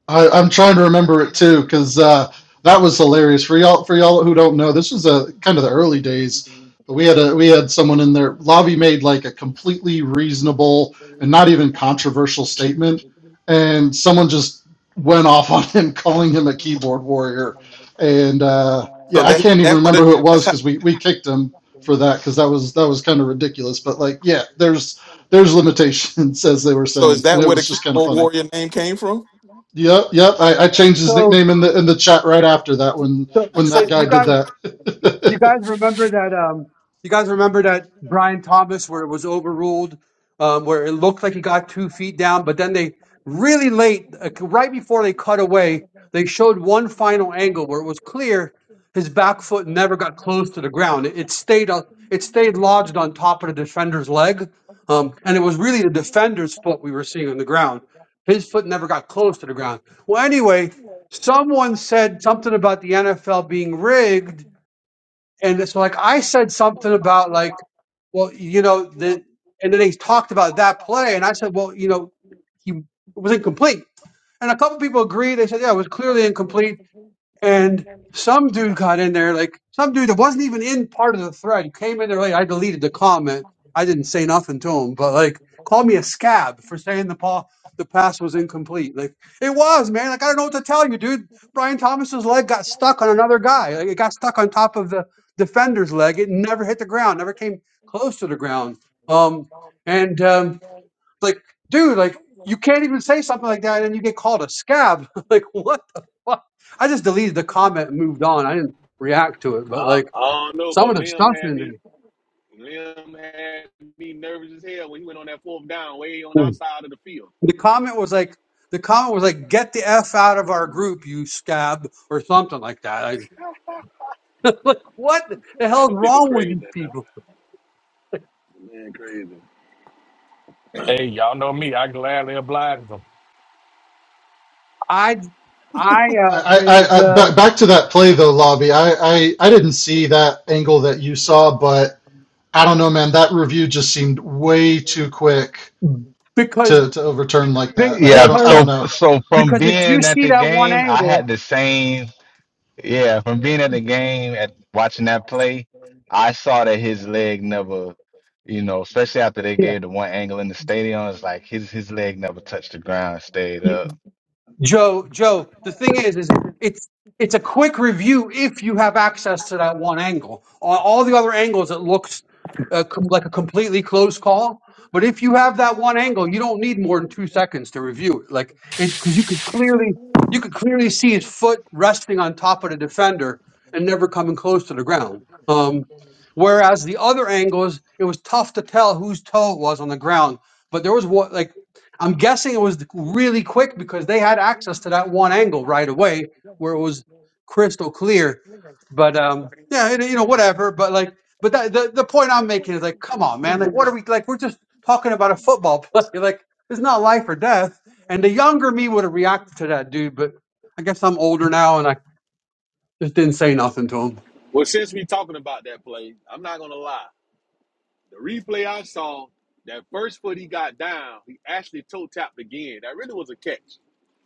I, I'm trying to remember it too because uh, that was hilarious for y'all. For y'all who don't know, this was a kind of the early days. But we had a we had someone in there. Lavi made like a completely reasonable and not even controversial statement, and someone just went off on him, <laughs> calling him a keyboard warrior. And uh, so yeah, I that can't even that what remember it, who it that's was how. because we, we kicked him for that because that was that was kind of ridiculous. But like, yeah, there's there's limitations <laughs> as they were So is saying, and that it where the was just kind of keyboard funny. warrior name came from? Yep, yep. I, I changed his So. nickname in the in the chat right after that when So, when so that guy you did guys. that. You you guys <laughs> remember that? Um, you guys remember that Brian Thomas, where it was overruled, um, where it looked like he got two feet down, but then they really late, uh, right before they cut away, they showed one final angle where it was clear his back foot never got close to the ground. It, it stayed up. It stayed lodged on top of the defender's leg, um, and it was really the defender's foot we were seeing on the ground. His foot never got close to the ground. Well, anyway, someone said something about the NFL being rigged, and so like I said something about like, well, you know, the and then they talked about that play, and I said, well, you know, he it was incomplete, and a couple people agreed. They said, yeah, it was clearly incomplete and some dude got in there, like some dude that wasn't even in part of the thread. came in there like I deleted the comment. I didn't say nothing to him, but like called me a scab for saying the paw the pass was incomplete. Like it was, man. Like I don't know what to tell you, dude. Brian Thomas's leg got stuck on another guy. Like it got stuck on top of the defender's leg. It never hit the ground, never came close to the ground. Um and um like, dude, like you can't even say something like that and you get called a scab. <laughs> like, what the fuck? I just deleted the comment and moved on. I didn't react to it, but I, like I don't know, some but of the Lim stuff had in there. me. Lim had me nervous as hell when he went on that fourth down way on Mm. outside of the field. The comment was like the comment was like, get the F out of our group, you scab, or something like that. I, what the Man, hell is those people wrong with crazy. these people? now, Man, man crazy. Hey, y'all know me. I gladly oblige them. I I I, uh, I, I, ba- the back to that play though, Lobby. I, I, I didn't see that angle that you saw, but I don't know, man. That review just seemed way too quick the because to, to overturn like be- that. Like, I Yeah, don't I because don't so know. so from because if you being at see the that one game, I had angle, the same Yeah, from being at the game and watching that play, I saw that his leg never, you know, especially after they yeah. gave the one angle in the stadium, it's like his his leg never touched the ground, stayed up. Joe, Joe, the thing is, is it's it's a quick review if you have access to that one angle. On all the other angles, it looks uh, com- like a completely close call. But if you have that one angle, you don't need more than two seconds to review it. Like it, because you could clearly you could clearly see his foot resting on top of the defender and never coming close to the ground. Um, whereas the other angles, it was tough to tell whose toe it was on the ground. But there was what like I'm guessing it was really quick because they had access to that one angle right away where it was crystal clear. But um, yeah, it, you know, whatever. But like, but that, the the point I'm making is like, come on, man! Like, what are we like? We're just talking about a football play. <laughs> Like, it's not life or death. And the younger me would have reacted to that dude, but I guess I'm older now, and I just didn't say nothing to him. Well, since we talking about that play, I'm not gonna lie. The replay I saw, that first foot he got down, he actually toe tapped again. That really was a catch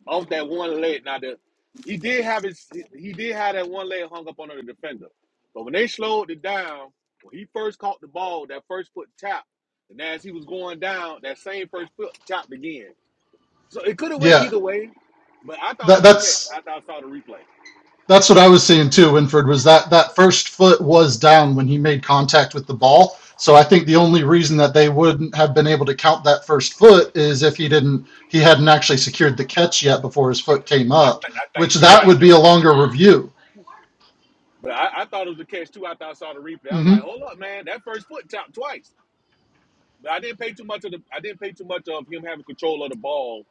off that one leg. Now the he did have his he did have that one leg hung up under the defender, but when they slowed it down, when he first caught the ball, that first foot tapped, and as he was going down, that same first foot tapped again. So it could have went Yeah, either way, but I thought it that was a catch. that's I thought I saw the replay. That's what I was seeing too, Winford, was that that first foot was down when he made contact with the ball. So I think the only reason that they wouldn't have been able to count that first foot is if he didn't he hadn't actually secured the catch yet before his foot came I, up, th- I which think you're that right, would be Joe. a longer review. But I, I thought it was a catch too after I saw the replay. I was hmm like, hold up, man, that first foot tapped twice. But I didn't pay too much of the I didn't pay too much of him having control of the ball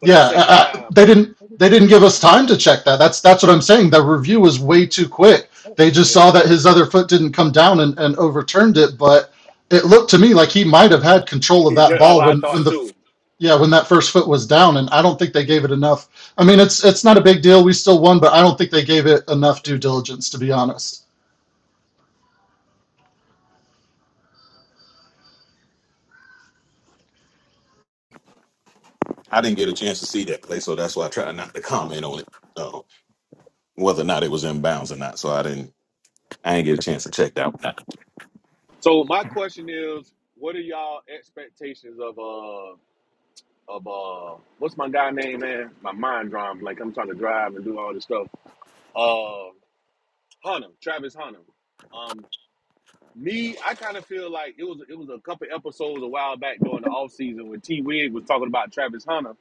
for that Yeah, I, second I, time. they But didn't they didn't give us time to check that. That's that's what I'm saying. The review was way too quick. They just saw yeah, that his other foot didn't come down and, and overturned it, but it looked to me like he might have had control of <laughs> that that's what ball I when when thought the too. Yeah, when that first foot was down, and I don't think they gave it enough. I mean, it's it's not a big deal. We still won, but I don't think they gave it enough due diligence, to be honest. I didn't get a chance to see that play, so that's why I tried not to comment on it, uh, whether or not it was in bounds or not. So I didn't I didn't get a chance to check that one out. So my question is, what are y'all expectations of uh of uh what's my guy name, man? My mind drawing like I'm trying to drive and do all this stuff. Uh Hunnam, Travis Hunnam. Um, Me, I kind of feel like it was it was a couple episodes a while back during the off season when T Wig was talking about Travis Hunter,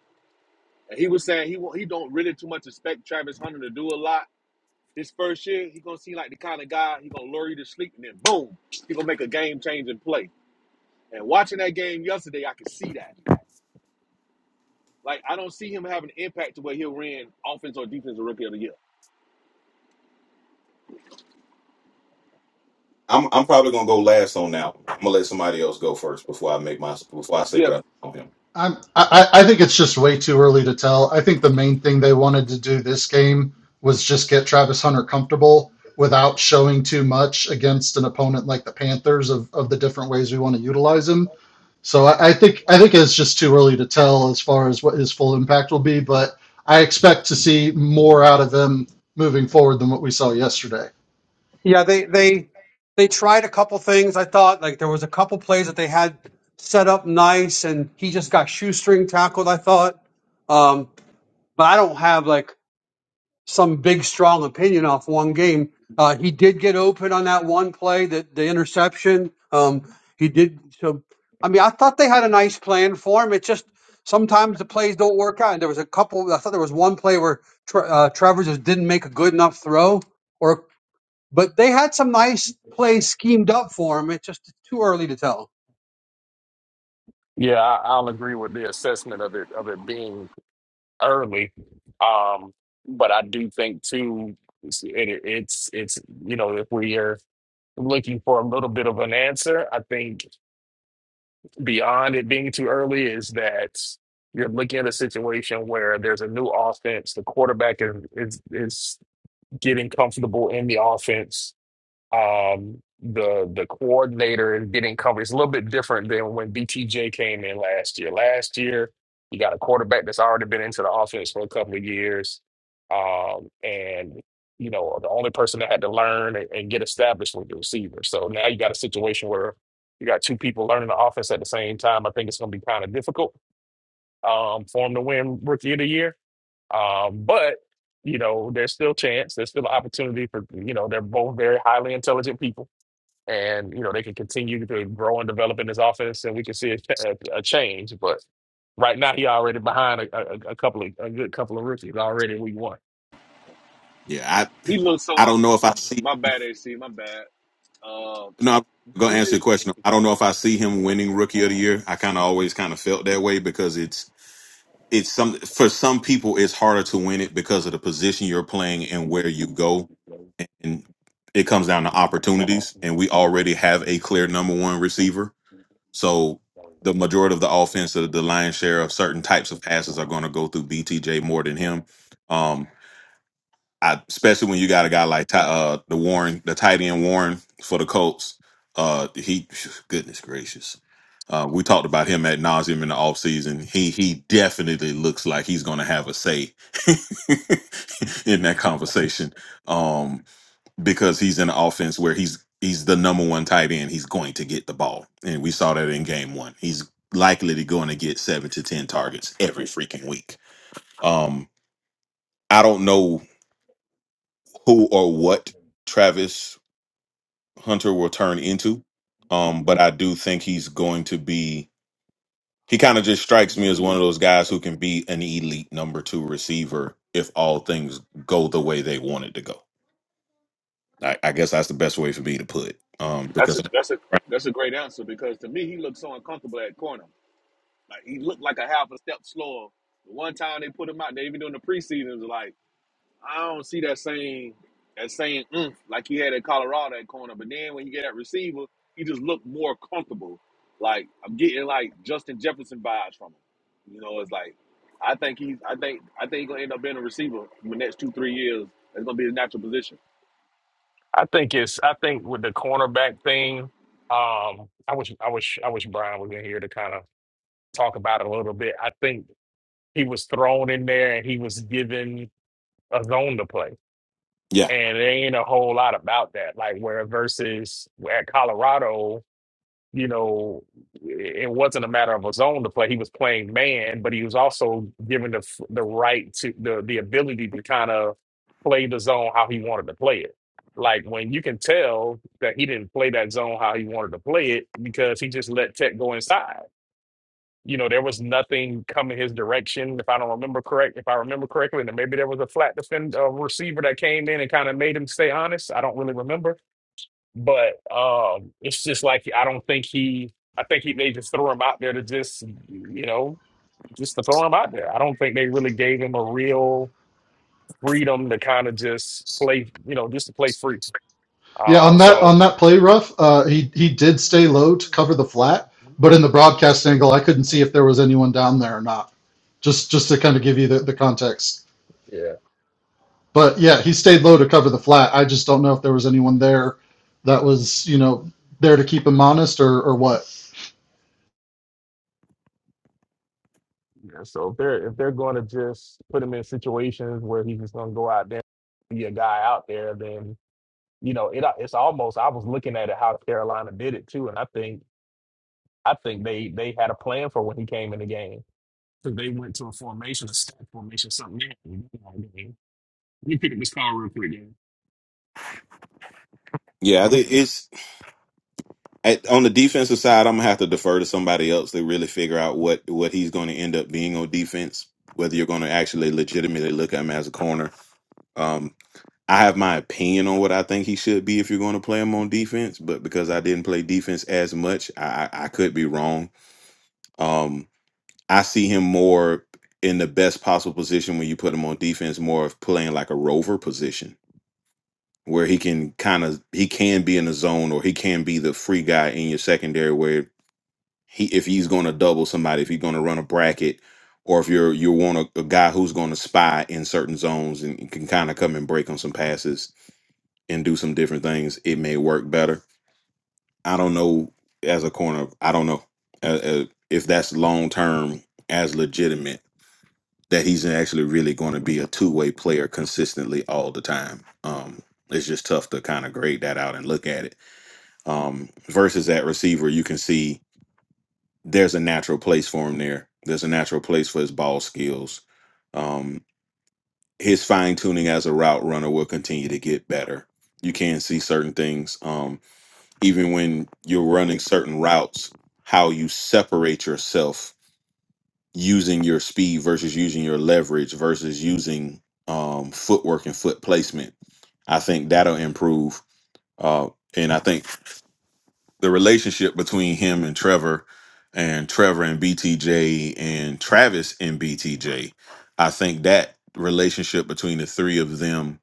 and he was saying he wa- he don't really too much expect Travis Hunter to do a lot his first year. He gonna seem like the kind of guy he gonna lure you to sleep, and then boom, he gonna make a game changing play. And watching that game yesterday, I could see that. Like I don't see him having an impact to where he'll win offense or defense or rookie of the year. I'm I'm probably gonna go last on that. one. I'm gonna let somebody else go first before I make my before I say Yes, what I on him. I'm, I I think it's just way too early to tell. I think the main thing they wanted to do this game was just get Travis Hunter comfortable without showing too much against an opponent like the Panthers of of the different ways we want to utilize him. So I, I think I think it's just too early to tell as far as what his full impact will be, but I expect to see more out of him moving forward than what we saw yesterday. Yeah, they they they tried a couple things. I thought like there was a couple plays that they had set up nice, and he just got shoestring tackled. I thought, um, but I don't have like some big strong opinion off one game. Uh, he did get open on that one play, that the interception. Um, he did. So I mean, I thought they had a nice plan for him. It just sometimes the plays don't work out. And there was a couple. I thought there was one play where Tra- uh, Travers just didn't make a good enough throw. or. But they had some nice plays schemed up for him. It's just too early to tell. Yeah, I, I'll agree with the assessment of it of it being early, um, but I do think too it's- it, it's it's you know if we are looking for a little bit of an answer, I think beyond it being too early is that you're looking at a situation where there's a new offense, the quarterback is is, is getting comfortable in the offense Um, the the coordinator is getting covered. It's a little bit different than when BTJ came in last year. Last year, you got a quarterback that's already been into the offense for a couple of years, um, and you know the only person that had to learn and, and get established was the receiver. So now you got a situation where you got two people learning the offense at the same time. I think it's going to be kind of difficult um, for him to win Rookie of the Year, um, but you know there's still chance. There's still opportunity for you know they're both very highly intelligent people and you know they can continue to grow and develop in this offense, and we can see a, a, a change. But right now, he already behind a, a, a couple of a good couple of rookies already. in Week one, Yeah, I he looks so. I Uh, don't know if I see. my bad, AC. My bad. Uh, No, I'm gonna he answer your just question. I don't know if I see him winning Rookie of the Year. I kind of always kind of felt that way because it's it's some for some people it's harder to win it because of the position you're playing and where you go, and it comes down to opportunities. And we already have a clear number one receiver, so the majority of the offense, the, the lion's share of certain types of passes, are going to go through BTJ more than him. Um, I, especially when you got a guy like Ty, uh the Warren, the tight end Warren for the Colts. Uh, he goodness gracious. Uh, we talked about him at nauseum in the offseason. He he definitely looks like he's going to have a say <laughs> in that conversation um, because he's in an offense where he's he's the number one tight end. He's going to get the ball, and we saw that in game one. He's likely to going to get seven to ten targets every freaking week. Um, I don't know who or what Travis. Hunter will turn into. Um, but I do think he's going to be. He kind of just strikes me as one of those guys who can be an elite number two receiver if all things go the way they want it to go. I, I guess that's the best way for me to put it. Um, That's because a that's a Right. that's a great answer because to me he looked so uncomfortable at corner. Like he looked like a half a step slower. The one time they put him out there, even during the preseason, it was like I don't see that same that same oomph like he had at Colorado at corner. But then when you get that receiver, he just looked more comfortable. Like I'm getting like Justin Jefferson vibes from him. You know, it's like I think he's I think I think he's gonna end up being a receiver in the next two three years. That's gonna be his natural position. I think it's I think with the cornerback thing, um, I wish I wish I wish Brian was in here to kind of talk about it a little bit. I think he was thrown in there and he was given a zone to play, yeah, and there ain't a whole lot about that. Like where versus at Colorado. you know, it wasn't a matter of a zone to play. He was playing man, but he was also given the f- the right to the the ability to kind of play the zone how he wanted to play it. Like when you can tell that he didn't play that zone how he wanted to play it because he just let Tech go inside. You know, there was nothing coming his direction. If I don't remember correct, if I remember correctly, and maybe there was a flat defend uh, receiver that came in and kind of made him stay honest. I don't really remember but um, it's just like I don't think he. I think he they just threw him out there to just you know just to throw him out there. I don't think they really gave him a real freedom to kind of just play you know just to play free. Yeah, Uh, on that so on that play Ruff, uh, he he did stay low to cover the flat, but in the broadcast angle, I couldn't see if there was anyone down there or not. Just just to kind of give you the, the context. yeah. But yeah, he stayed low to cover the flat. I just don't know if there was anyone there that was you know there to keep him honest or or what. yeah. So if they're if they're going to just put him in situations where he's just going to go out there be a guy out there, then you know it. It's almost I was looking at it how Carolina did it too, and I think. I think they they had a plan for when he came in the game. So they went to a formation, a stat formation, something. new. Let me pick up this call real quick, yeah. yeah, I think it's I, on the defensive side. I'm gonna have to defer to somebody else to really figure out what what he's going to end up being on defense. Whether you're going to actually legitimately look at him as a corner, Um, I have my opinion on what I think he should be if you're going to play him on defense, but because I didn't play defense as much, I, I I could be wrong. Um, I see him more in the best possible position when you put him on defense, more of playing like a rover position where he can kind of he can be in the zone or he can be the free guy in your secondary where he if he's going to double somebody, if he's going to run a bracket, or if you're you want a, a guy who's going to spy in certain zones and can kind of come and break on some passes and do some different things, it may work better. I don't know as a corner. I don't know uh, uh, if that's long term as legitimate that he's actually really going to be a two way player consistently all the time. Um, it's just tough to kind of grade that out and look at it. Um, versus that receiver, you can see there's a natural place for him there. There's a natural place for his ball skills. Um, his fine tuning as a route runner will continue to get better. You can see certain things. Um, even when you're running certain routes, how you separate yourself using your speed versus using your leverage versus using um, footwork and foot placement. I think that'll improve. Uh, and I think the relationship between him and Trevor and Trevor and BTJ and Travis and BTJ, I think that relationship between the three of them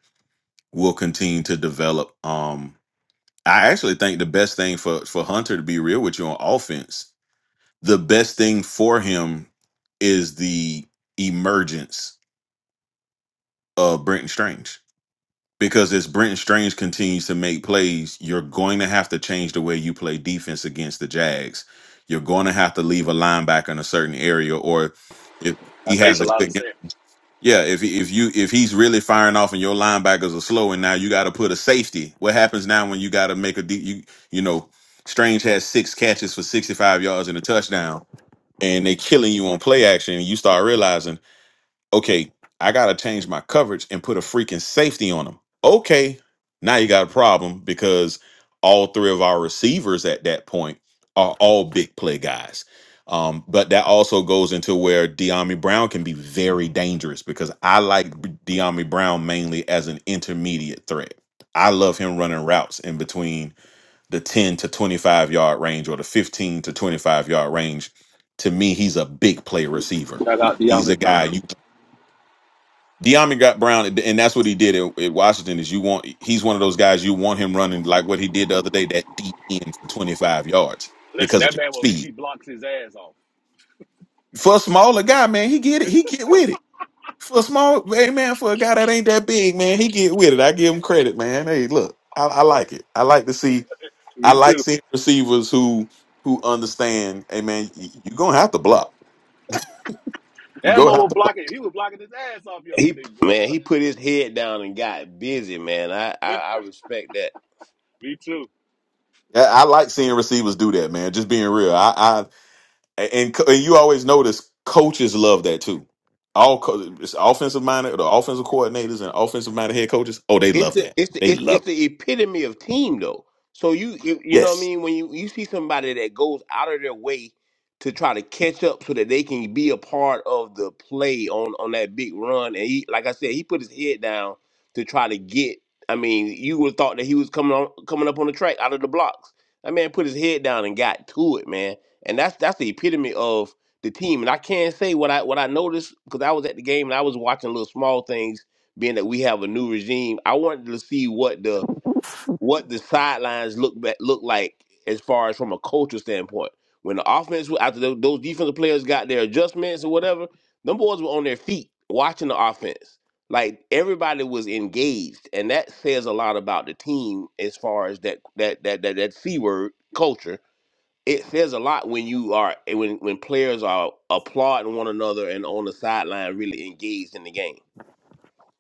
will continue to develop. Um, I actually think the best thing for for Hunter to be real with you on offense, the best thing for him is the emergence of Brenton Strange. Because as Brenton Strange continues to make plays, you're going to have to change the way you play defense against the Jags. You're going to have to leave a linebacker in a certain area, or if he That makes has a a lot of good sense. yeah, if if you if he's really firing off and your linebackers are slow, and now you got to put a safety. What happens now when you got to make a de- you you know Strange has six catches for sixty five yards and a touchdown, and they killing you on play action, and you start realizing okay, I gotta change my coverage and put a freaking safety on them. Okay, now you got a problem because all three of our receivers at that point are all big play guys. Um, but that also goes into where Deami Brown can be very dangerous because I like Deami Brown mainly as an intermediate threat. I love him running routes in between the 10 to 25 yard range or the 15 to 25 yard range. To me, he's a big play receiver. Shout out to He's a De'Armond guy Brown. you De'Ami got Brown, and that's what he did at, at Washington. Is you want he's one of those guys you want him running like what he did the other day that deep end for twenty five yards Listen, because of that his man, will, speed. he blocks his ass off. For a smaller guy, man, he get it. <laughs> He get with it. For a small, hey man, for a guy that ain't that big, man, he get with it. I give him credit, man. Hey, look, I, I like it. I like to see. I Me like too. seeing receivers who who understand. Hey man, you're gonna have to block. You go Elbow have was to block. blocking. He was blocking his ass off he yesterday, man, he boy. put his head down and got busy, man. I I, I respect that. <laughs> Me too. I, I like seeing receivers do that, man. Just being real. I. and, and co- and you always notice coaches love that too. All co- it's offensive minded, the offensive coordinators and offensive minded head coaches. Oh, they it's love the that. it's the They it's, love. it's it. the epitome of team though. So you you, you know what I Yes. mean when you, you see somebody that goes out of their way to try to catch up so that they can be a part of the play on on that big run and he like I said he put his head down to try to get I mean you would have thought that he was coming on coming up on the track out of the blocks. That man put his head down and got to it, man. And that's that's the epitome of the team. And I can't say what I what I noticed because I was at the game and I was watching little small things being that we have a new regime, I wanted to see what the what the sidelines look back, look like as far as from a culture standpoint. When the offense after tho- those defensive players got their adjustments or whatever, them boys were on their feet watching the offense. Like everybody was engaged, and that says a lot about the team as far as that that that that, that c word culture. It says a lot when you are when when players are applauding one another and on the sideline really engaged in the game.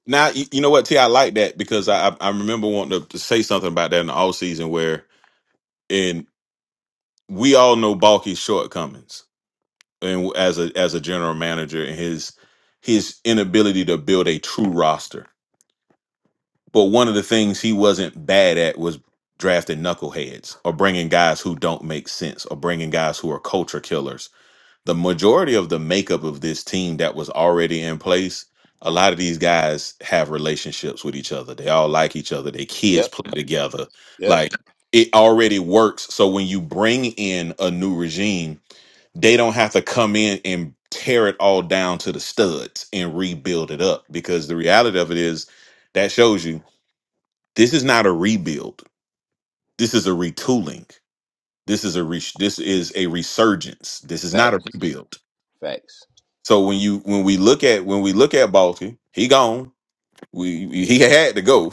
Now you, you know what, T. I like that because I I I remember wanting to, to say something about that in the off season where and we all know Balky's shortcomings and as a as a general manager and his his inability to build a true roster But one of the things he wasn't bad at was drafting knuckleheads or bringing guys who don't make sense or bringing guys who are culture killers. The majority of the makeup of this team that was already in place, a lot of these guys have relationships with each other. They all like each other. Their kids Yep, play together. yep. Like it already works. So when you bring in a new regime, they don't have to come in and tear it all down to the studs and rebuild it up because the reality of it is that shows you this is not a rebuild. This is a retooling. This is a re- this is a resurgence. This is Facts. not a rebuild. Facts. So when you when we look at when we look at Balky, he gone. We we- he had to go.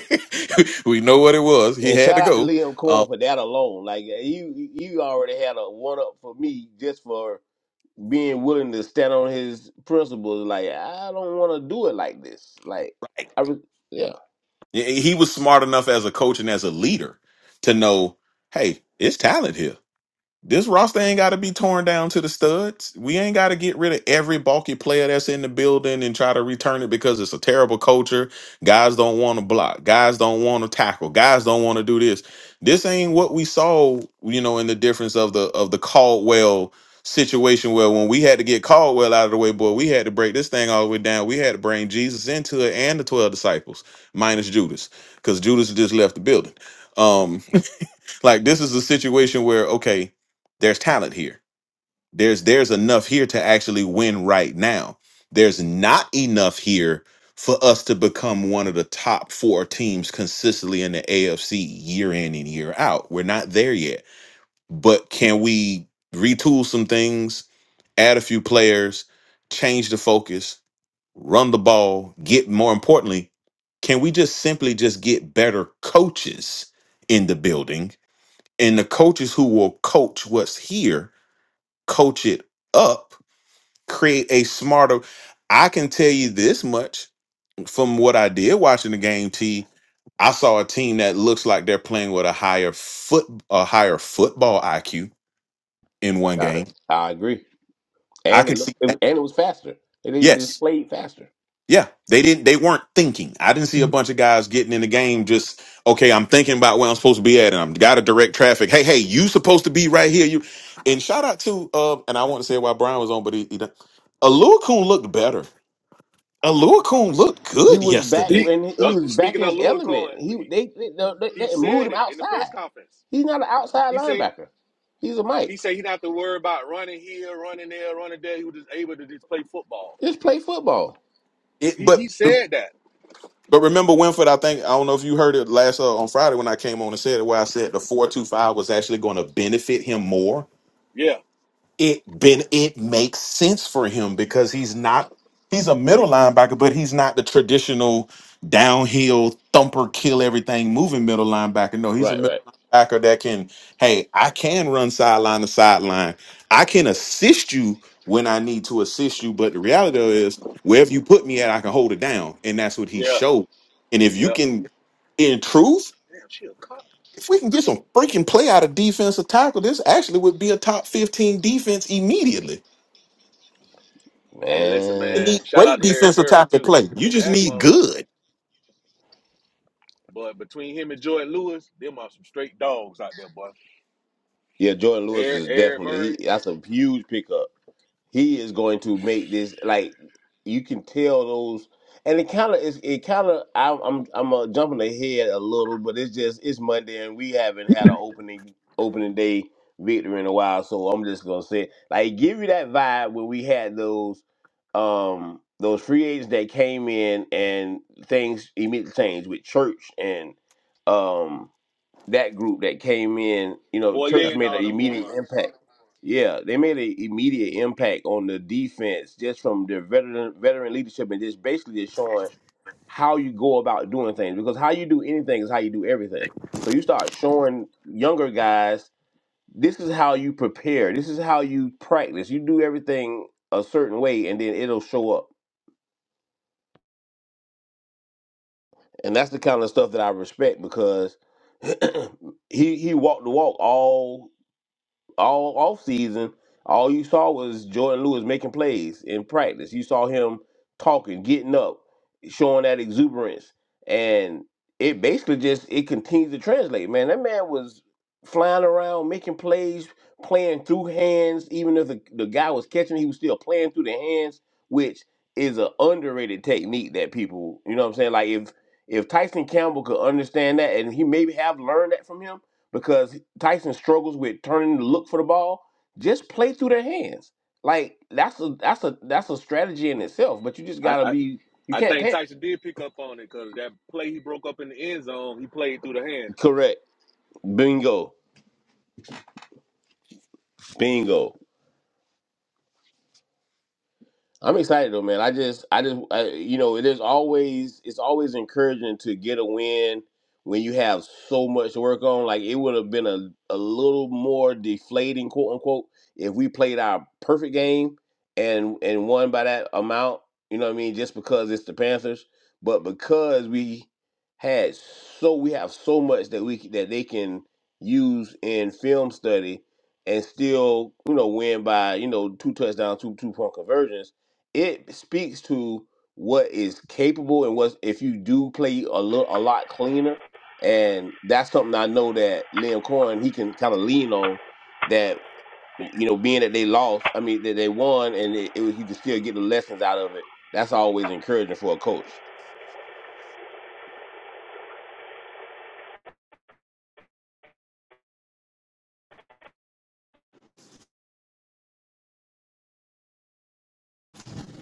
<laughs> we know what it was. He And had shout to out to go. Liam Cohen Um, for that alone. Like you, you already had a one up for me just for being willing to stand on his principles. Like I don't want to do it like this. Like I, re- yeah, he he was smart enough as a coach and as a leader to know, hey, it's talent here This roster ain't got to be torn down to the studs. We ain't got to get rid of every bulky player that's in the building and try to return it because it's a terrible culture. Guys don't want to block. Guys don't want to tackle. Guys don't want to do this. This ain't what we saw, you know, in the difference of the of the Caldwell situation where when we had to get Caldwell out of the way, boy, we had to break this thing all the way down. We had to bring Jesus into it and the 12 disciples minus Judas because Judas just left the building. Um, like this is a situation where okay, there's talent here. There's there's enough here to actually win right now. There's not enough here for us to become one of the top 4 teams consistently in the AFC year in and year out. We're not there yet. But can we retool some things, add a few players, change the focus, run the ball, get more importantly, can we just simply just get better coaches in the building and the coaches who will coach what's here coach it up create a smarter i can tell you this much from what i did watching the game t i saw a team that looks like they're playing with a higher foot a higher football iq in one I, game I agree. i And it can looked, see and that it was faster. And it yes just played faster. Yeah, they didn't. They weren't thinking. I didn't see a bunch of guys getting in the game just okay. I'm thinking about where I'm supposed to be at, and I'm got to direct traffic. Hey, hey, you supposed to be right here. You and shout out to uh, and I want to say why Brian was on, but he, he done- Aluakun looked better. Aluakun looked He good was back He yesterday. when he uh, was back speaking in of his Lewis element. Cohen, but He he they they, they, he they moved said him it in the press outside. conference. He's not an outside He said linebacker. He's a Mike. he said he not have to worry about running here, running there, running there. He was just able to just play football. Just play football. It, He he but but said that. remember Winford. I think I don't know if you heard it last uh, on Friday when I came on and said it. Where I said the four two five was actually going to benefit him more Yeah, it been it makes sense for him because he's not he's a middle linebacker, but he's not the traditional downhill thumper kill everything moving middle linebacker. No, he's a Right, middle right. linebacker that can, hey, I can run sideline to sideline. I can assist you when I need to assist you, but the reality of it is wherever you put me at, I can hold it down. And that's what he yeah, showed. And if you yeah. can in truth, Damn, she a cop. if we can get some freaking play out of defensive tackle, this actually would be a top 15 defense immediately Hey, listen, You Man. man. need Shout great out to Eric defensive Murray tackle too. play. You just That need motherfucker. good. But between him and Jordan Lewis, them are some straight dogs out there, boy. Yeah, Jordan Lewis Eric, is Eric definitely Murray, he, that's a huge pickup. He is going to make this like you can tell those, and it kind of is. It kind of I'm I'm I'm uh, jumping ahead a little, but it's just it's Monday and we haven't had an opening opening day victory in a while, so I'm just gonna say like give you that vibe when we had those um those free agents that came in and things immediately changed with Church and um that group that came in, you know, Yeah. Boye, church and made an all them immediate boys. impact. Yeah, they made an immediate impact on the defense just from their veteran veteran leadership and just basically just showing how you go about doing things because how you do anything is how you do everything. So you start showing younger guys this is how you prepare, this is how you practice. You do everything a certain way and then it'll show up. And that's the kind of stuff that I respect because <clears throat> he he walked the walk all all off season, all you saw was Jordan Lewis making plays in practice. You saw him talking, getting up, showing that exuberance, and it basically just it continues to translate. Man, that man was flying around, making plays, playing through hands. Even if the, the guy was catching, he was still playing through the hands, which is an underrated technique that people, you know what I'm saying? Like if if Tyson Campbell could understand that and he maybe have learned that from him, because Tyson struggles with turning to look for the ball. Just play through their hands. Like that's a that's a that's a strategy in itself. But you just I, gotta I, be. You I can't think panic. Tyson did pick up on it because that play he broke up in the end zone, he played through the hands. Correct. Bingo. Bingo. I'm excited though, man. I just, I just, I, you know, it is always, it's always encouraging to get a win when you have so much to work on. Like it would have been a, a little more deflating, quote unquote, if we played our perfect game and and won by that amount. You know what I mean? Just because it's the Panthers, but because we had so, we have so much that we that they can use in film study and still, you know, win by you know two touchdowns, two two point conversions it speaks to what is capable and what if you do play a little a lot cleaner. And that's something I know that Liam Cohen he can kind of lean on. That you know, being that they lost, I mean that they won, and it, it was you can still get the lessons out of it. That's always encouraging for a coach.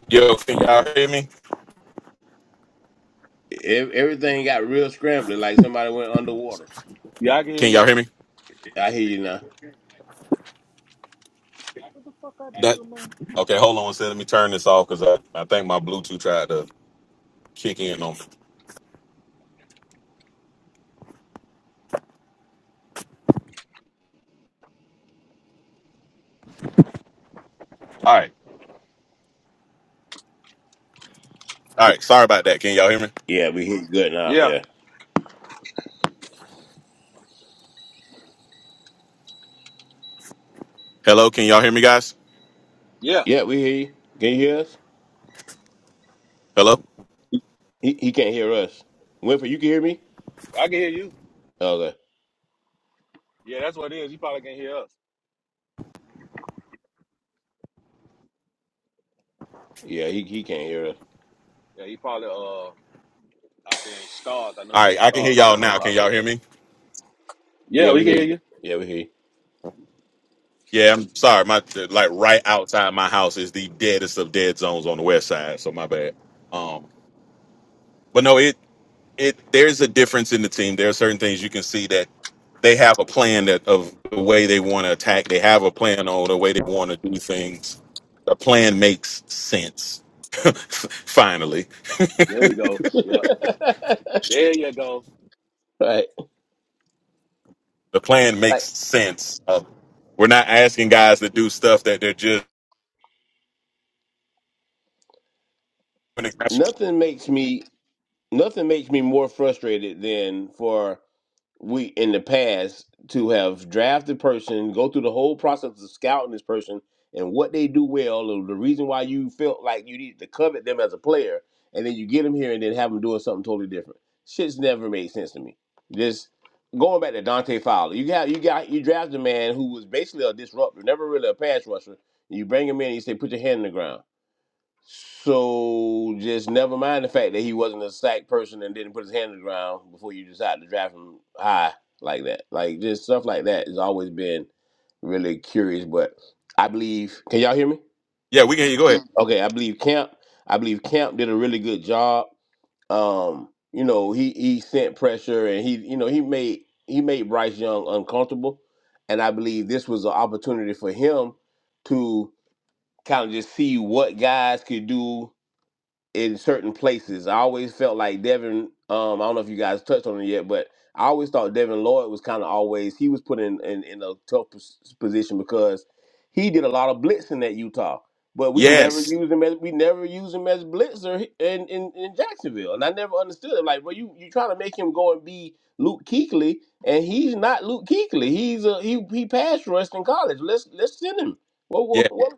Yo, can y'all hear me? Ev- Everything got real scrambling, like somebody went underwater. Yeah, I can hear Can y'all you. hear me? I hear you now. What the fuck I did, That man? okay? Hold on one second. Let me turn this off because I, I think my Bluetooth tried to kick in on me. All right, all right. Sorry about that. Can y'all hear me? Yeah, we hear you good now. Yeah, Yeah, Hello, can y'all hear me, guys? yeah, yeah, we hear you. Can you hear us? Hello. He he can't hear us. Winfrey, you can hear me? I can hear you. Okay. Yeah, that's what it is. He probably can hear us. Yeah, he he can't hear us. Yeah, he probably uh out there in stars. I know he All been right, in I can hear stars y'all lately a now. Can lot y'all hear lately. me? Yeah, Yeah, we we can hear hear you. you. Yeah, we hear Yeah, I'm sorry. My like right outside my house is the deadest of dead zones on the west side. So my bad. Um, but no, it it there's a difference in the team. There are certain things you can see that they have a plan that of the way they want to attack. They have a plan on the way they want to do things. The plan makes sense. <laughs> Finally, There we go. you. Yeah, there you go. <laughs> right. the plan makes Like sense. Uh, we're not asking guys to do stuff that they're just. nothing makes me nothing makes me more frustrated than for we in the past to have drafted person, go through the whole process of scouting this person and what they do well, or the reason why you felt like you needed to covet them as a player, and then you get them here and then have them doing something totally different. Shit's never made sense to me. Just going back to Dante Fowler, you got you got you draft a man who was basically a disruptor, never really a pass rusher. You bring him in, and you say, put your hand in the ground. So just never mind the fact that he wasn't a sack person and didn't put his hand on the ground before you decided to draft him high like that. Like just stuff like that has always been really curious. But I believe can y'all hear me? Yeah, we can hear you. Go ahead. Okay, I believe Camp. I believe Camp did a really good job. Um, you know, he he sent pressure and he you know he made he made Bryce Young uncomfortable. And I believe this was an opportunity for him to kind of just see what guys could do in certain places. I always felt like Devin. Um, I don't know if you guys touched on it yet, but I always thought Devin Lloyd was kind of always he was put in, in in a tough pos- position because he did a lot of blitzing at Utah, but we never Yes. used him as we never used him as blitzer in in, in Jacksonville, and I never understood it. Like, well, you you trying to make him go and be Luke Kuechly, and he's not Luke Kuechly. He's a he he passed rushed in college. Let's let's send him. What Yeah. what what,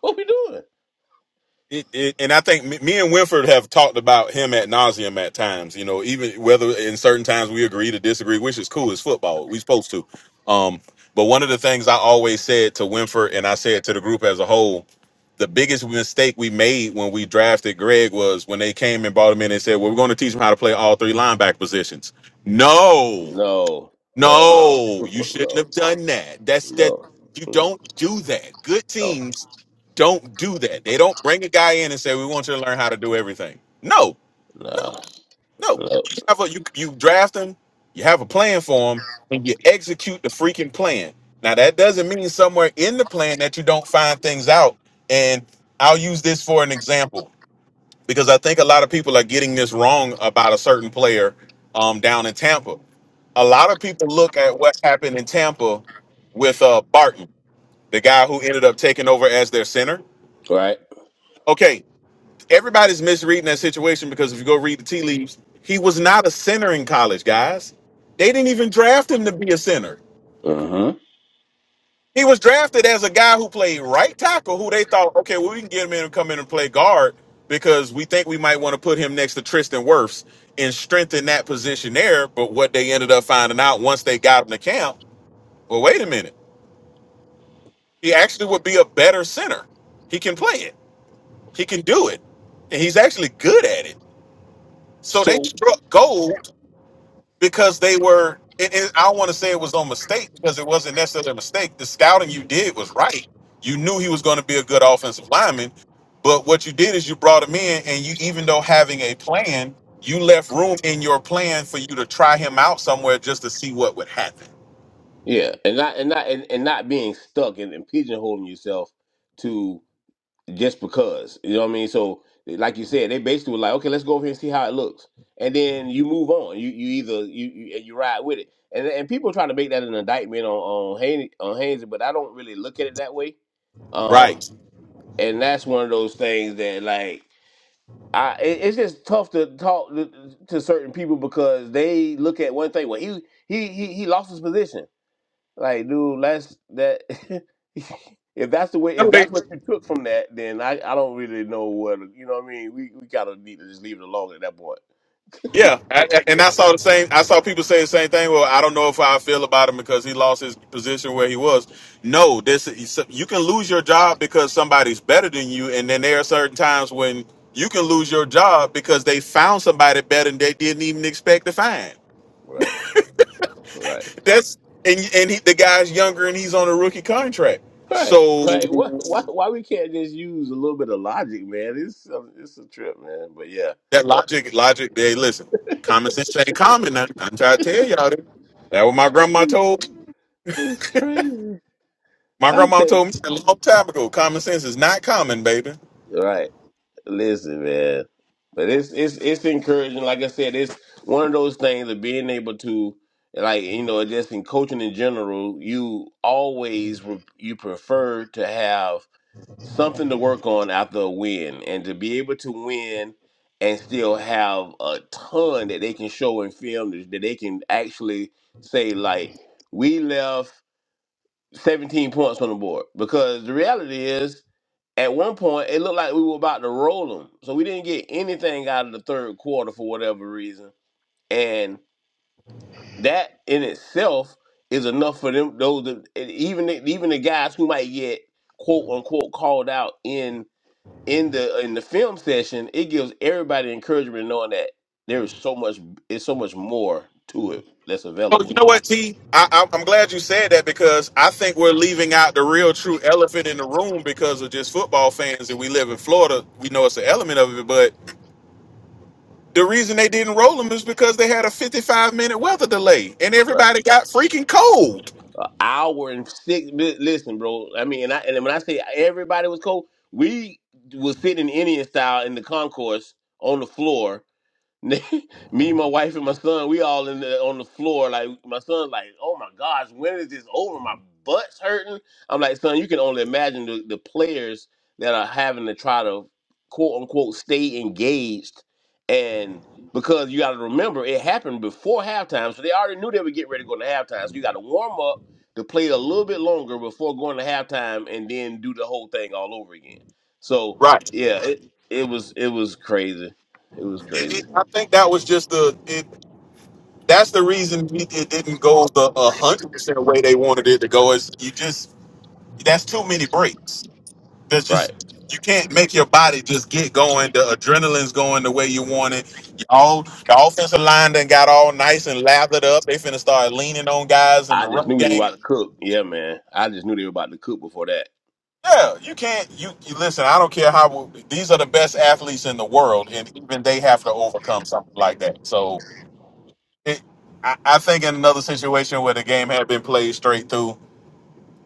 what we doing? it, it, and I think me me and Winford have talked about him at nauseum at times. You know, even whether in certain times we agree to disagree, which is cool. It's football. We supposed to. Um, but one of the things I always said to Winford, and I said to the group as a whole, the biggest mistake we made when we drafted Greg was when they came and brought him in and said, "Well, we're going to teach him how to play all three linebacker positions." No. No, no, <laughs> No, you shouldn't no, have done that. That's that no, you no, don't do that. Good no, teams don't do that. They don't bring a guy in and say, "We want you to learn how to do everything." No, no, no, no. no. You have a you you draft him. You have a plan for him, and you execute the freaking plan. Now that doesn't mean somewhere in the plan that you don't find things out. And I'll use this for an example because I think a lot of people are getting this wrong about a certain player um, down in Tampa. A lot of people look at what's happened in Tampa with uh, Barton, the guy who ended up taking over as their center. Right? Okay, everybody's misreading that situation because if you go read the tea leaves, he was not a center in college, guys. They didn't even draft him to be a center. Mm-hmm. He was drafted as a guy who played right tackle, who they thought, okay, well, we can get him in and come in and play guard because we think we might want to put him next to Tristan Wirfs and strengthen that position there. But what they ended up finding out once they got him to camp, well, wait a minute, he actually would be a better center. He can play it. He can do it, and he's actually good at it. So they So struck gold because they were and, and I don't want to say it was on mistake because it wasn't necessarily a mistake. The scouting you did was right. You knew he was going to be a good offensive lineman, but what you did is you brought him in and you even though having a plan, you left room in your plan for you to try him out somewhere just to see what would happen. yeah, and not and not and, and not being stuck and, and pigeonholing yourself to just because. You know what I mean? So like you said, they basically were like, okay, let's go over here and see how it looks, and then you move on. You you either you you, and you ride with it, and and people try to make that an indictment on on Haynes, on Haynes, but I don't really look at it that way. Um, Right. and that's one of those things that like. I it, it's just tough to talk to, to certain people because they look at one thing. Well, he he he he lost his position. Like, dude, that's that. <laughs> if that's the way, if that's what you took from that, then I I don't really know what you know. what I mean, we we gotta need to just leave it alone at that point. Yeah, I- I- and I saw the same. I saw people say the same thing. Well, I don't know if I feel about him because he lost his position where he was. No, this is- you can lose your job because somebody's better than you, and then there are certain times when you can lose your job because they found somebody better than they didn't even expect to find. Right. Right. That's and and he, the guy's younger and he's on a rookie contract. Right. So Like, what? Why? Why we can't just use a little bit of logic, man? It's um, it's a trip, man. But yeah, that logic, logic. Hey, listen, common sense ain't common. I, I'm trying to tell y'all that. That what my grandma told. it's crazy. My I grandmama take told me a long time ago, common sense is not common, baby. right. Listen, man. But it's it's it's encouraging. Like I said, it's one of those things of being able to like you know just in coaching in general, you always re- you prefer to have something to work on after a win, and to be able to win and still have a ton that they can show in film that that they can actually say like we left 17 points on the board because the reality is at one point, it looked like we were about to roll them. So we didn't get anything out of the third quarter for whatever reason. And that in itself is enough for them. Those that- and even the, even the guys who might get quote unquote called out in in the in the film session, it gives everybody encouragement knowing that there is so much. It's so much more to it that's So you available. know what, T? I, I, I'm glad you said that because I think we're leaving out the real true elephant in the room because of just football fans and we live in Florida. We know it's an element of it, but the reason they didn't roll them is because they had a 55 minute weather delay and everybody got freaking cold. An hour and six. li- Listen, bro. I mean, and, I, and when I say everybody was cold, we was sitting in Indian style in the concourse on the floor <laughs> me, my wife, and my son, we all in the, on the floor. Like my son, like, oh my gosh, when is this over? My butt's hurting. I'm like, son, you can only imagine the, the players that are having to try to quote unquote stay engaged, and because you got to remember it happened before halftime, so they already knew they were getting ready to go to halftime. So you got to warm up to play a little bit longer before going to halftime, and then do the whole thing all over again. So Right. yeah, it it was it was crazy. It was It- crazy. it- I think that was just the it. That's the reason it, it didn't go the hundred percent way they wanted it to go. Is you just that's too many breaks. That's Right. just you can't make your body just get going. The adrenaline's going the way you want it. All the offensive line done got all nice and lathered up. They finna start leaning on guys in I the just run knew we were game. about to cook. Yeah, man. I just knew they were about to cook before that. Yeah, you can't. You, you listen. I don't care how these are the best athletes in the world, and even they have to overcome something like that. So, it, I, I think in another situation where the game had been played straight through,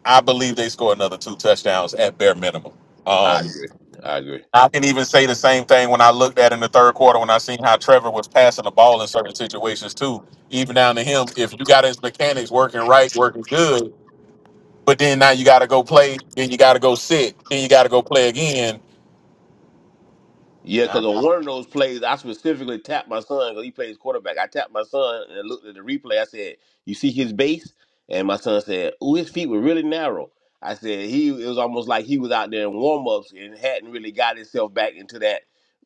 I believe they score another two touchdowns at bare minimum. I Um, agree. I agree. I can even say the same thing when I looked at in the third quarter when I seen how Trevor was passing the ball in certain situations too. Even down to him, if you got his mechanics working right, working good, but then now you got to go play, then you got to go sit, then you got to go play again. Yeah, Uh, because on one of those plays, I specifically tapped my son because he plays quarterback. I tapped my son and I looked at the replay. I said, "You see his base?" And my son said, "Ooh, his feet were really narrow." I said, "He it was almost like he was out there in warm ups and hadn't really got himself back into that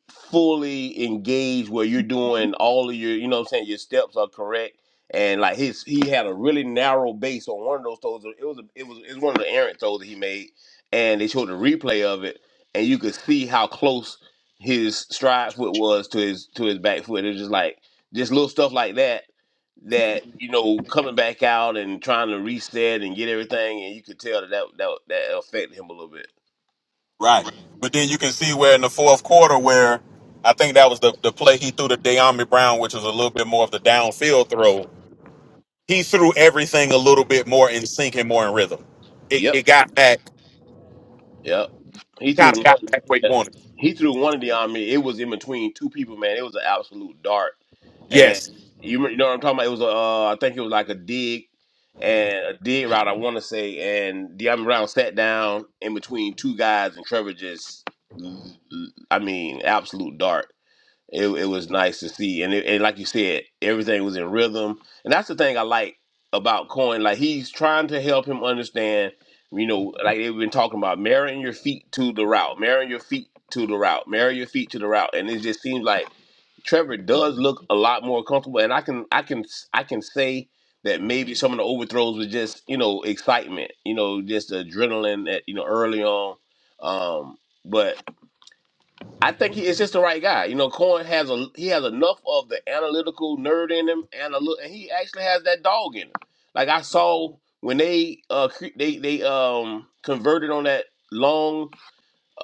fully engaged where you're doing all of your, you know, what I'm saying your steps are correct." And like his, he had a really narrow base on one of those throws. It was a, it was it was one of the errant throws that he made, and they showed the replay of it and you could see how close his stride foot was to his to his back foot. It's just like just little stuff like that that you know coming back out and trying to reset and get everything, and you could tell that that that, that affected him a little bit. Right. But then you can see where in the fourth quarter where I think that was the, the play he threw to De'Ami Brown, which was a little bit more of the downfield throw. He threw everything a little bit more in sync and more in rhythm. It, Yep, it got back, yep. He threw kind of one. got back where he yeah. wanted. He threw one of the army. It was in between two people, man. It was an absolute dart and Yes. you, you know what I'm talking about. It was a, uh, I think it was like a dig and a dig route. I want to say, and De'Aaron Brown sat down in between two guys, and Trevor just, I mean, absolute dart. It, it was nice to see, and, it, and like you said, everything was in rhythm, and that's the thing I like about Coin. Like he's trying to help him understand. You know, like they've been talking about marrying your feet to the route, marrying your feet to the route, marrying your feet to the route, and it just seems like Trevor does look a lot more comfortable, and I can I can I can say that maybe some of the overthrows were just you know excitement, you know, just the adrenaline that you know early on. Um, but I think he is just the right guy. You know, Cohen has a he has enough of the analytical nerd in him, and a little, and he actually has that dog in him. Like I saw when they uh cre- they they um converted on that long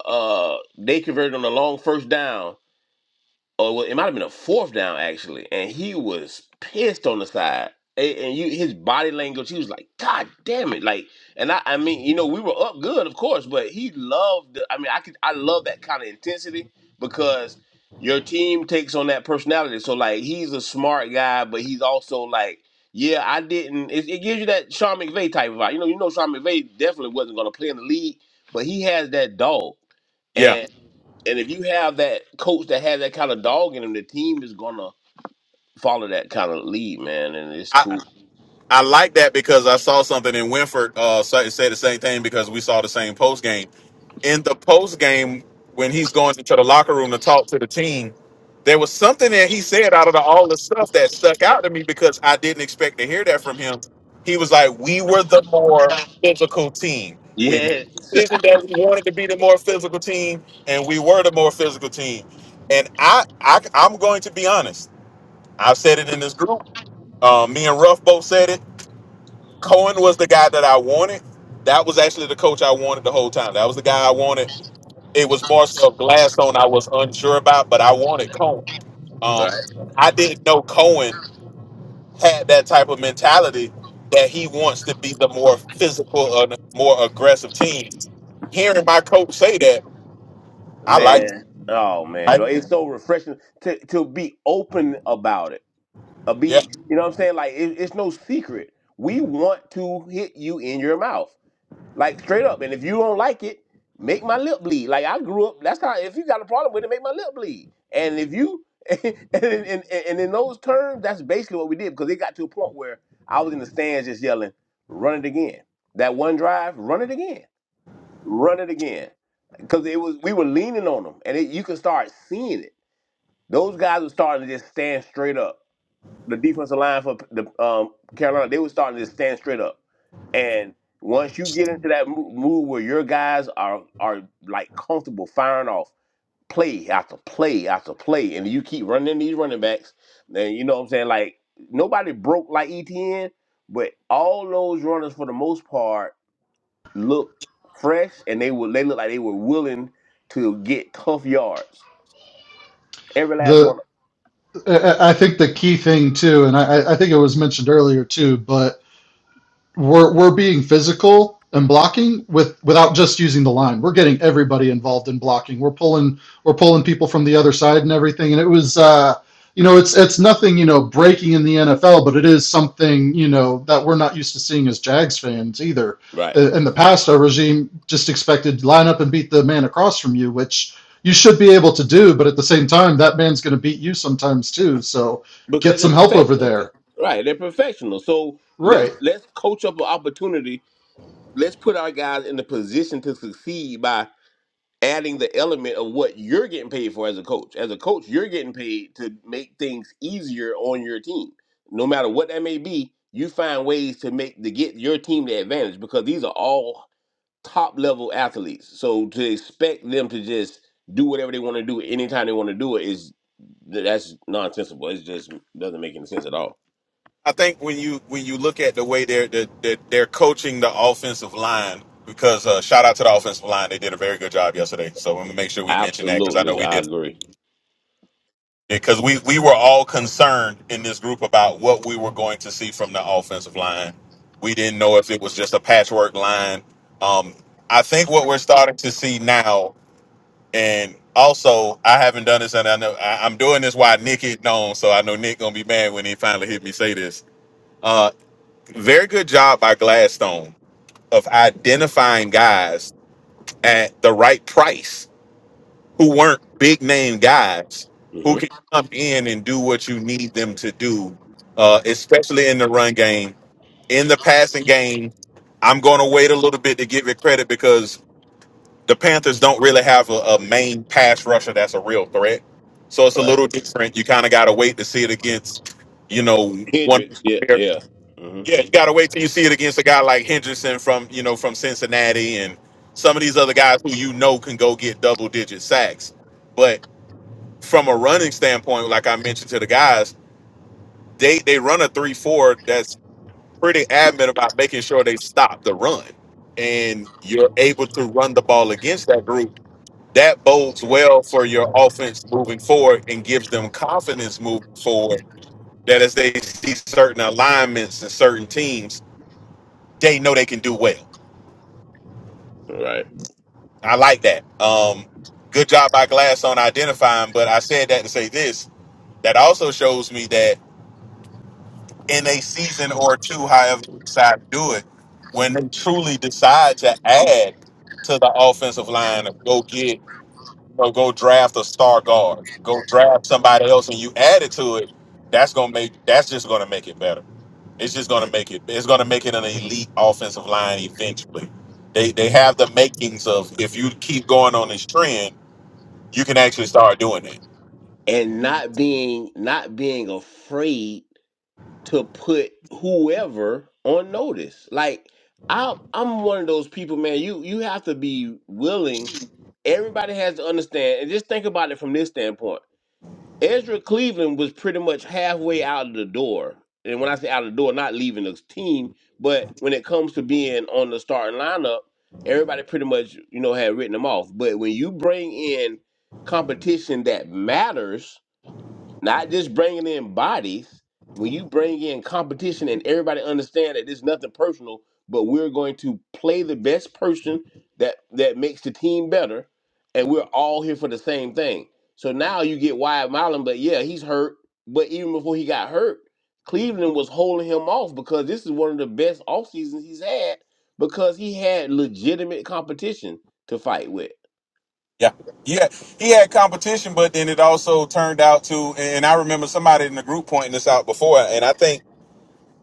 uh they converted on the long first down Oh, well, it might have been a fourth down actually, and he was pissed on the side. A- And you, his body language, he was like, "God damn it!" Like, and I, I mean, you know, we were up good, of course, but he loved. The- I mean, I could, I love that kind of intensity because your team takes on that personality. So, like, he's a smart guy, but he's also like, yeah, I didn't. It, it gives you that Sean McVay type of vibe. You know, you know, Sean McVay definitely wasn't going to play in the league, but he has that dog Yeah. and if you have that coach that has that kind of dog in him, the team is gonna follow that kind of lead, man, and it's I, cool. I like that because I saw something in Winford uh, say, say the same thing because we saw the same post game. In the post game, when he's going into the locker room to talk to the team, there was something that he said out of the, all the stuff that stuck out to me because I didn't expect to hear that from him. He was like, "We were the more physical team. We made Yeah, the decision that we wanted to be the more physical team, and we were the more physical team." And I, I I'm going to be honest. I've said it in this group. Uh, me and Ruff both said it. Cohen was the guy that I wanted. That was actually the coach I wanted the whole time. That was the guy I wanted. It was Marcel Gladstone I was unsure about, but I wanted Cohen. right, Um, I didn't know Cohen had that type of mentality that he wants to be the more physical, uh, more aggressive team. Hearing my coach say that, I like. man. Oh man, I, Well, it's so refreshing to to be open about it. Uh, yeah. be you know what I'm saying? Like it, it's no secret. We want to hit you in your mouth. Like straight up. And if you don't like it, make my lip bleed. Like I grew up. That's how. If you got a problem with it, make my lip bleed. And if you <laughs> and and, and, and in those terms, that's basically what we did because it got to a point where I was in the stands just yelling, "Run it again!" That one drive, run it again, run it again. Because it was we were leaning on them, and it, you could start seeing it. Those guys were starting to just stand straight up the defensive line for the um, Carolina, they were starting to stand straight up. And once you get into that mo- mood where your guys are are like comfortable firing off play after play after play, and you keep running these running backs, then you know what I'm saying. Like nobody broke like ETN, but all those runners for the most part look fresh, and they would they look like they were willing to get tough yards. Every last The one. of I think the key thing too, and I I think it was mentioned earlier too, but we're we're being physical and blocking with without just using the line. We're getting everybody involved in blocking. We're pulling we're pulling people from the other side and everything. And it was uh, you know it's it's nothing you know breaking in the NFL, but it is something you know that we're not used to seeing as Jags fans either. 'em. Right. Uh, In the past, our regime just expected line up and beat the man across from you, which you should be able to do. But at the same time, that man's going to beat you sometimes too. So because get they're some help over professional, there. right? They're professional. So Right. let's let's coach up an opportunity. Let's put our guys in the position to succeed by adding the element of what you're getting paid for as a coach. As a coach, you're getting paid to make things easier on your team, no matter what that may be. You find ways to make to get your team the advantage because these are all top level athletes. So to expect them to just do whatever they want to do anytime they want to do it is that's nonsensical. It just doesn't make any sense at all. I think when you when you look at the way they're they're, they're they're coaching the offensive line because uh, shout out to the offensive line they did a very good job yesterday so I'm gonna make sure we mention that because I know Absolutely, we I did agree. because we we were all concerned in this group about what we were going to see from the offensive line we didn't know if it was just a patchwork line um, I think what we're starting to see now and also I haven't done this and I know I, I'm doing this while Nick is known so I know Nick gonna be mad when he finally hit me say this Uh, very good job by Gladstone of identifying guys at the right price who weren't big name guys who hmm can come in and do what you need them to do, uh, especially in the run game. In the passing game, I'm going to wait a little bit to give it credit because the Panthers don't really have a, a main pass rusher that's a real threat. So it's a Right, little different. You kind of got to wait to see it against, you know, one. Hendrix. Yeah, yeah. hmm Yeah, you gotta wait till you see it against a guy like Henderson from you know from Cincinnati and some of these other guys who you know can go get double digit sacks. But from a running standpoint, like I mentioned to the guys, they they run a three four that's pretty adamant about making sure they stop the run, and you're able to run the ball against that group. That bodes well for your offense moving forward and gives them confidence moving forward. That as they see certain alignments and certain teams, they know they can do well Right. I like that. Um, good job by Glass on identifying, but I said that to say this. That also shows me that in a season or two, however they decide to do it, when they truly decide to add to the offensive line, or go get or go draft a star guard, go draft somebody else, and you add it to it, that's gonna make that's just gonna make it better. It's just gonna make it. It's gonna make it an elite offensive line eventually. They they have the makings of if you keep going on this trend you can actually start doing it. And not being not being afraid to put whoever on notice. Like I'm I'm one of those people, man. You you have to be willing. Everybody has to understand, and just think about it from this standpoint. Ezra Cleveland was pretty much halfway out of the door. And when I say out of the door, not leaving the team, but when it comes to being on the starting lineup, everybody pretty much, you know, had written him off. But when you bring in competition that matters, not just bringing in bodies. When you bring in competition and everybody understand that there's nothing personal, but we're going to play the best person that that makes the team better, and we're all here for the same thing. So now you get Wyatt Milan, but yeah, he's hurt. But even before he got hurt, Cleveland was holding him off because this is one of the best off seasons he's had because he had legitimate competition to fight with. Yeah. Yeah. He had competition, but then it also turned out to, and I remember somebody in the group pointing this out before, and I think,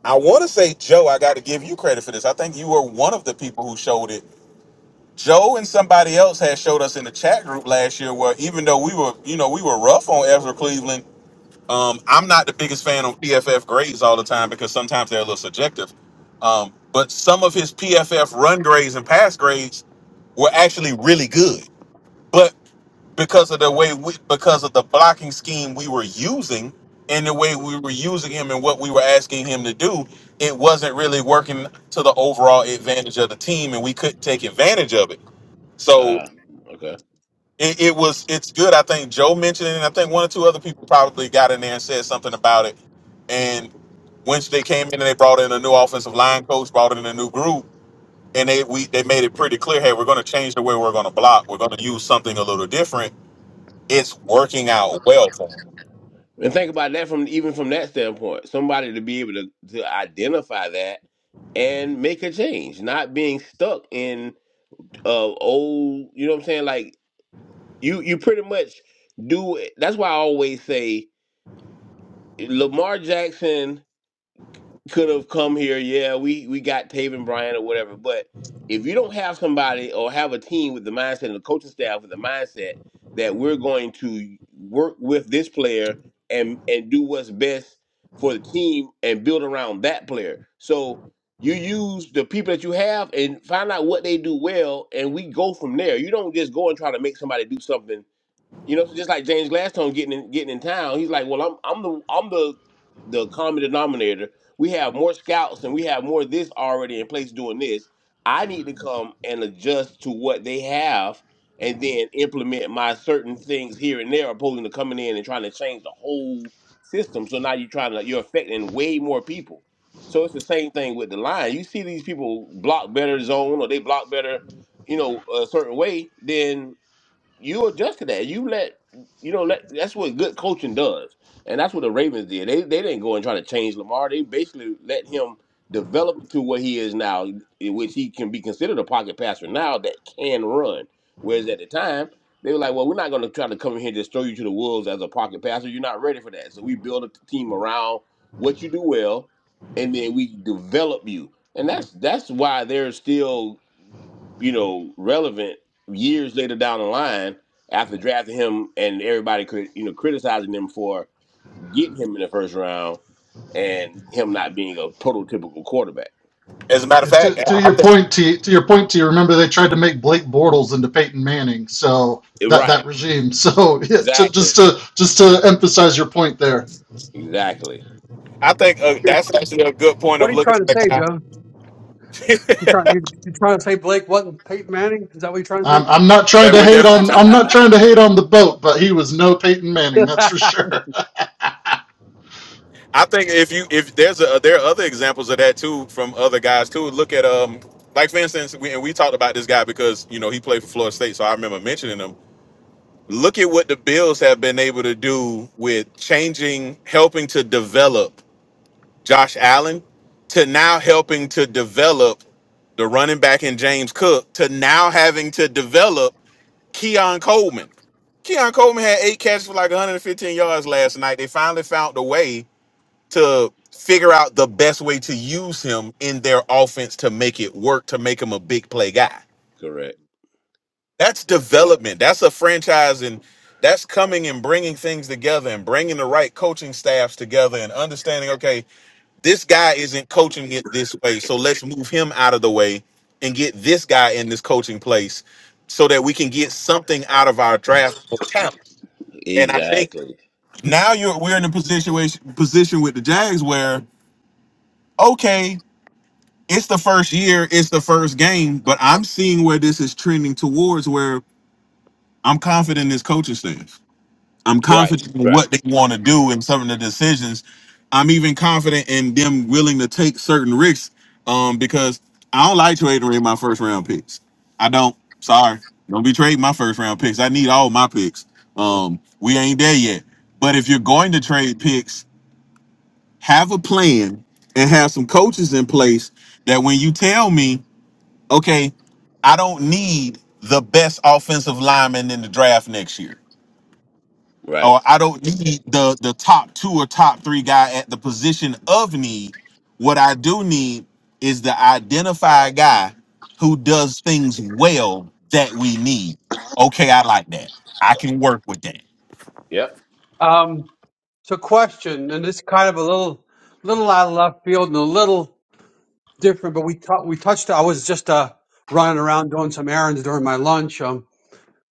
I want to say, Joe, I got to give you credit for this. I think you were one of the people who showed it. Joe and somebody else had showed us in the chat group last year where even though we were, you know, we were rough on Ezra Cleveland, um, I'm not the biggest fan of PFF grades all the time because sometimes they're a little subjective. Um, but some of his PFF run grades and pass grades were actually really good. But because of the way we because of the blocking scheme we were using and the way we were using him and what we were asking him to do it wasn't really working to the overall advantage of the team and we couldn't take advantage of it so Ah, okay. it, it was it's good i think joe mentioned it and i think one or two other people probably got in there and said something about it and once they came in and they brought in a new offensive line coach brought in a new group and they we they made it pretty clear hey we're going to change the way we're going to block we're going to use something a little different it's working out well for him. And think about that from even from that standpoint, somebody to be able to, to identify that and make a change, not being stuck in uh old, you know what I'm saying? Like you you pretty much do it. That's why I always say Lamar Jackson could have come here. Yeah, we we got Taven Bryan or whatever. But if you don't have somebody or have a team with the mindset and the coaching staff with the mindset that we're going to work with this player and and do what's best for the team and build around that player. So you use the people that you have and find out what they do well, and we go from there. You don't just go and try to make somebody do something you know, so just like James Gladstone getting in, getting in town, he's like, "Well, I'm I'm the I'm the the common denominator. We have more scouts and we have more of this already in place doing this. I need to come and adjust to what they have, and then implement my certain things here and there, opposing to coming in and trying to change the whole system. So now you're trying to you're affecting way more people. So it's the same thing with the line. You see these people block better zone or they block better, you know, a certain way. Then you adjust to that. You let you know let, that's what good coaching does, and that's what the Ravens did. They they didn't go and try to change Lamar. They basically let him develop to what he is now, in which he can be considered a pocket passer now that can run. Whereas at the time they were like, well, we're not going to try to come in here and just throw you to the wolves as a pocket passer. You're not ready for that. So we build a team around what you do well, and then we develop you. And that's that's why they're still you know, relevant years later down the line after drafting him and everybody, cri- you know, criticizing him for getting him in the first round and him not being a prototypical quarterback. As a matter of Yeah, To, fact, to I your think point, T, to your point, T, remember they tried to make Blake Bortles into Peyton Manning, so that Right. that regime. So <laughs> yeah, to, Exactly. just to just to emphasize your point there, Exactly. I think uh, Here, that's actually a good point What of are you looking trying to at say, that. Joe? You trying you you trying to say Blake wasn't Peyton Manning? Is that what you're trying to I'm I'm not trying That to we're hate definitely. on <laughs> Talking. I'm not trying to hate on the boat, but he was no Peyton Manning, that's say? for sure. <laughs> I think if you if there's a there are other examples of that too from other guys too. Look at um like for instance we and we talked about this guy because you know he played for Florida State, so I remember mentioning him. Look at what the Bills have been able to do with changing, helping to develop Josh Allen to now helping to develop the running back in James Cook to now having to develop Keon Coleman. Keon Coleman had eight catches for like 115 yards last night. They finally found a way to figure out the best way to use him in their offense to make it work, to make him a big play guy. Correct. That's Yeah. development. That's a franchise, and that's coming and bringing things together and bringing the right coaching staffs together and understanding. Okay, this guy isn't coaching it this way, so let's move him out of the way and get this guy in this coaching place so that we can get something out of our draft of talent. And I think Exactly. now you're we're in a position position with the Jags where okay, it's the first year, it's the first game, but I'm seeing where this is trending towards where I'm confident in this coaching staff. I'm Right. confident in Right. what they want to do and some of the decisions. I'm even confident in them willing to take certain risks um, because I don't like trading away my first round picks. I don't. Sorry, don't be trading my first round picks. I need all my picks. Um, we ain't there yet. But if you're going to trade picks, have a plan and have some coaches in place that when you tell me, okay, I don't need the best offensive lineman in the draft next year Right. or I don't need the the top two or top three guy at the position of need. What I do need is the identify guy who does things well that we need. Okay, I like that. I can work with that. Yep. <laughs> um, so question, and this kind of a little little out of left field and a little different, but we t- we touched. I was just uh running around doing some errands during my lunch. Um,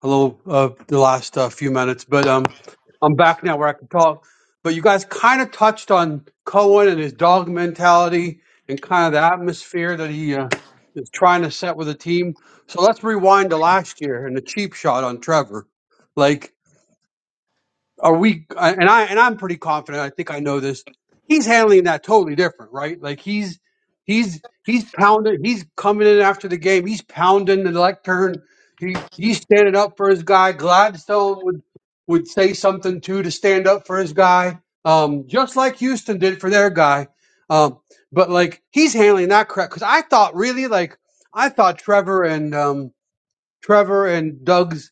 a little uh, the last uh, few minutes, but um, I'm back now where I can talk. But you guys kind of touched on Cohen and his dog mentality and kind of the atmosphere that he uh, is trying to set with the team. So let's rewind to last year and the cheap shot on Trevor. Like are we? I- And I and I'm pretty confident. I think I know this. He's handling that totally different, right? Like he's he's he's pounding. He's coming in after the game. He's pounding the lectern. He he's standing up for his guy. Gladstone would would say something too to stand up for his guy, um, just like Houston did for their guy. Um, but like he's handling that crap because I thought really like I thought Trevor and um, Trevor and Doug's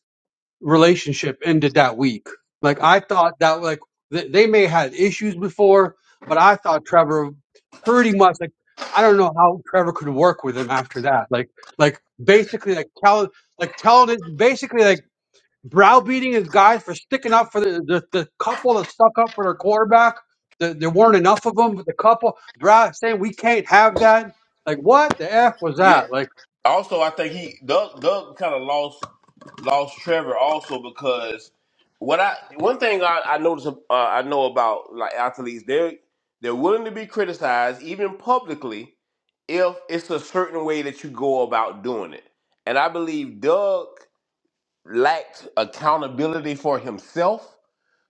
relationship ended that week. Like I thought that like th- they may have had issues before, but I thought Trevor pretty much like I don't know how Trevor could work with him after that. Like like basically like tell like telling it basically like browbeating his guys for sticking up for the the, the couple that stuck up for their quarterback. The, there weren't enough of them, but the couple brow saying we can't have that. Like what the f was Yeah. that? Like Also, I think he Doug Doug kind of lost. lost Trevor also because what I one thing I, I notice uh, I know about like athletes they're they're willing to be criticized even publicly if it's a certain way that you go about doing it. And I believe Doug lacked accountability for himself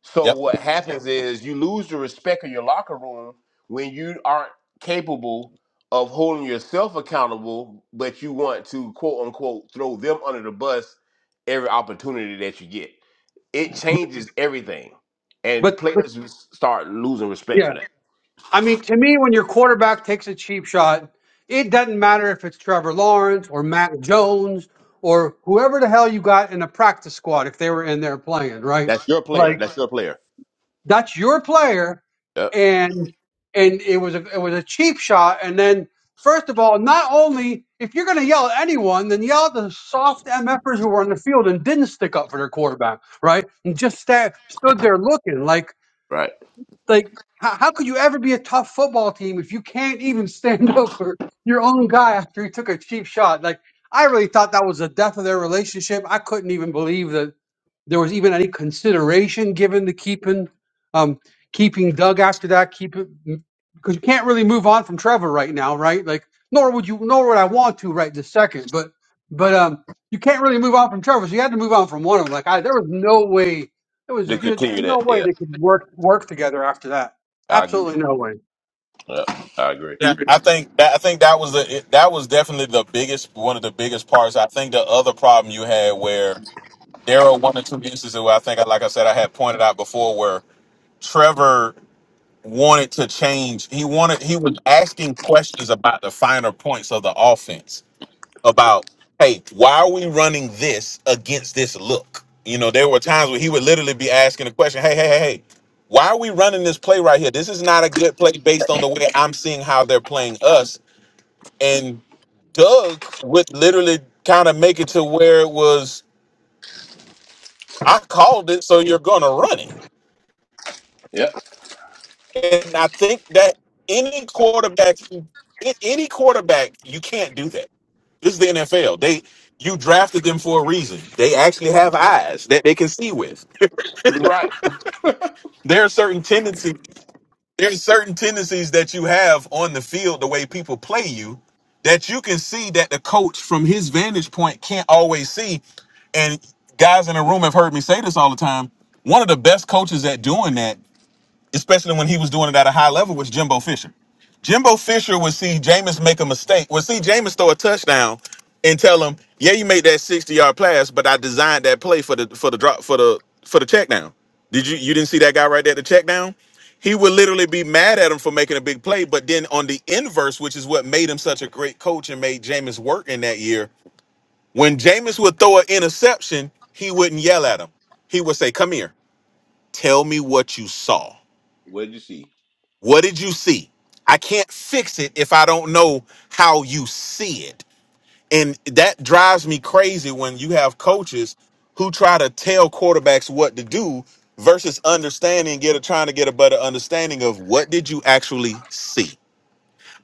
so Yep. what happens is you lose the respect of your locker room when you aren't capable of holding yourself accountable, but you want to quote unquote throw them under the bus every opportunity that you get. It changes everything, and but but players s- start losing respect yeah. for that. I mean, to me, when your quarterback takes a cheap shot, it doesn't matter if it's Trevor Lawrence or Mac Jones or whoever the hell you got in the practice squad if they were in there playing, right? That's your player. Like That's your player. that's your player, Yep. and and it was a it was a cheap shot. And then first of all, not only if you're going to yell at anyone, then yell at the soft mfers who were on the field and didn't stick up for their quarterback, right? And just sta stood there looking like Right. like, how, how could you ever be a tough football team if you can't even stand <laughs> up for your own guy after he took a cheap shot? Like, I really thought that was the death of their relationship. I couldn't even believe that there was even any consideration given to keeping um, keeping Doug after that. Keep it because you can't really move on from Trevor right now, right? Like, nor would you, nor would I want to right this second. But but um, you can't really move on from Trevor, so you had to move on from one of them. Like, I there was no way there was To just continue that. no way Yeah. they could work work together after that. I agree. Absolutely no way. Yep. I agree. Yeah. I think that I think that was the it- that was definitely the biggest one of the biggest parts. I think the other problem you had where there are one or two instances where I think, like I said, I had pointed out before where Trevor wanted to change. He wanted he was asking questions about the finer points of the offense. About hey, why are we running this against this look? You know, there were times where he would literally be asking the question, hey, hey, hey, hey, why are we running this play right here? This is not a good play based on the way I'm seeing how they're playing us. And Doug would literally kind of make it to where it was, I called it, so you're gonna run it Yep. And I think that any quarterback, a- any quarterback, you can't do that. This is the NFL. They you drafted them for a reason. They actually have eyes that they can see with. Right. There are certain tendencies. There are certain tendencies that you have on the field, the way people play you, that you can see that the coach from his vantage point can't always see. And guys in the room have heard me say this all the time. One of the best coaches at doing that especially when he was doing it at a high level, was Jimbo Fisher. Jimbo Fisher would see Jameis make a mistake, would see Jameis throw a touchdown and tell him, Yeah, you made that 60 yard pass, but I designed that play for the for the drop for the for the check down. Did you you didn't see that guy right there, at the check down? He would literally be mad at him for making a big play, but then on the inverse, which is what made him such a great coach and made Jameis work in that year, when Jameis would throw an interception, he wouldn't yell at him. He would say, Come here, tell me what you saw What did you see? what did you see? I can't fix it if I don't know how you see it. And that drives me crazy when you have coaches who try to tell quarterbacks what to do versus understanding, get a, trying to get a better understanding of what did you actually see.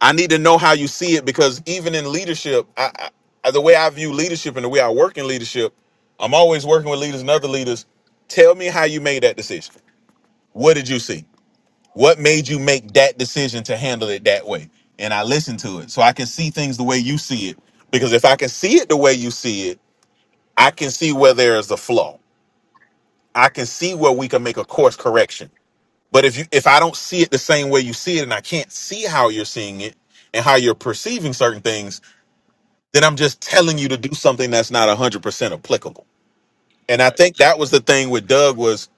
I need to know how you see it because even in leadership, I, I, the way I view leadership and the way I work in leadership, I'm always working with leaders and other leaders. Tell me how you made that decision. What did you see? What made you make that decision to handle it that way? And I listen to it so I can see things the way you see it. Because if I can see it the way you see it, I can see where there is a flaw. I can see where we can make a course correction. But if you if I don't see it the same way you see it and I can't see how you're seeing it and how you're perceiving certain things, then I'm just telling you to do something that's not 100% applicable. And I Right. think that was the thing with Doug was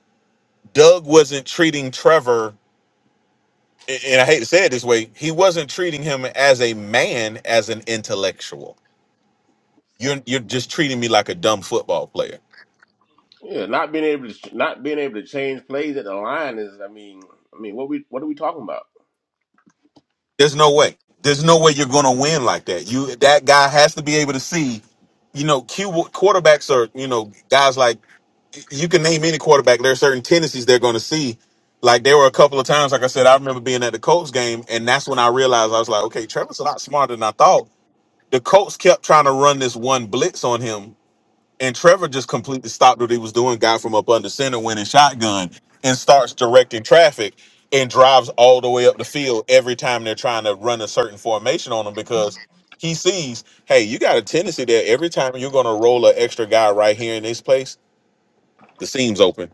Doug wasn't treating Trevor and and I hate to say it this way, he wasn't treating him as a man, as an intellectual. You're you're just treating me like a dumb football player. Yeah, not being able to not being able to change plays at the line is, I mean, I mean, what we what are we talking about? There's no way. There's no way you're gonna win like that. You that guy has to be able to see. You know, Q quarterbacks are you know guys like you can name any quarterback. There are certain tendencies they're gonna see. Like there were a couple of times, like I said, I remember being at the Colts game, and that's when I realized I was like, okay, Trevor's a lot smarter than I thought. The Colts kept trying to run this one blitz on him, And Trevor just completely stopped what he was doing, got from up under center, went in shotgun, and starts directing traffic and drives all the way up the field every time they're trying to run a certain formation on him because he sees, hey, you got a tendency that every time you're going to roll an extra guy right here in this place, the seam's open.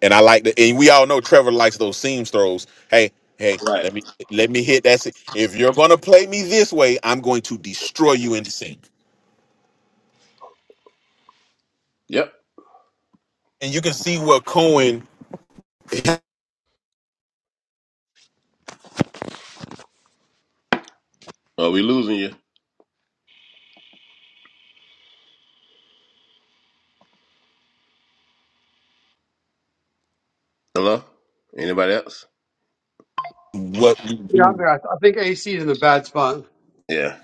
And I like that. And we all know Trevor likes those seam throws. Hey, hey, Right. let me let me hit that. se- If you're going to play me this way, I'm going to destroy you in the seam. Yep. And you can see what Cohen Are we losing you? Hello. Anybody else? what Yeah, I'm there. I, I think AC is in a bad spot. Yeah.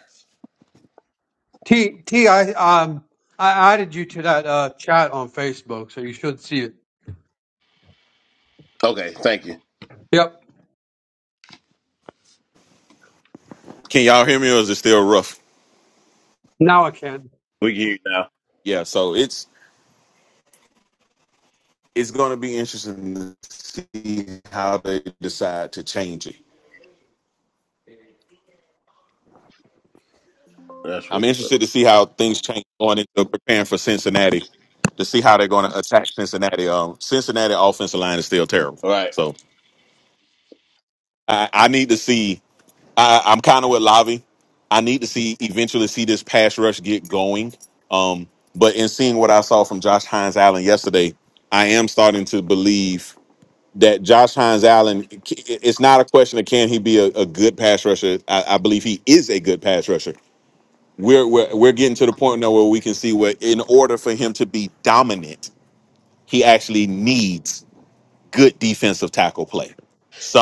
T T I um I added you to that uh, chat on Facebook, so you should see it. Okay. Thank you. Yep. Can y'all hear me or is it still rough? Now I can. We can hear you now. Yeah, so it's it's gonna be interesting to see how they decide to change it. That's I'm what. interested to see how things change going into preparing for Cincinnati to see how they're gonna attack Cincinnati. Um Cincinnati offensive line is still terrible. All right. So I, I need to see I, I'm kinda with Lavi. I need to see eventually see this pass rush get going. Um but in seeing what I saw from Josh Hines Allen yesterday, I am starting to believe that Josh Hines Allen, it's not a question of can he be a, a good pass rusher. I, I believe he is a good pass rusher. We're, we're we're getting to the point now where we can see where in order for him to be dominant, he actually needs good defensive tackle play.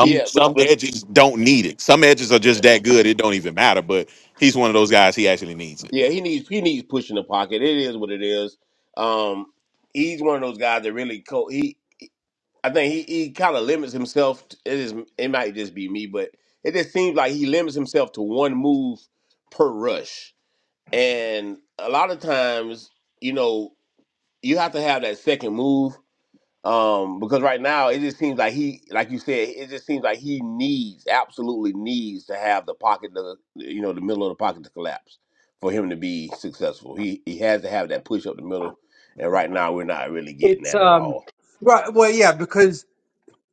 Yeah. But, some but edges don't need it. Some edges are yeah. just that good; it don't even matter. But he's one of those guys. He actually needs it. yeah, he needs he needs push in the pocket. It is what it is. Um, he's one of those guys that really co- he. I think he, he kind of limits himself. To, it is it might just be me, but it just seems like he limits himself to one move per rush. And a lot of times, you know, you have to have that second move um, because right now it just seems like he, like you said, it just seems like he needs, absolutely needs to have the pocket, to, you know, the middle of the pocket to collapse for him to be successful. He he has to have that push up the middle, and right now we're not really getting It's that at um all. right. Well, yeah, because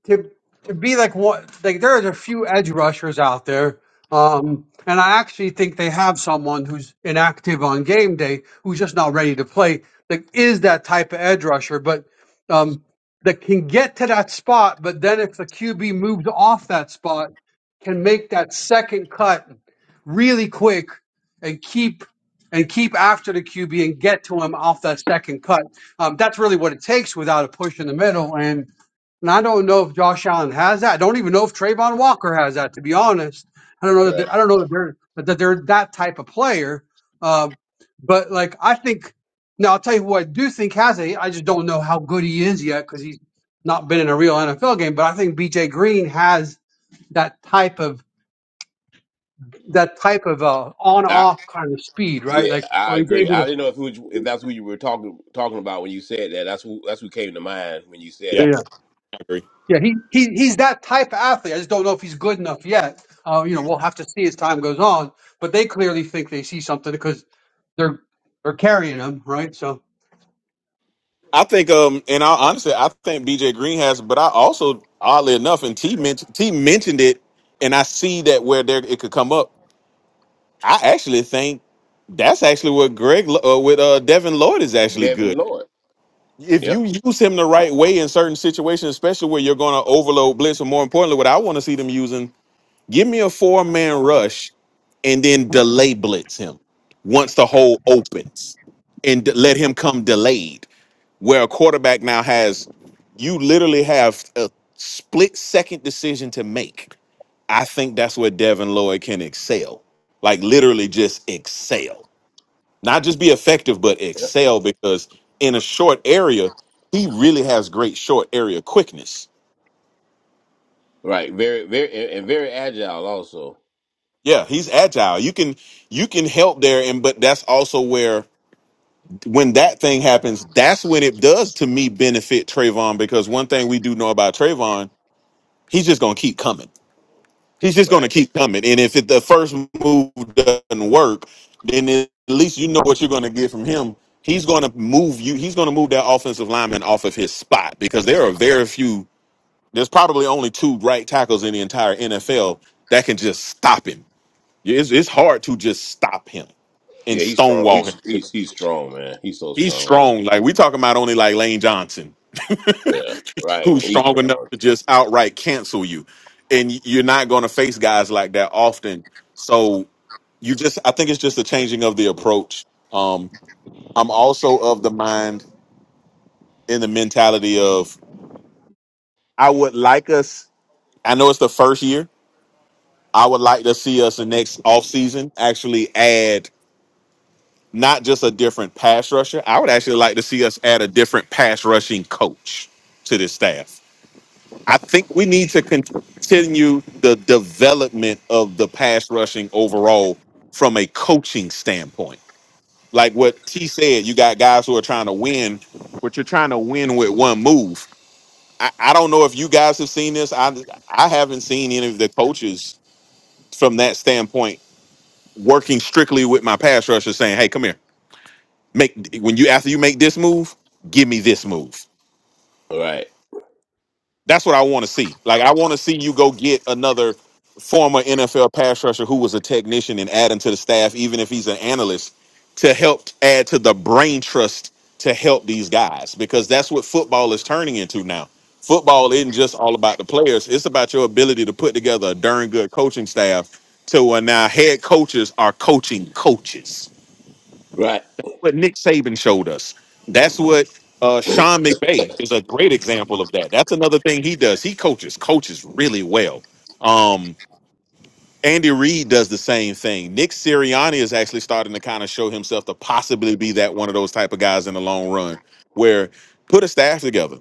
to to be like what like there is a few edge rushers out there, um, and I actually think they have someone who's inactive on game day who's just not ready to play. That is that type of edge rusher, but um, that can get to that spot. But then if the QB moves off that spot, can make that second cut really quick and keep and keep after the QB and get to him off that second cut. Um, that's really what it takes without a push in the middle. And and I don't know if Josh Allen has that. I don't even know if Trayvon Walker has that. To be honest, I don't know Right. that I don't know that they're that they're that type of player. Um, but like I think now, I'll tell you who I do think has it. I just don't know how good he is yet because he's not been in a real NFL game. But I think B.J. Green has that type of that type of uh, I, on-off kind of speed, right? yeah, Like I or he's agree. able to. I didn't know if it was, if that's who you were talking talking about when you said that. That's who that's who came to mind when you said Yeah, it. Yeah, I agree. yeah. He he he's that type of athlete. I just don't know if he's good enough yet. Uh, you know, we'll have to see as time goes on. But they clearly think they see something because they're they're carrying him, right? So I think, um, and I honestly, I think BJ Green has, but I also, oddly enough, and T mentioned T mentioned it, and I see that where there it could come up. I actually think that's actually what Greg Lo- uh, with uh, Devin Lloyd is actually Devin good. Lloyd. If Yep. you use him the right way in certain situations, especially where you're going to overload blitz, or more importantly, what I want to see them using, give me a four man rush and then delay blitz him once the hole opens, and d- let him come delayed where a quarterback now has you literally have a split second decision to make. I think that's where Devin Lloyd can excel. Like literally just excel. Not just be effective, but excel because in a short area, he really has great short area quickness. Right. Very, very, and and very agile also. Yeah, he's agile. You can you can help there and but that's also where when that thing happens, that's when it does to me benefit Trayvon because one thing we do know about Trayvon, he's just gonna keep coming He's just going Right. to keep coming. And if it, the first move doesn't work, then at least you know what you're going to get from him. He's going to move you. He's going to move that offensive lineman off of his spot because there are very few. There's probably only two right tackles in the entire NFL that can just stop him. Yeah, It's, it's hard to just stop him and Yeah, he's strong. stonewall He's him. he's he's strong, man. He's so He's strong. strong. Like we talking about only like Lane Johnson, Yeah. Right. who's He's strong enough strong. to just outright cancel you. And you're not going to face guys like that often. So you just i think it's just a changing of the approach um i'm also of the mind in the mentality of i would like us i know it's the first year i would like to see us the next off season actually add not just a different pass rusher i would actually like to see us add a different pass rushing coach to this staff i think we need to continue the development of the pass rushing overall from a coaching standpoint like what T said, you got guys who are trying to win, but you're trying to win with one move. I, I don't know if you guys have seen this. I I haven't seen any of the coaches from that standpoint working strictly with my pass rusher saying, "Hey, come here. Make when you after you make this move, give me this move." Right. That's what I want to see. Like I want to see you go get another former NFL pass rusher who was a technician and add him to the staff, even if he's an analyst, to help add to the brain trust to help these guys because that's what football is turning into now. Football isn't just all about the players; it's about your ability to put together a darn good coaching staff to where now head coaches are coaching coaches Right. what Nick Saban showed us. That's what uh, Sean McVay is a great example of that. That's another thing he does. He coaches, coaches really well. Um, Andy Reid does the same thing. Nick Sirianni is actually starting to kind of show himself to possibly be that one of those type of guys in the long run, where put a staff together,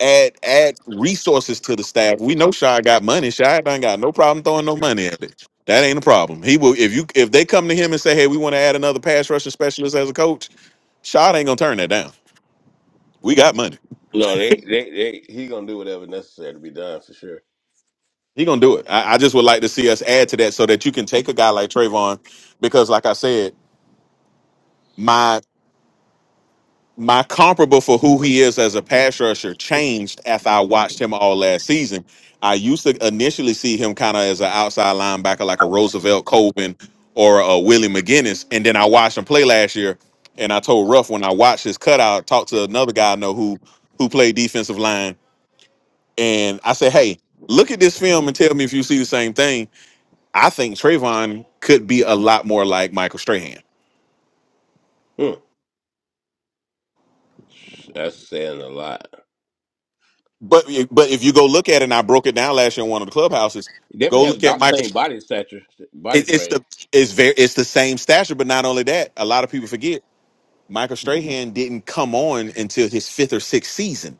add add resources to the staff. We know Shy got money. Shy done got no problem throwing no money at it. That ain't a problem. He will if you if they come to him and say, hey, we want to add another pass rushing specialist as a coach Shad ain't gonna turn that down. We got money. No, they they they he gonna do whatever necessary to be done for sure. He gonna do it. I, I just would like to see us add to that so that you can take a guy like Trayvon, because like I said, my my comparable for who he is as a pass rusher changed after I watched him all last season. I used to initially see him kind of as an outside linebacker, like a Roosevelt Colvin or a Willie McGinnis, and then I watched him play last year, and I told Ruff when I watched his cutout, talked to another guy I know who who played defensive line and I said, "Hey, look at this film and tell me if you see the same thing." I think Trayvon could be a lot more like Michael Strahan. Hmm. That's saying a lot. But but if you go look at it, and I broke it down last year in one of the clubhouses. He Go definitely has look at about the Michael. same body stature, body It, it's frame. the it's very it's the same stature, but not only that, a lot of people forget Michael Strahan didn't come on until his fifth or sixth season.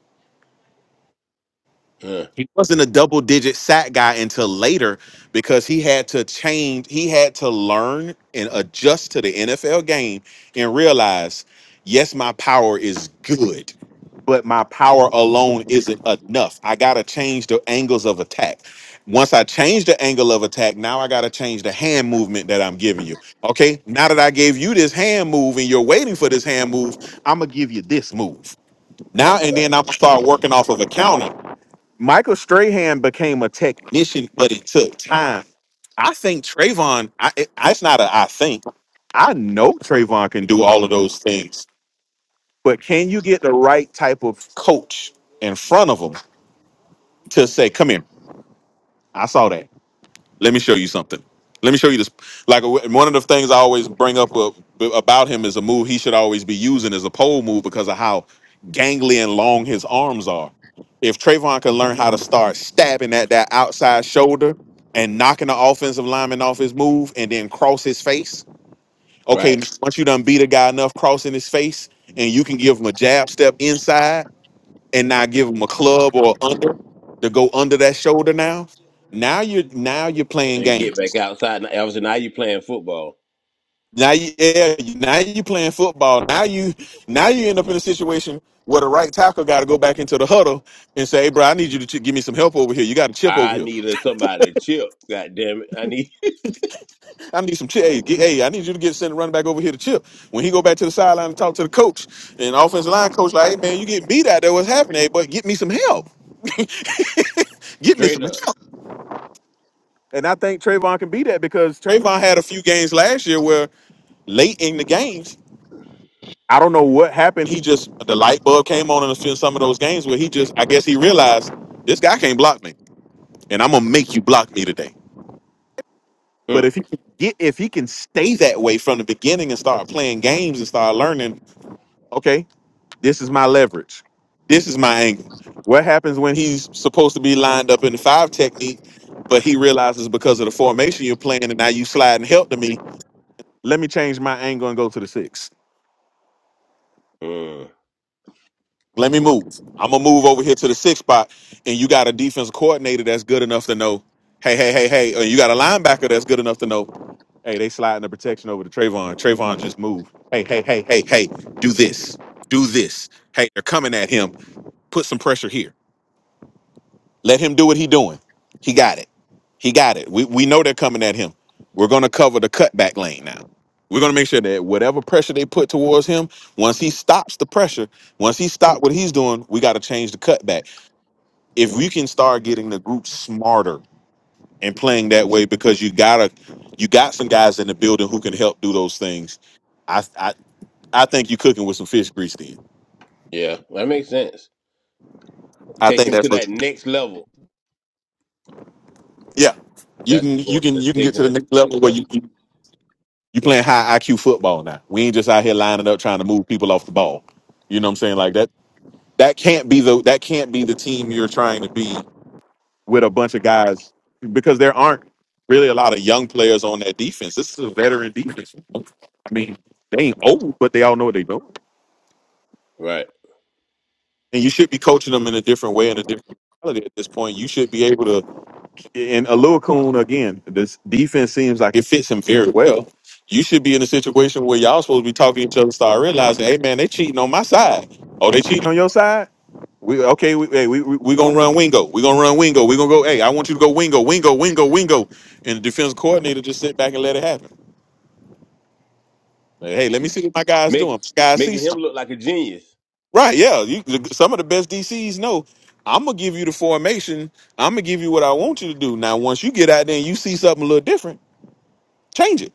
Huh. he wasn't a double digit sack guy until later because he had to change he had to learn and adjust to the NFL game and realize yes my power is good but my power alone isn't enough I got to change the angles of attack once I change the angle of attack now I got to change the hand movement that I'm giving you okay now that I gave you this hand move and you're waiting for this hand move I'm going to give you this move now and Right. then I'm gonna start working off of a counter Michael Strahan became a technician, but it took time. I think Trayvon, I, it, it's not a I think. I know Trayvon can do all of those things, but can you get the right type of coach in front of him to say, come here, I saw that. Let me show you something. Let me show you this. Like w- one of the things I always bring up uh, b- about him is a move he should always be using is a pole move because of how gangly and long his arms are. If Trayvon can learn how to start stabbing at that outside shoulder and knocking the offensive lineman off his move and then cross his face, Right. okay, once you done beat a guy enough crossing his face and you can give him a jab step inside and now give him a club or under to go under that shoulder now, now you're now you're playing And get games. back outside. Now- Obviously, now you playing football. Now you yeah, now you playing football. Now you now you end up in a situation where the right tackle got to go back into the huddle and say, "Hey, bro, I need you to ch- give me some help over here. You got a chip over I here. needed somebody to chip. God damn it. I need I need some chip. Hey, get, hey, I need you to get send the running back over here to chip." When he go back to the sideline and talk to the coach and offensive line coach, like, "Hey, man, you getting beat out there. What's happening? Hey, but get me some help. <laughs> <laughs> get me straight some up. help." And I think Trayvon can be that because Trayvon had a few games last year where late in the games. I don't know what happened. He just the light bulb came on in a few some of those games where he just I guess he realized this guy can't block me, and I'm gonna make you block me today. But Mm, if he can get if he can stay that way from the beginning and start playing games and start learning, okay, this is my leverage, this is my angle. What happens when he's supposed to be lined up in the five technique, but he realizes because of the formation you're playing and now you slide and help to me, let me change my angle and go to the six mm. Let me move. I'm gonna move over here to the six spot, and you got a defense coordinator that's good enough to know, hey, hey, hey, hey, and you got a linebacker that's good enough to know, hey, they sliding the protection over to Trayvon. Trayvon just moved. Hey, hey, hey, hey, hey, do this, do this. Hey, they're coming at him. Put some pressure here. Let him do what he doing. He got it. He got it. We we know they're coming at him. We're gonna cover the cutback lane now. We're gonna make sure that whatever pressure they put towards him, once he stops the pressure, once he stops what he's doing, we gotta change the cutback. If we can start getting the group smarter and playing that way, because you gotta you got some guys in the building who can help do those things. I I I think you're cooking with some fish grease then. Yeah, that makes sense. I Take think him to that's what that next level. yeah. You That's can the you going can to the, you can get to taking the it to next the level next where level. you You playing high IQ football now. We ain't just out here lining up trying to move people off the ball. You know what I'm saying? Like that that can't be the that can't be the team you're trying to be with a bunch of guys because there aren't really a lot of young players on that defense. This is a veteran defense. I mean, they ain't old, but they all know what they know. Right. And you should be coaching them in a different way in a different mentality at this point. You should be able to And Alua Kun, again, this defense seems like it fits him very well. You should be in a situation where y'all supposed to be talking to each other, start realizing, hey man, they cheating on my side. Oh, they cheating on your side? We okay, we hey, we, we, we gonna run wingo. We're gonna run wingo. We're gonna go, hey, I want you to go wingo, wingo, wingo, wingo. And the defense coordinator just sit back and let it happen. Like, hey, let me see what my guys Make doing. Guys see making him something. look like a genius. Right, yeah. You, some of the best DCs know I'm gonna give you the formation. I'm gonna give you what I want you to do. Now, once you get out there and you see something a little different. Change it.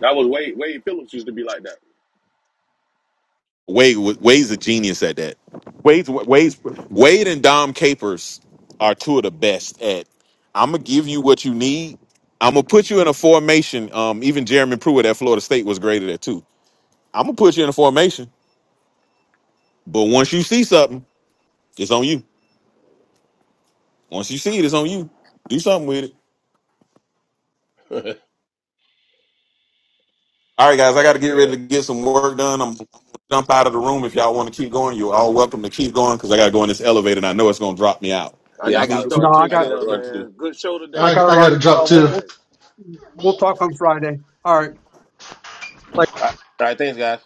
That was Wade. Wade Phillips used to be like that. Wade wa- Wade's a genius at that. Wade's Wade's Wade and Dom Capers are two of the best at. I'm gonna give you what you need. I'm gonna put you in a formation. Um, even Jeremy Pruitt at Florida State was great at that too. I'm gonna put you in a formation, but once you see something, it's on you. Once you see it, it's on you. Do something with it. <laughs> That's All right, guys, I got to get ready real. to get some work done. I'm gonna jump out of the room. If y'all want to keep going, you're all welcome to keep going because I got to go in this elevator and I know it's gonna drop me out. I Yeah, I You got some need gotta this? stuff no, run. to I take I got care gotta of, run too. man. Good show today. I I, got to I got run to as drop Go well. We'll too. we'll Jazz. we'll talk on Friday. All right. All right, all right. Thanks, guys.